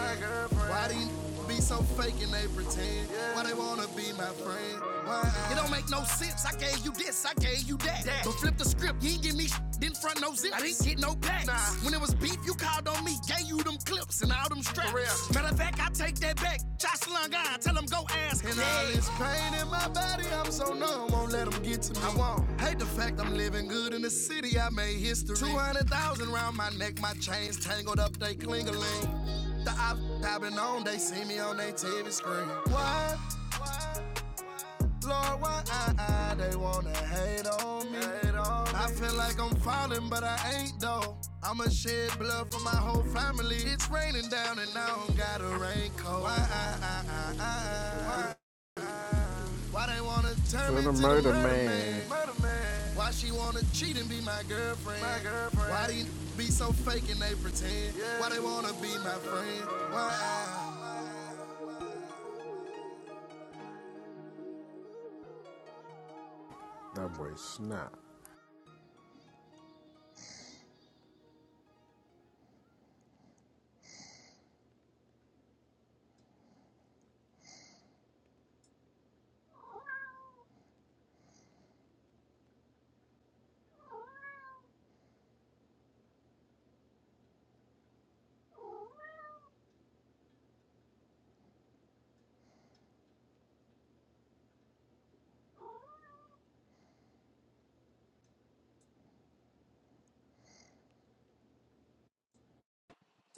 Speaker 17: Why these be so fake and they pretend. Why they wanna be my friend? Why? It don't make no sense. I gave you this, I gave you that. that. But flip the script, you ain't give me sh- didn't front no zip. I didn't get no packs. Nah. When it was beef, you called on me, gave you them clips and all them straps. Matter of fact, I take that back. Josh Lungon, tell him go ask And all this pain in my body, I'm so numb, won't let them get to me. I won't. Hate the fact I'm living good in the city, I made history. 200,000 round my neck, my chains tangled up, they cling a clingaling. The ops I've been on, they see me on their TV screen. Why? Lord, why I, I, they wanna hate on me? I feel like I'm falling, but I ain't though. I'ma shed blood for my whole family. It's raining down and I don't got a raincoat. Why I, I, I, I, I, why they wanna turn
Speaker 2: to
Speaker 17: me
Speaker 2: the
Speaker 17: to the
Speaker 2: murder
Speaker 17: murder
Speaker 2: man.
Speaker 17: man? Murder man. Why she wanna cheat and be my girlfriend? My girlfriend. Why they be so fake and they pretend? Yeah. Why they wanna be my friend? Why?
Speaker 2: That boy snap.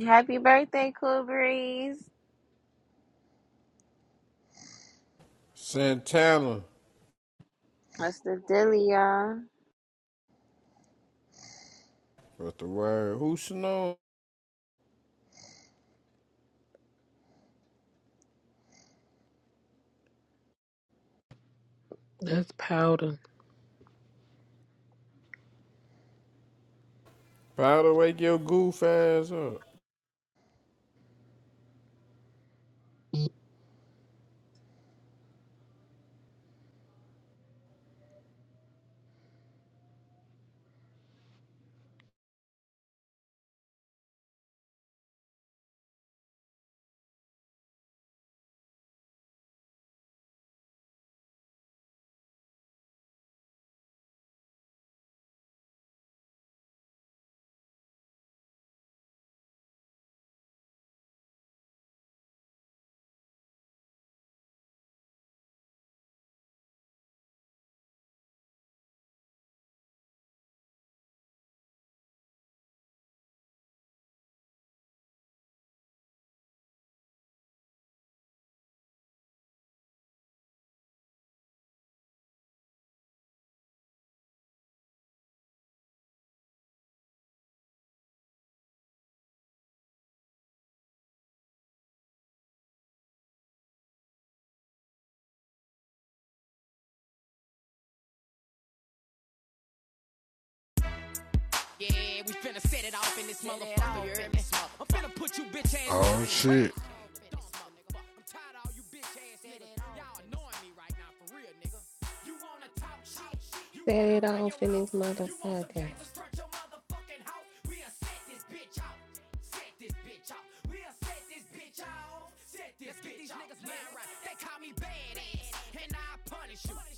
Speaker 19: Happy birthday, Cool Breeze.
Speaker 2: Santana.
Speaker 19: That's the deal, y'all.
Speaker 2: What the word? Who snow?
Speaker 7: That's powder.
Speaker 2: Powder wake your goof ass up. Oh shit.
Speaker 17: I'm tired of all you bitches niggas annoying me right now, for real, nigga. You wanna talk shit, you
Speaker 6: Set
Speaker 17: wanna
Speaker 6: it
Speaker 17: run
Speaker 6: off
Speaker 17: your
Speaker 6: in
Speaker 17: mouth,
Speaker 6: this
Speaker 17: you want some
Speaker 6: motherfucker.
Speaker 17: gangsters strut your motherfucking house. We'll set this bitch out, set this bitch out, we'll set this bitch out, set this Let's bitch out. Let's get these niggas mad right, they call me bad, they punish you.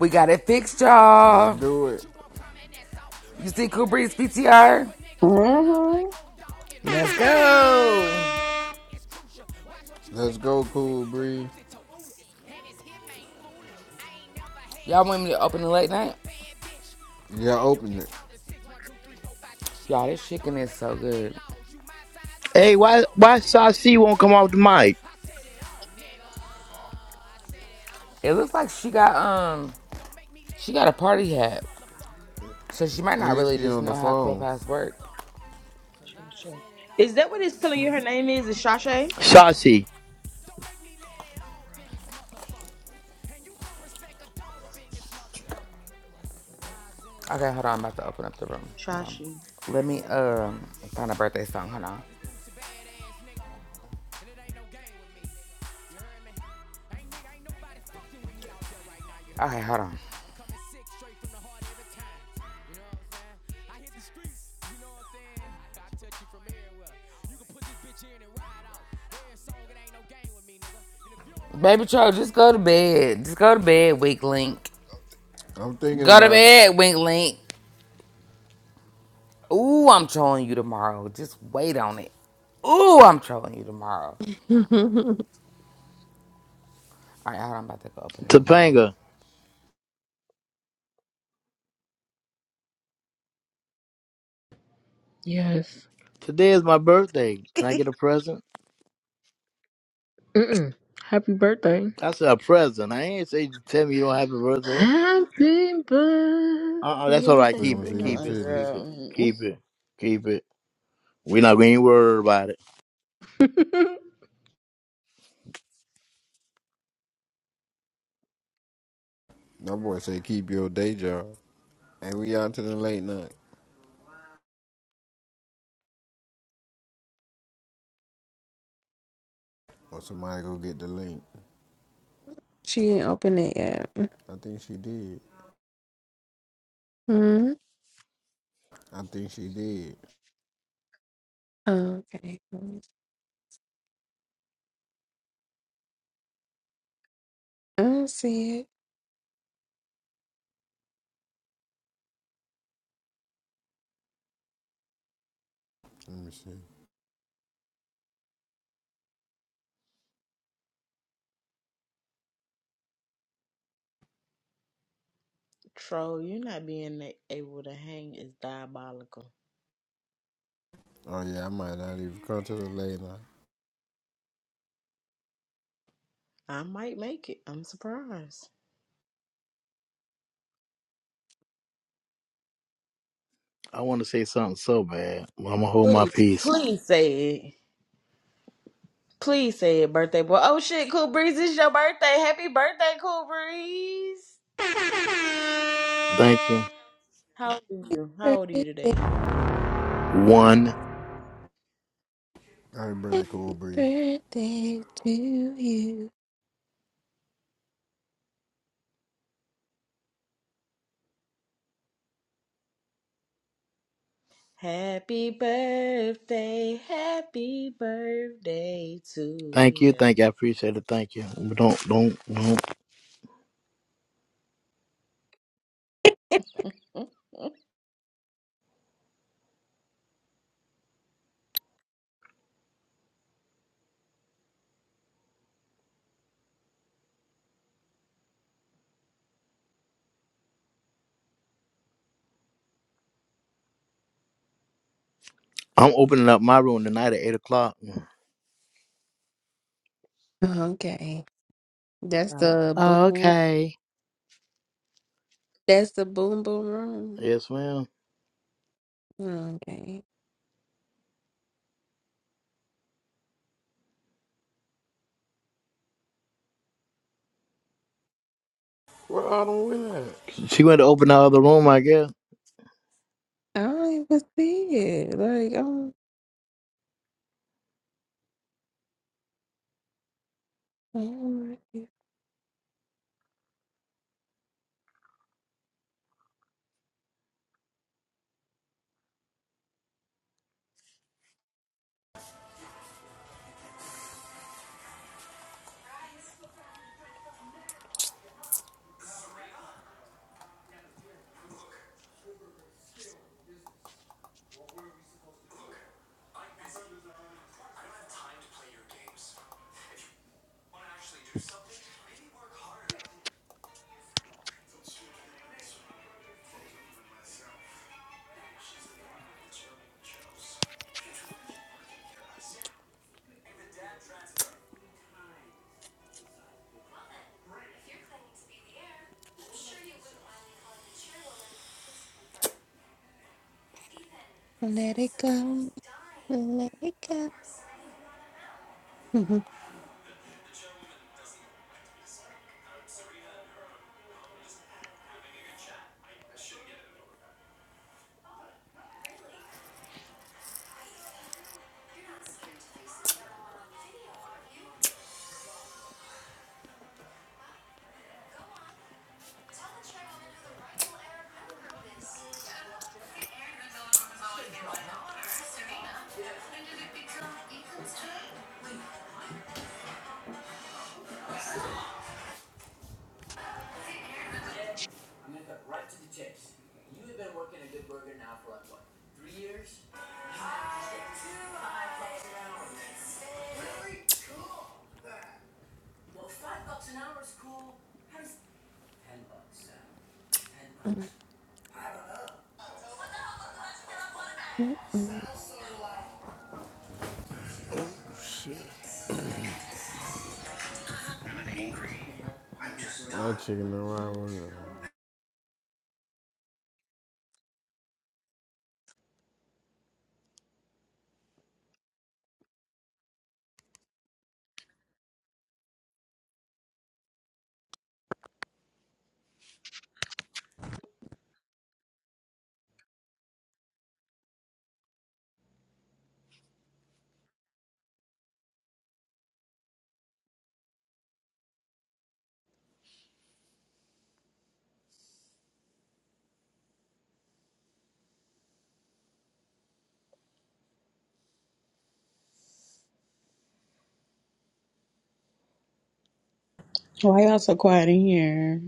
Speaker 1: We got it fixed,
Speaker 2: Now
Speaker 1: y'all.
Speaker 2: do it.
Speaker 1: You see Cool Breeze PTR?
Speaker 3: Mm-hmm.
Speaker 1: Let's go.
Speaker 2: Let's go, cool breeze.
Speaker 1: Y'all want me to open the late night?
Speaker 2: You gotta open it.
Speaker 1: Y'all, this chicken is so good.
Speaker 8: hey why why Sashi won't come off the mic
Speaker 1: It looks like she got um she got a party hat. So she might not
Speaker 2: And
Speaker 1: really
Speaker 2: she
Speaker 1: just
Speaker 2: on the
Speaker 1: know how
Speaker 2: phone.
Speaker 1: Clubhouse work.
Speaker 3: Shasha. Is that what it's telling you her name is? Is Shasha?
Speaker 8: Shashi,
Speaker 1: Okay, hold on, I'm about to open up the room. Hold on.
Speaker 3: Shashi.
Speaker 1: Let me um find a birthday song. Hold on. Okay, hold on. Baby Cho, just go to bed. Just go to bed, Wink Link.
Speaker 2: I'm thinking
Speaker 1: Go to
Speaker 2: about it.
Speaker 1: bed, Wink Link. Ooh, I'm trolling you tomorrow. Just wait on it. Ooh, I'm trolling you tomorrow. All right, hold on. I'm about to go open the room. Hold on.
Speaker 8: Topanga,
Speaker 7: Yes.
Speaker 8: today is my birthday. Can I get a present?
Speaker 7: Mm-mm. Happy birthday.
Speaker 8: I said a present. I ain't say you tell me you don't have a birthday.
Speaker 7: Happy birthday.
Speaker 8: Uh uh that's all right.
Speaker 2: So you
Speaker 8: Keep
Speaker 2: wanna
Speaker 8: it,
Speaker 2: see them
Speaker 8: keep
Speaker 3: Uh-uh,
Speaker 8: it,
Speaker 2: titties?
Speaker 8: keep
Speaker 3: girl.
Speaker 8: it,
Speaker 3: Mm-mm.
Speaker 8: keep it, keep it. we not going to worry about it.
Speaker 2: That boy say keep your day job. And we out to the late night. Or somebody go get the link.
Speaker 6: she didn't open it yet.
Speaker 2: I think she did.
Speaker 6: hmm
Speaker 2: I think she did.
Speaker 6: Okay. I don't see it.
Speaker 2: Let me see.
Speaker 3: Troll, you not being a- able to hang is diabolical.
Speaker 2: Oh yeah, I might not even come to the late night.
Speaker 3: I might make it. I'm surprised.
Speaker 8: I want to say something so bad, but I'm going to hold my
Speaker 3: Please,
Speaker 8: peace.
Speaker 3: please say it. Please say it, birthday boy. Oh shit, Cool Breeze, it's your birthday. Happy birthday, Cool Breeze.
Speaker 8: Thank you.
Speaker 3: How old are you? How old are you today?
Speaker 6: Birthday,
Speaker 8: One.
Speaker 2: I ain't bring that cool breed.
Speaker 6: birthday to you.
Speaker 3: Happy birthday, happy birthday to
Speaker 8: Thank you.
Speaker 3: you.
Speaker 8: Thank you. I appreciate it. Thank you. But Don't, don't, don't. I'm opening up my room tonight at 8 o'clock.
Speaker 6: Okay. That's the boo. That's the boom boom room.
Speaker 8: Yes, ma'am.
Speaker 6: Okay.
Speaker 2: Where Autumn went at?
Speaker 8: She went to open our other room, I guess.
Speaker 6: I don't even see it. Like I'm, I'm ready. let it go. Let it go. Mhm.
Speaker 2: No chicken, no it?
Speaker 3: Why y'all so quiet in here?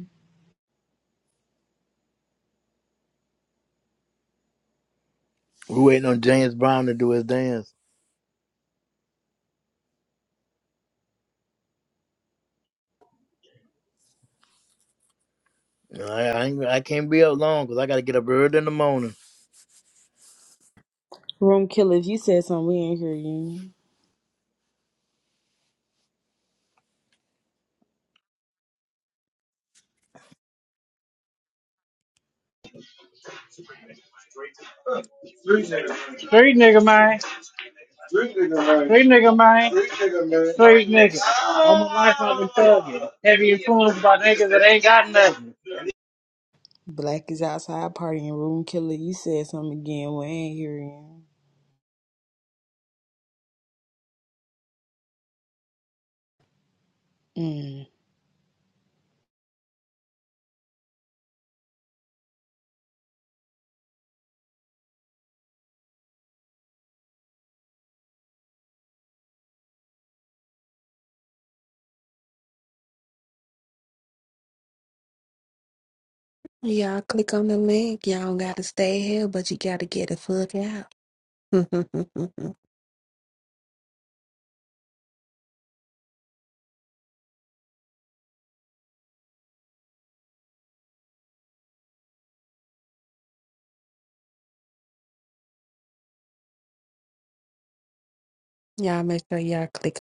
Speaker 8: we waiting on James Brown to do his dance. I I, ain't, I can't be up long because I got to get up early in the morning.
Speaker 3: Room killer, if you said something, we ain't hear you.
Speaker 15: Street nigga, man. Street nigga, man. Street nigga. All my life I've been thugging. Heavy influenced by niggas that ain't got nothing.
Speaker 3: Black is outside partying. Room killer, you said something again, we ain't hear you. Mm.
Speaker 6: Y'all click on the link. Y'all don't gotta stay here, but you gotta get the fuck out. y'all make sure y'all click